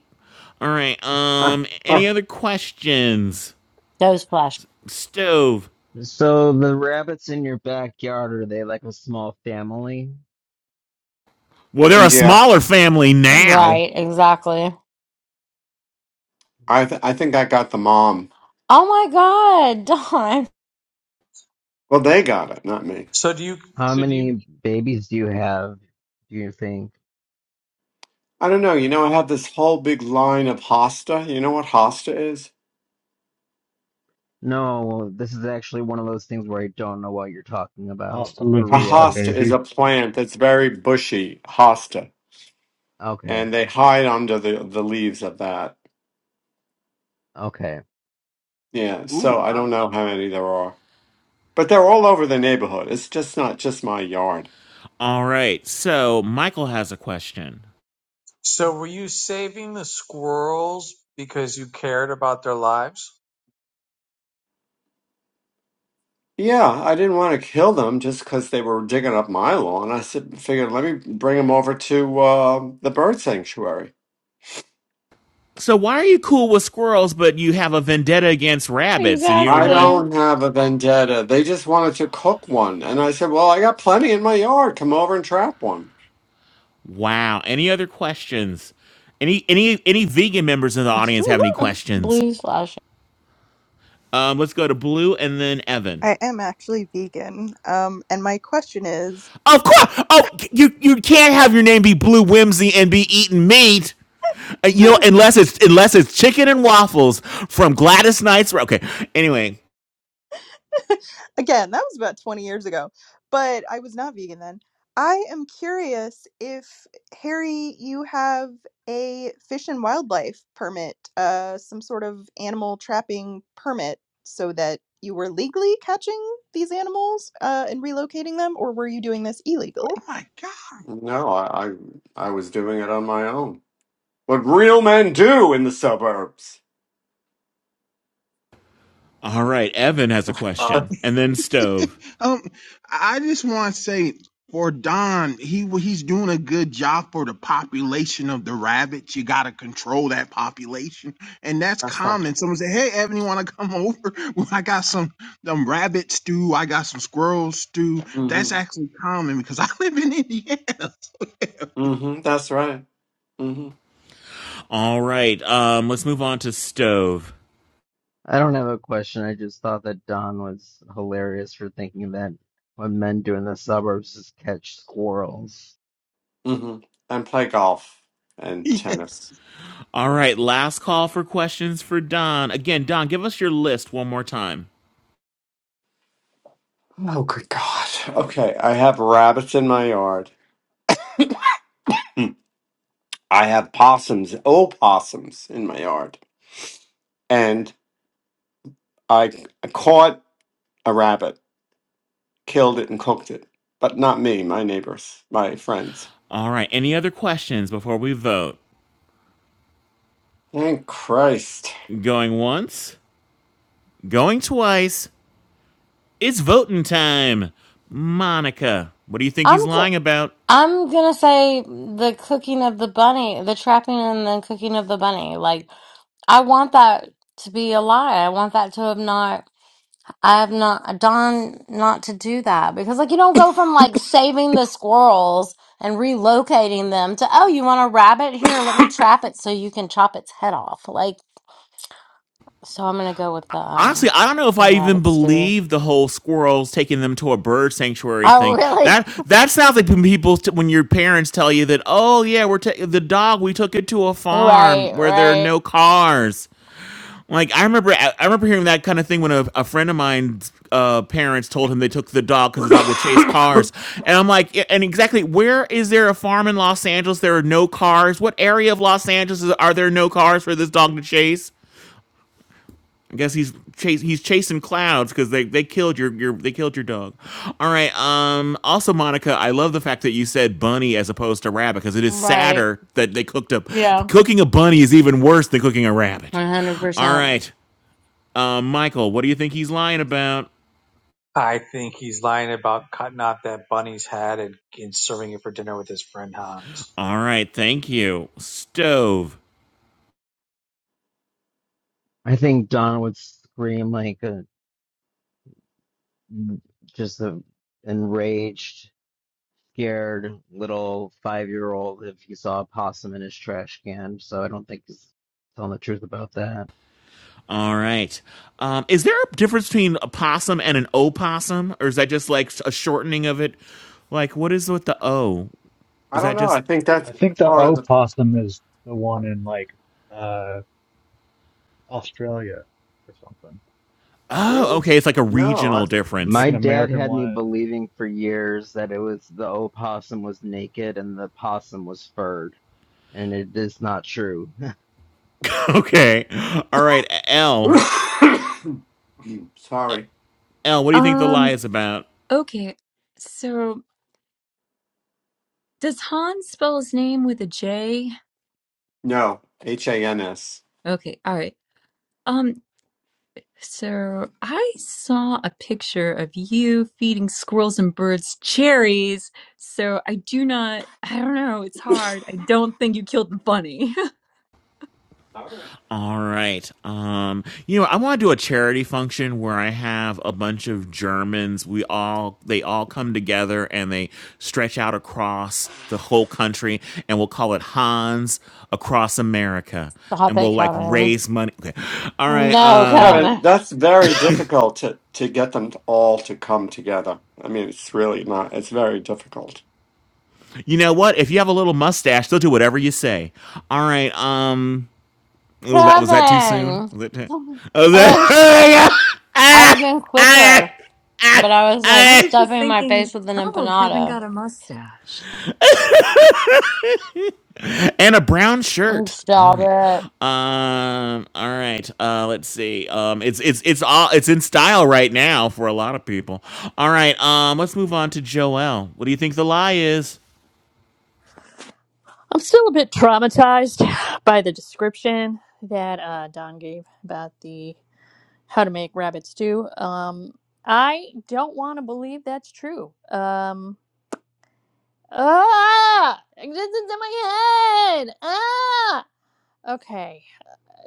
C: All right.
G: Uh,
C: Um.
G: uh.
C: Any other questions?
E: Those flashing.
C: Stove.
A: So the rabbits in your backyard, are they like a small family?
C: Well, they're a
G: yeah,
C: smaller family now.
E: Right, exactly.
G: I th- I think I got the mom.
E: Oh my God, Dawn.
G: Well, they got it, not me.
B: So do you
A: How
B: So do you?
A: many babies do you have, do you think?
G: I don't know. You know, I have this whole big line of hosta. You know what hosta is?
A: No, this is actually one of those things where I don't know what you're talking about
O: Hasta la
A: for
G: A
O: vista,
G: hosta
A: reals.
G: is
O: baby.
G: a plant that's very bushy, hosta,
A: Okay,
G: and they hide under the the leaves of that.
A: okay.
G: Yeah, so
P: Ooh,
G: I
P: I
G: don't
P: was like,
G: know how many there are, but they're all over the neighborhood. It's just not just my yard.
C: All right. So Michael has a question.
B: so were you saving the squirrels because you cared about their lives?
G: Yeah, I didn't want to kill them just because they were digging up my lawn. I said, figured let me bring them over to uh, the bird sanctuary.
C: So why are you cool with squirrels, but you have a vendetta against rabbits, and you don't
G: I
C: mind?
E: Exactly.
G: don't have a vendetta. They just wanted to cook one, and I said, well, I got plenty in my yard. Come over and trap one.
C: Wow. Any other questions? Any any any vegan members in the audience have any questions?
E: Blue slash.
C: Um, let's go to Blue and then Evan.
N: I am actually vegan. Um, and my question is
C: Of course. Oh, you you can't have your name be Blue Whimsy and be eating meat. Uh, you know, unless it's unless it's chicken and waffles from Gladys Knight's. Okay. Anyway,
N: again, that was about 20 years ago, but I was not vegan then. I am curious if Harry, you have a fish and wildlife permit, uh, some sort of animal trapping permit, so that you were legally catching these animals uh, and relocating them, or were you doing this
P: oh
N: illegally?
P: my god.
G: No, I I, I was doing it on my own. What real men do in the suburbs.
C: all right. Evan has a question, and then Stove.
P: Um, I just want to say for Don, he well, he's doing a good job for the population of the rabbits. You got to control that population, and that's
G: That's not.
P: common. Someone say, "Hey, Evan, you want to come over? Well, I got some them rabbit stew. I got some squirrel stew." That's
G: Mm-hmm.
P: actually common because I live in Indiana.
G: Mm-hmm. That's right.
C: All right. Um, let's move on to Stove.
A: I don't have a question. I just thought that Don was hilarious for thinking that what men do in the suburbs is catch squirrels.
G: hmm And play golf and
P: So, yeah,
G: tennis.
C: All right, last call for questions for Don. Again, Don, give us your list one more time.
G: Oh, good God. Okay, I have rabbits in my yard. Mm. I have possums, opossums in my yard. And I caught a rabbit, killed it, and cooked it. But not me, my neighbors, my friends.
C: All right, any other questions before we vote?
G: Thank Christ.
C: Going once, going twice. It's voting time. Monica, what do you think he's
E: I'm go-
C: lying about?
E: I'm gonna say the cooking of the bunny, the trapping and the cooking of the bunny. Like I want that to be a lie. I want that to have not. I have not done not to do that because like you don't go from like saving the squirrels and relocating them to oh you want a rabbit here let me trap it so you can chop its head off like so I'm gonna go with the
C: Honestly,
E: um
C: I don't know if
E: the
C: I even
E: rabbits too.
C: believe the whole squirrels taking them to a bird sanctuary thing.
E: Oh, really?
C: That that sounds like when people when your parents tell you that, "Oh yeah, we're ta- the dog we took it to a
E: Right,
C: farm where there are
E: right,
C: no cars." Like I remember, I I remember hearing that kind of thing when a, a friend of mine's uh, parents told him they took the dog because the dog would chase cars, and I'm like, "Yeah, and exactly where is there a farm in Los Angeles? There are no cars. What area of Los Angeles is, are there no cars for this dog to chase? I guess he's chase he's chasing clouds because they, they killed your, your they killed your dog. All right. Um. Also, Monica, I love the fact that you said bunny as opposed to rabbit because it is
E: right.
C: sadder that they cooked up.
E: Yeah,
C: Cooking a bunny is even worse than cooking a rabbit. All
E: 100%.
C: right. Uh, Michael, what do you think he's lying about?
B: I think he's lying about cutting off that bunny's head and, and serving it for dinner with his friend Hans.
C: All right, thank you. Stove.
A: I think Don would scream like a just the enraged, scared little five year old if he saw a possum in his trash can. So I don't think he's telling the truth about that.
C: All right. Um, is there a difference between a possum and an opossum, or is that just like a shortening of it? Like, what is with the O?
G: I
C: Is
G: don't
C: that
G: know. I
C: just?
G: think that's
O: I think the
G: part of the
O: opossum is the one in like uh Australia or something.
C: Oh,
G: rules.
C: okay. It's like a
G: No,
C: regional
O: It's like
C: difference.
A: My
O: an
A: dad
O: American
A: had me
O: one. And,
A: believing for years that it was the opossum was naked and the possum was furred, and it is not true.
C: okay. All right.
G: I.
C: L.
G: Sorry.
C: L. What do you think the lie
H: um
C: is about?
H: okay so does han spell his name with a j
G: No, H A N S.
H: okay all right um So I saw a picture of you feeding squirrels and birds cherries. So I do not, I don't know, it's hard. I don't think you killed the bunny.
C: All right. Um, you know, I want to do a charity function where I have a bunch of Germans. We all they all come together and they stretch out across the whole country, and we'll call it Hans Across America,
E: Stop
C: and
E: it,
C: we'll like
E: Kevin.
C: raise money. Okay. All right.
E: No,
C: Um,
G: Kevin,
E: Kevin.
G: that's very difficult to, to get them to all to come together. I mean, it's really not, it's very difficult.
C: you know what? If you have a little mustache, they'll do whatever you say. All right. Um, oh, that was that too soon.
E: Kevin!
C: Was it? Too, oh,
E: I was,
C: that.
E: I'd
C: Ah,
E: have been
C: ah,
E: quicker,
C: ah,
E: but I was like
H: I
C: ah.
H: was just
E: stuffing my
H: thinking,
E: face with an
H: oh, Kevin
E: empanada.
H: got a mustache.
C: and a brown
E: Oh,
C: shirt. All
E: Stop
C: right.
E: it.
C: Um. All right. Uh. Let's see. Um. It's it's it's all it's in style right now for a lot of people. All right. Um. Let's move on to Joel. What do you think the lie is?
J: I'm still a bit traumatized by the description that uh, Don gave about the how to make rabbit stew. Um, I don't want to believe that's true. Um, Ah! Existence in my head! Ah! Okay.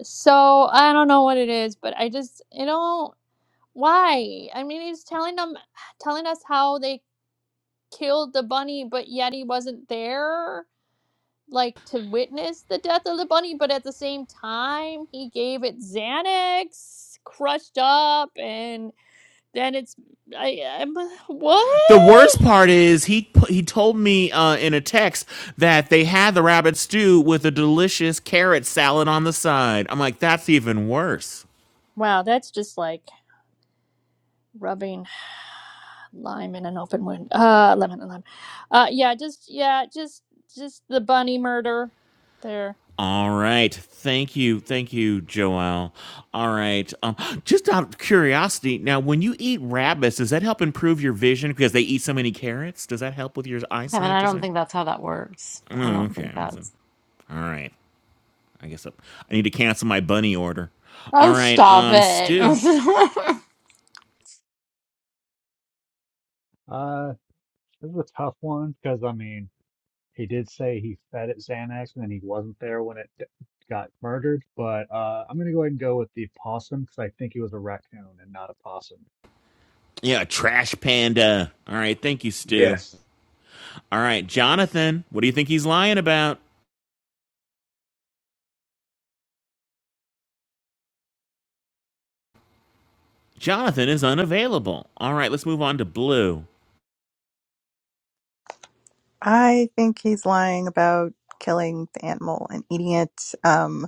J: So I don't know what it is, but I just you know, why? I mean he's telling them telling us how they killed the bunny but yet he wasn't there like to witness the death of the bunny, but at the same time he gave it Xanax crushed up and then it's I I'm
C: The worst
J: what?
C: part is he pu- he told me uh, in a text that they had the rabbit stew with a delicious carrot salad on the side. I'm like, that's even worse.
J: Wow, that's just like rubbing lime in an open wound. Uh, lemon and lime. Uh, yeah, just yeah, just just the bunny murder there.
C: All right. Thank you. Thank you, Joelle. All right. Um, just out of curiosity, now when you eat rabbits, does that help improve your vision because they eat so many carrots? Does that help with your
E: Kevin,
C: eyesight?
E: I
C: Does
E: don't
C: it?
E: think that's how that works. I
C: Oh,
E: don't
C: okay.
E: think
C: I wasn't-
E: that's.
C: All right. I guess I I need to cancel my bunny order. All
E: Oh,
C: right.
E: stop
C: Um, Stu.
E: it.
O: Uh, uh, this is a tough one because I mean. He did say he fed it Xanax and then he wasn't there when it d- got murdered. But uh, I'm going to go ahead and go with the possum because I think he was a raccoon and not a possum.
C: Yeah, trash panda. All right. Thank you, Stu.
O: Yes.
C: All right, Jonathan. What do you think he's lying about? Jonathan is unavailable. All right, let's move on to Blue.
N: I think he's lying about killing the animal and eating it. Um.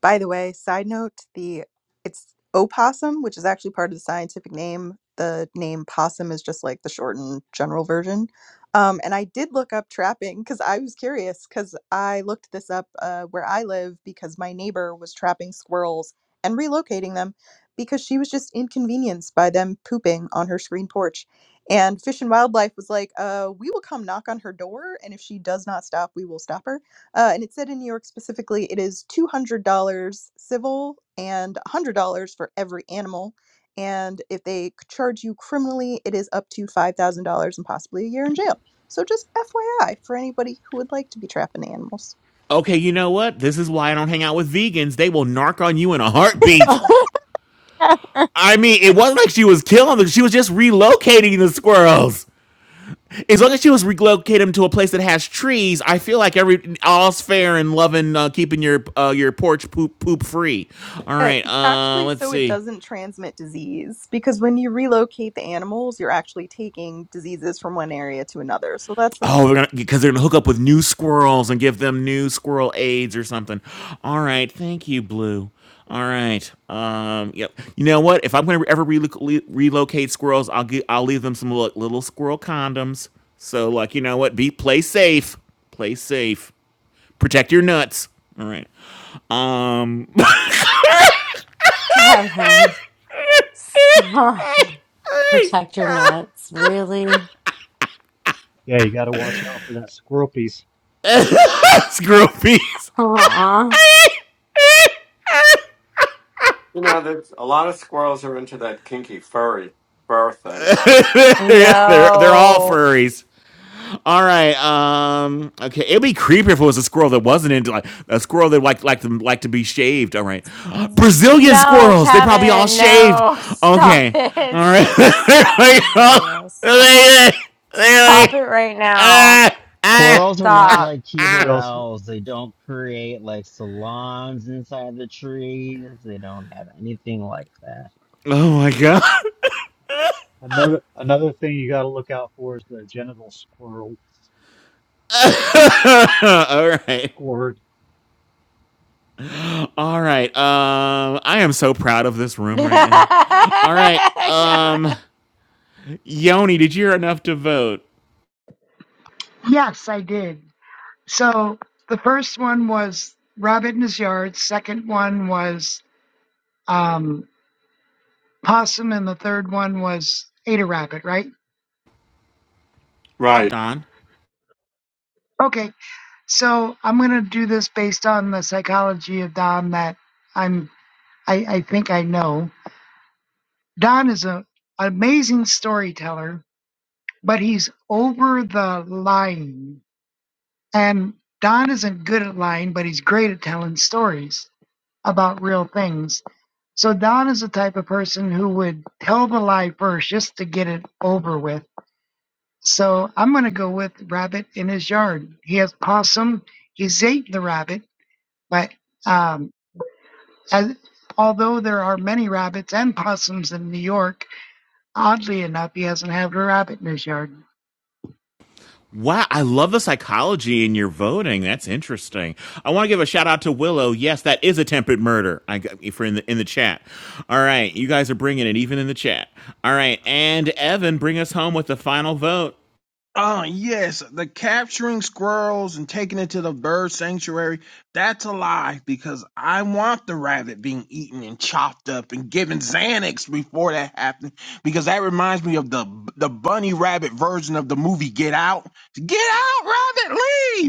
N: By the way, side note, the it's opossum, which is actually part of the scientific name. The name possum is just like the shortened general version. Um, and I did look up trapping because I was curious because I looked this up uh, where I live because my neighbor was trapping squirrels and relocating them because she was just inconvenienced by them pooping on her screen porch. And Fish and Wildlife was like, uh, we will come knock on her door, and if she does not stop, we will stop her uh, and it said in New York specifically, it is $200 civil and $100 for every animal. And if they charge you criminally, it is up to $5,000 and possibly a year in jail. So just FYI for anybody who would like to be trapping animals.
C: Okay, you know what? This is why I don't hang out with vegans. They will narc on you in a heartbeat. I mean, it wasn't like she was killing them. She was just relocating the squirrels. As long as she was relocating them to a place that has trees, I feel like every all's fair and loving, uh, keeping your uh, your porch poop poop free. All
N: Uh,
C: right,
N: it's
C: uh,
N: actually
C: let's
N: so it
C: see.
N: doesn't transmit disease because when you relocate the animals, you're actually taking diseases from one area to another. So that's the
C: Oh, they're gonna because they're gonna hook up with new squirrels and give them new squirrel aids or something. All right, thank you, Blue. All right. Um. Yep. You know what? If I'm gonna ever relo- le- relocate squirrels, I'll give I'll leave them some little, little squirrel condoms. So like, you know what? Be play safe. Play safe. Protect your nuts. All right. Um.
E: Kevin, stop. Protect your nuts. Really?
O: Yeah, you got to watch out for that squirrel piece.
C: Squirrel peas.
E: Uh-uh.
G: You know, there's a lot of squirrels are into that kinky furry fur thing.
C: they're they're all
E: No.
C: furries. All right. Um. Okay. It'd be creepy if it was a squirrel that wasn't into like a squirrel that like like to like to be shaved. All right. Brazilian
E: No,
C: squirrels. They probably all
E: Kevin,
C: shaved.
E: no. Stop
C: Okay. All
E: it.
C: right.
E: Stop Brazilian score. Stop
O: And
E: it right now.
A: Squirrels are not
E: Stop.
A: like
O: you
A: Keebler
O: also
A: owls. They don't create like salons inside the trees. They don't have anything like that.
C: Oh my god.
O: another another thing you got to look out for is the genital squirrel
C: All right.
O: squirrel.
C: All right. Um. I am so proud of this room
E: Kevin.
C: right now. All right. Um. Yoni, did you hear enough to vote?
Q: Yes, I did. So the first one was Rabbit in His Yard. Second one was um, Possum, and the third one was Ada Rabbit. Right?
G: Right.
C: Don.
Q: Okay. So I'm gonna do this based on the psychology of Don that I'm. I, I think I know. Don is a amazing storyteller, but he's over the lying. And Don isn't good at lying, but he's great at telling stories about real things So Don is the type of person who would tell the lie first just to get it over with. So I'm going to go with rabbit in his yard. He has possum. He's ate the rabbit, but um, as, although there are many rabbits and possums in New York, oddly enough, he hasn't had a rabbit in his yard.
C: Wow, I love the psychology in your voting. That's interesting. I want to give a shout out to Willow. Yes, that is attempted murder. I got for in the in the chat. All right, you guys are bringing it even in the chat. All right, and Evan, bring us home with the final vote.
P: Oh, yes, the capturing squirrels and taking it to the bird sanctuary, that's a lie because I want the rabbit being eaten and chopped up and given Xanax before that happened because that reminds me of the the bunny rabbit version of the movie Get Out. Get out, rabbit,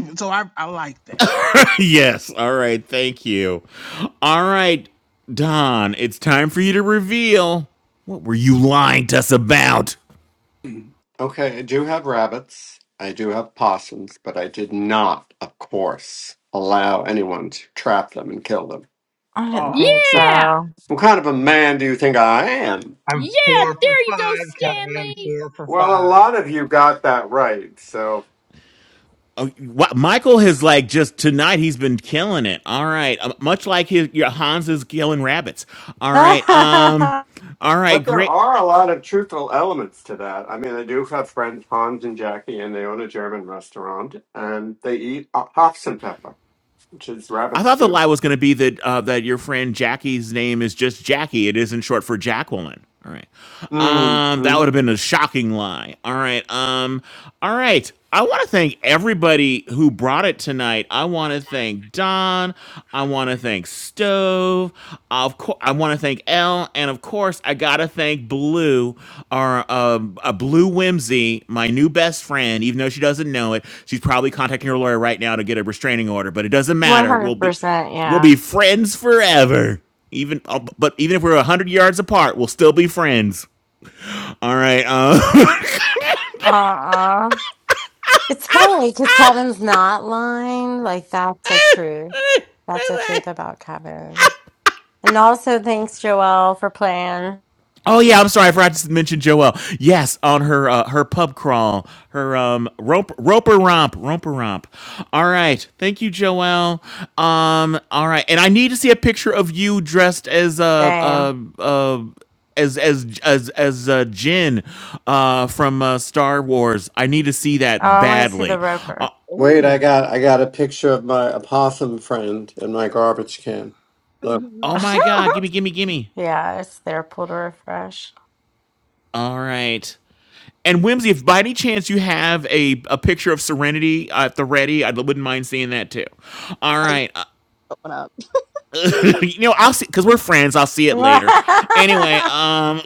P: leave. So I I like that.
C: yes. All right, thank you. All right, Don, it's time for you to reveal what were you lying to us about?
G: Okay, I do have rabbits. I do have possums, but I did not, of course, allow anyone to trap them and kill them.
E: I didn't think
J: Yeah,
E: so.
G: What kind of a man do you think I am?
B: I'm
J: yeah,
B: four for
J: there you go,
B: five, Kevin.
J: Stanley.
B: Four for
G: Well, a
B: five.
G: lot of you got that right,
C: Oh, wow, Michael has like just tonight. He's been killing it. All right, Uh, much like his your Hans is killing rabbits. All right, um,
E: 100%,
C: all right,
G: But there
C: great.
G: are a lot of truthful elements to that. I mean, I do have friends, Hans and Jackie, and they own a German restaurant, and they eat uh, Hopfenpfeffer, which is
C: I
G: rabbit
C: thought the
G: stew.
C: lie was going to be that uh, that your friend Jackie's name is just Jackie. It isn't short for Jacqueline. All right, um, that would
G: Mm-hmm.
C: have been a shocking lie. All right, um, all right. I want to thank everybody who brought it tonight. I want to thank Don. I want to thank Stove. Of I want to thank Elle, and of course, I gotta thank Blue, our um, uh, Blue Whimsy, my new best friend. Even though she doesn't know it, she's probably contacting her lawyer right now to get a restraining order. But it doesn't matter. We'll be, we'll
E: yeah.
C: be friends forever. Even, uh, but even if we're a hundred yards apart, we'll still be friends. All right.
E: Uh-uh. It's funny because Kevin's not lying. Like, that's the truth. That's the
C: Uh,
E: truth about Kevin. And also, thanks, Joelle, for playing.
C: Oh yeah, I'm sorry, I forgot to mention Joelle. Yes, on her uh, her pub crawl, her um rope roper romp, roper romp. All right, thank you, Joelle. Um, all right, and I need to see a picture of you dressed as a
E: Same.
C: uh, uh, uh, as as as as uh, Jin, uh, from uh, Star Wars. I need to see
E: Oh,
C: that
E: I want to see the
C: badly. Uh,
E: roper.
G: Wait, I
P: Oh.
G: got I got a picture of my opossum friend in my garbage can. Look,
C: oh my God, gimme, gimme, gimme.
E: yeah, it's their Pull to refresh.
C: All right. And Whimsy, if by any chance you have a, a picture of Serenity uh, at the ready, I wouldn't mind seeing that too. All
N: I looked
C: right, uh,
N: that one up.
C: you know I'll see because we're friends. I'll see it later. Anyway,
E: Let's
C: um,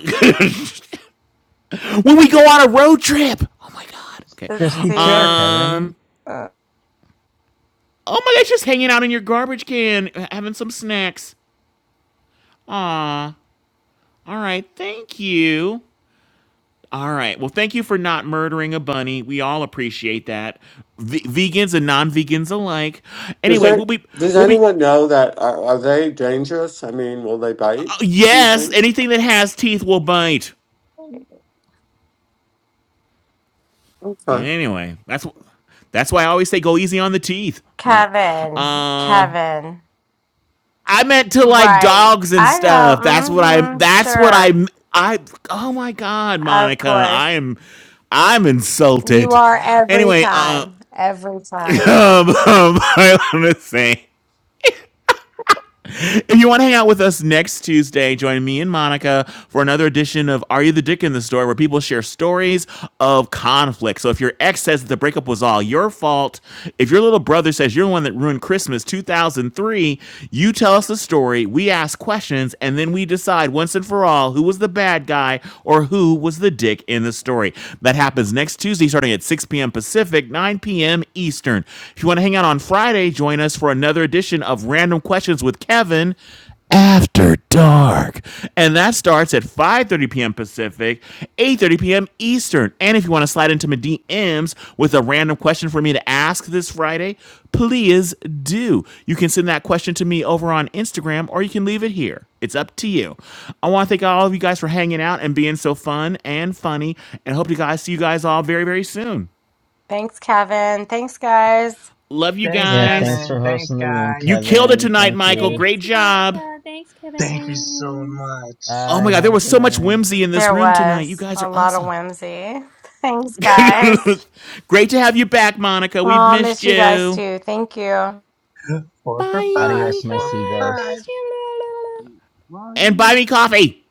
C: when we go on a road trip. Oh my god.
A: Just,
C: Okay.
A: just
E: see.
A: PTR, Kevin.
C: Um.
E: uh,
C: Oh my gosh, just hanging out in your garbage can, having some snacks. Aw. All right. Thank you. All right. Well, thank you for not murdering a bunny. We all appreciate that. V- vegans and non-vegans alike.
G: does
C: Anyway, we'll
G: that,
C: be
G: does
C: we'll be
G: anyone know that are, are they dangerous? I mean, will they bite these
C: Yes,
G: things?
C: anything that has teeth will bite. Anyway, that's that's why I always say go easy on the teeth. All right.
E: Kevin.
C: Um,
E: Kevin.
C: I meant to like
E: Right.
C: dogs and
E: I know.
C: stuff. That's what I.
E: Mm-hmm.
C: That's what I. I.
E: Sure.
C: Oh my God,
E: Of
C: Monica,
E: course.
C: I am. I'm
E: You
C: insulted.
E: are every
C: Anyway, uh,
E: time. Every time.
C: um, um, I want to say If you want to hang out with us next Tuesday, join me and Monica for another edition of Are You the Dick in the Store, where people share stories of conflict. So if your ex says that the breakup was all your fault, if your little brother says you're the one that ruined Christmas 2003, you tell us the story, we ask questions, and then we decide once and for all who was the bad guy or who was the dick in the story. That happens next Tuesday starting at 6 p.m. Pacific, 9 p.m. Eastern. If you want to hang out on Friday, Friday, join us for another edition of Random Questions with Kevin after dark and that starts at 5.30 p.m pacific 8.30 p.m eastern and if you want to slide into my D M's with a random question for me to ask this friday please do you can send that question to me over on instagram or you can leave it here it's up to you i want to thank all of you guys for hanging out and being so fun and funny and hope to guys see you guys all very very soon
E: Thanks, Kevin. Thanks, guys.
C: love you
B: Thanks,
A: Yeah,
C: guys
A: thanks
B: Kevin.
A: for
B: Thanks,
A: hosting the room,
B: guys.
C: You killed it
A: Kevin.
C: tonight,
A: Thank
C: Michael.
A: you.
J: Thanks,
C: Great job.
J: Monica. Thanks,
B: Thank you so
J: Kevin.
B: much.
C: Oh my
A: Bye.
C: God, there
A: Have a
C: was
A: good
C: so much
A: night.
C: whimsy in this
E: There
C: room tonight. You
E: was
C: guys
E: a
C: are
E: lot of
C: awesome.
E: whimsy. Thanks, guys.
C: Great to have you back, Monica. We've
E: Oh,
C: missed
E: miss you guys
C: you.
E: too. Thank you.
B: Four for five.
C: Bye.
A: Adios,
J: Bye,
A: my
B: Four for five.
J: we
A: seagulls.
J: missed you. La, la, la.
C: And buy me
P: Ooh.
C: coffee.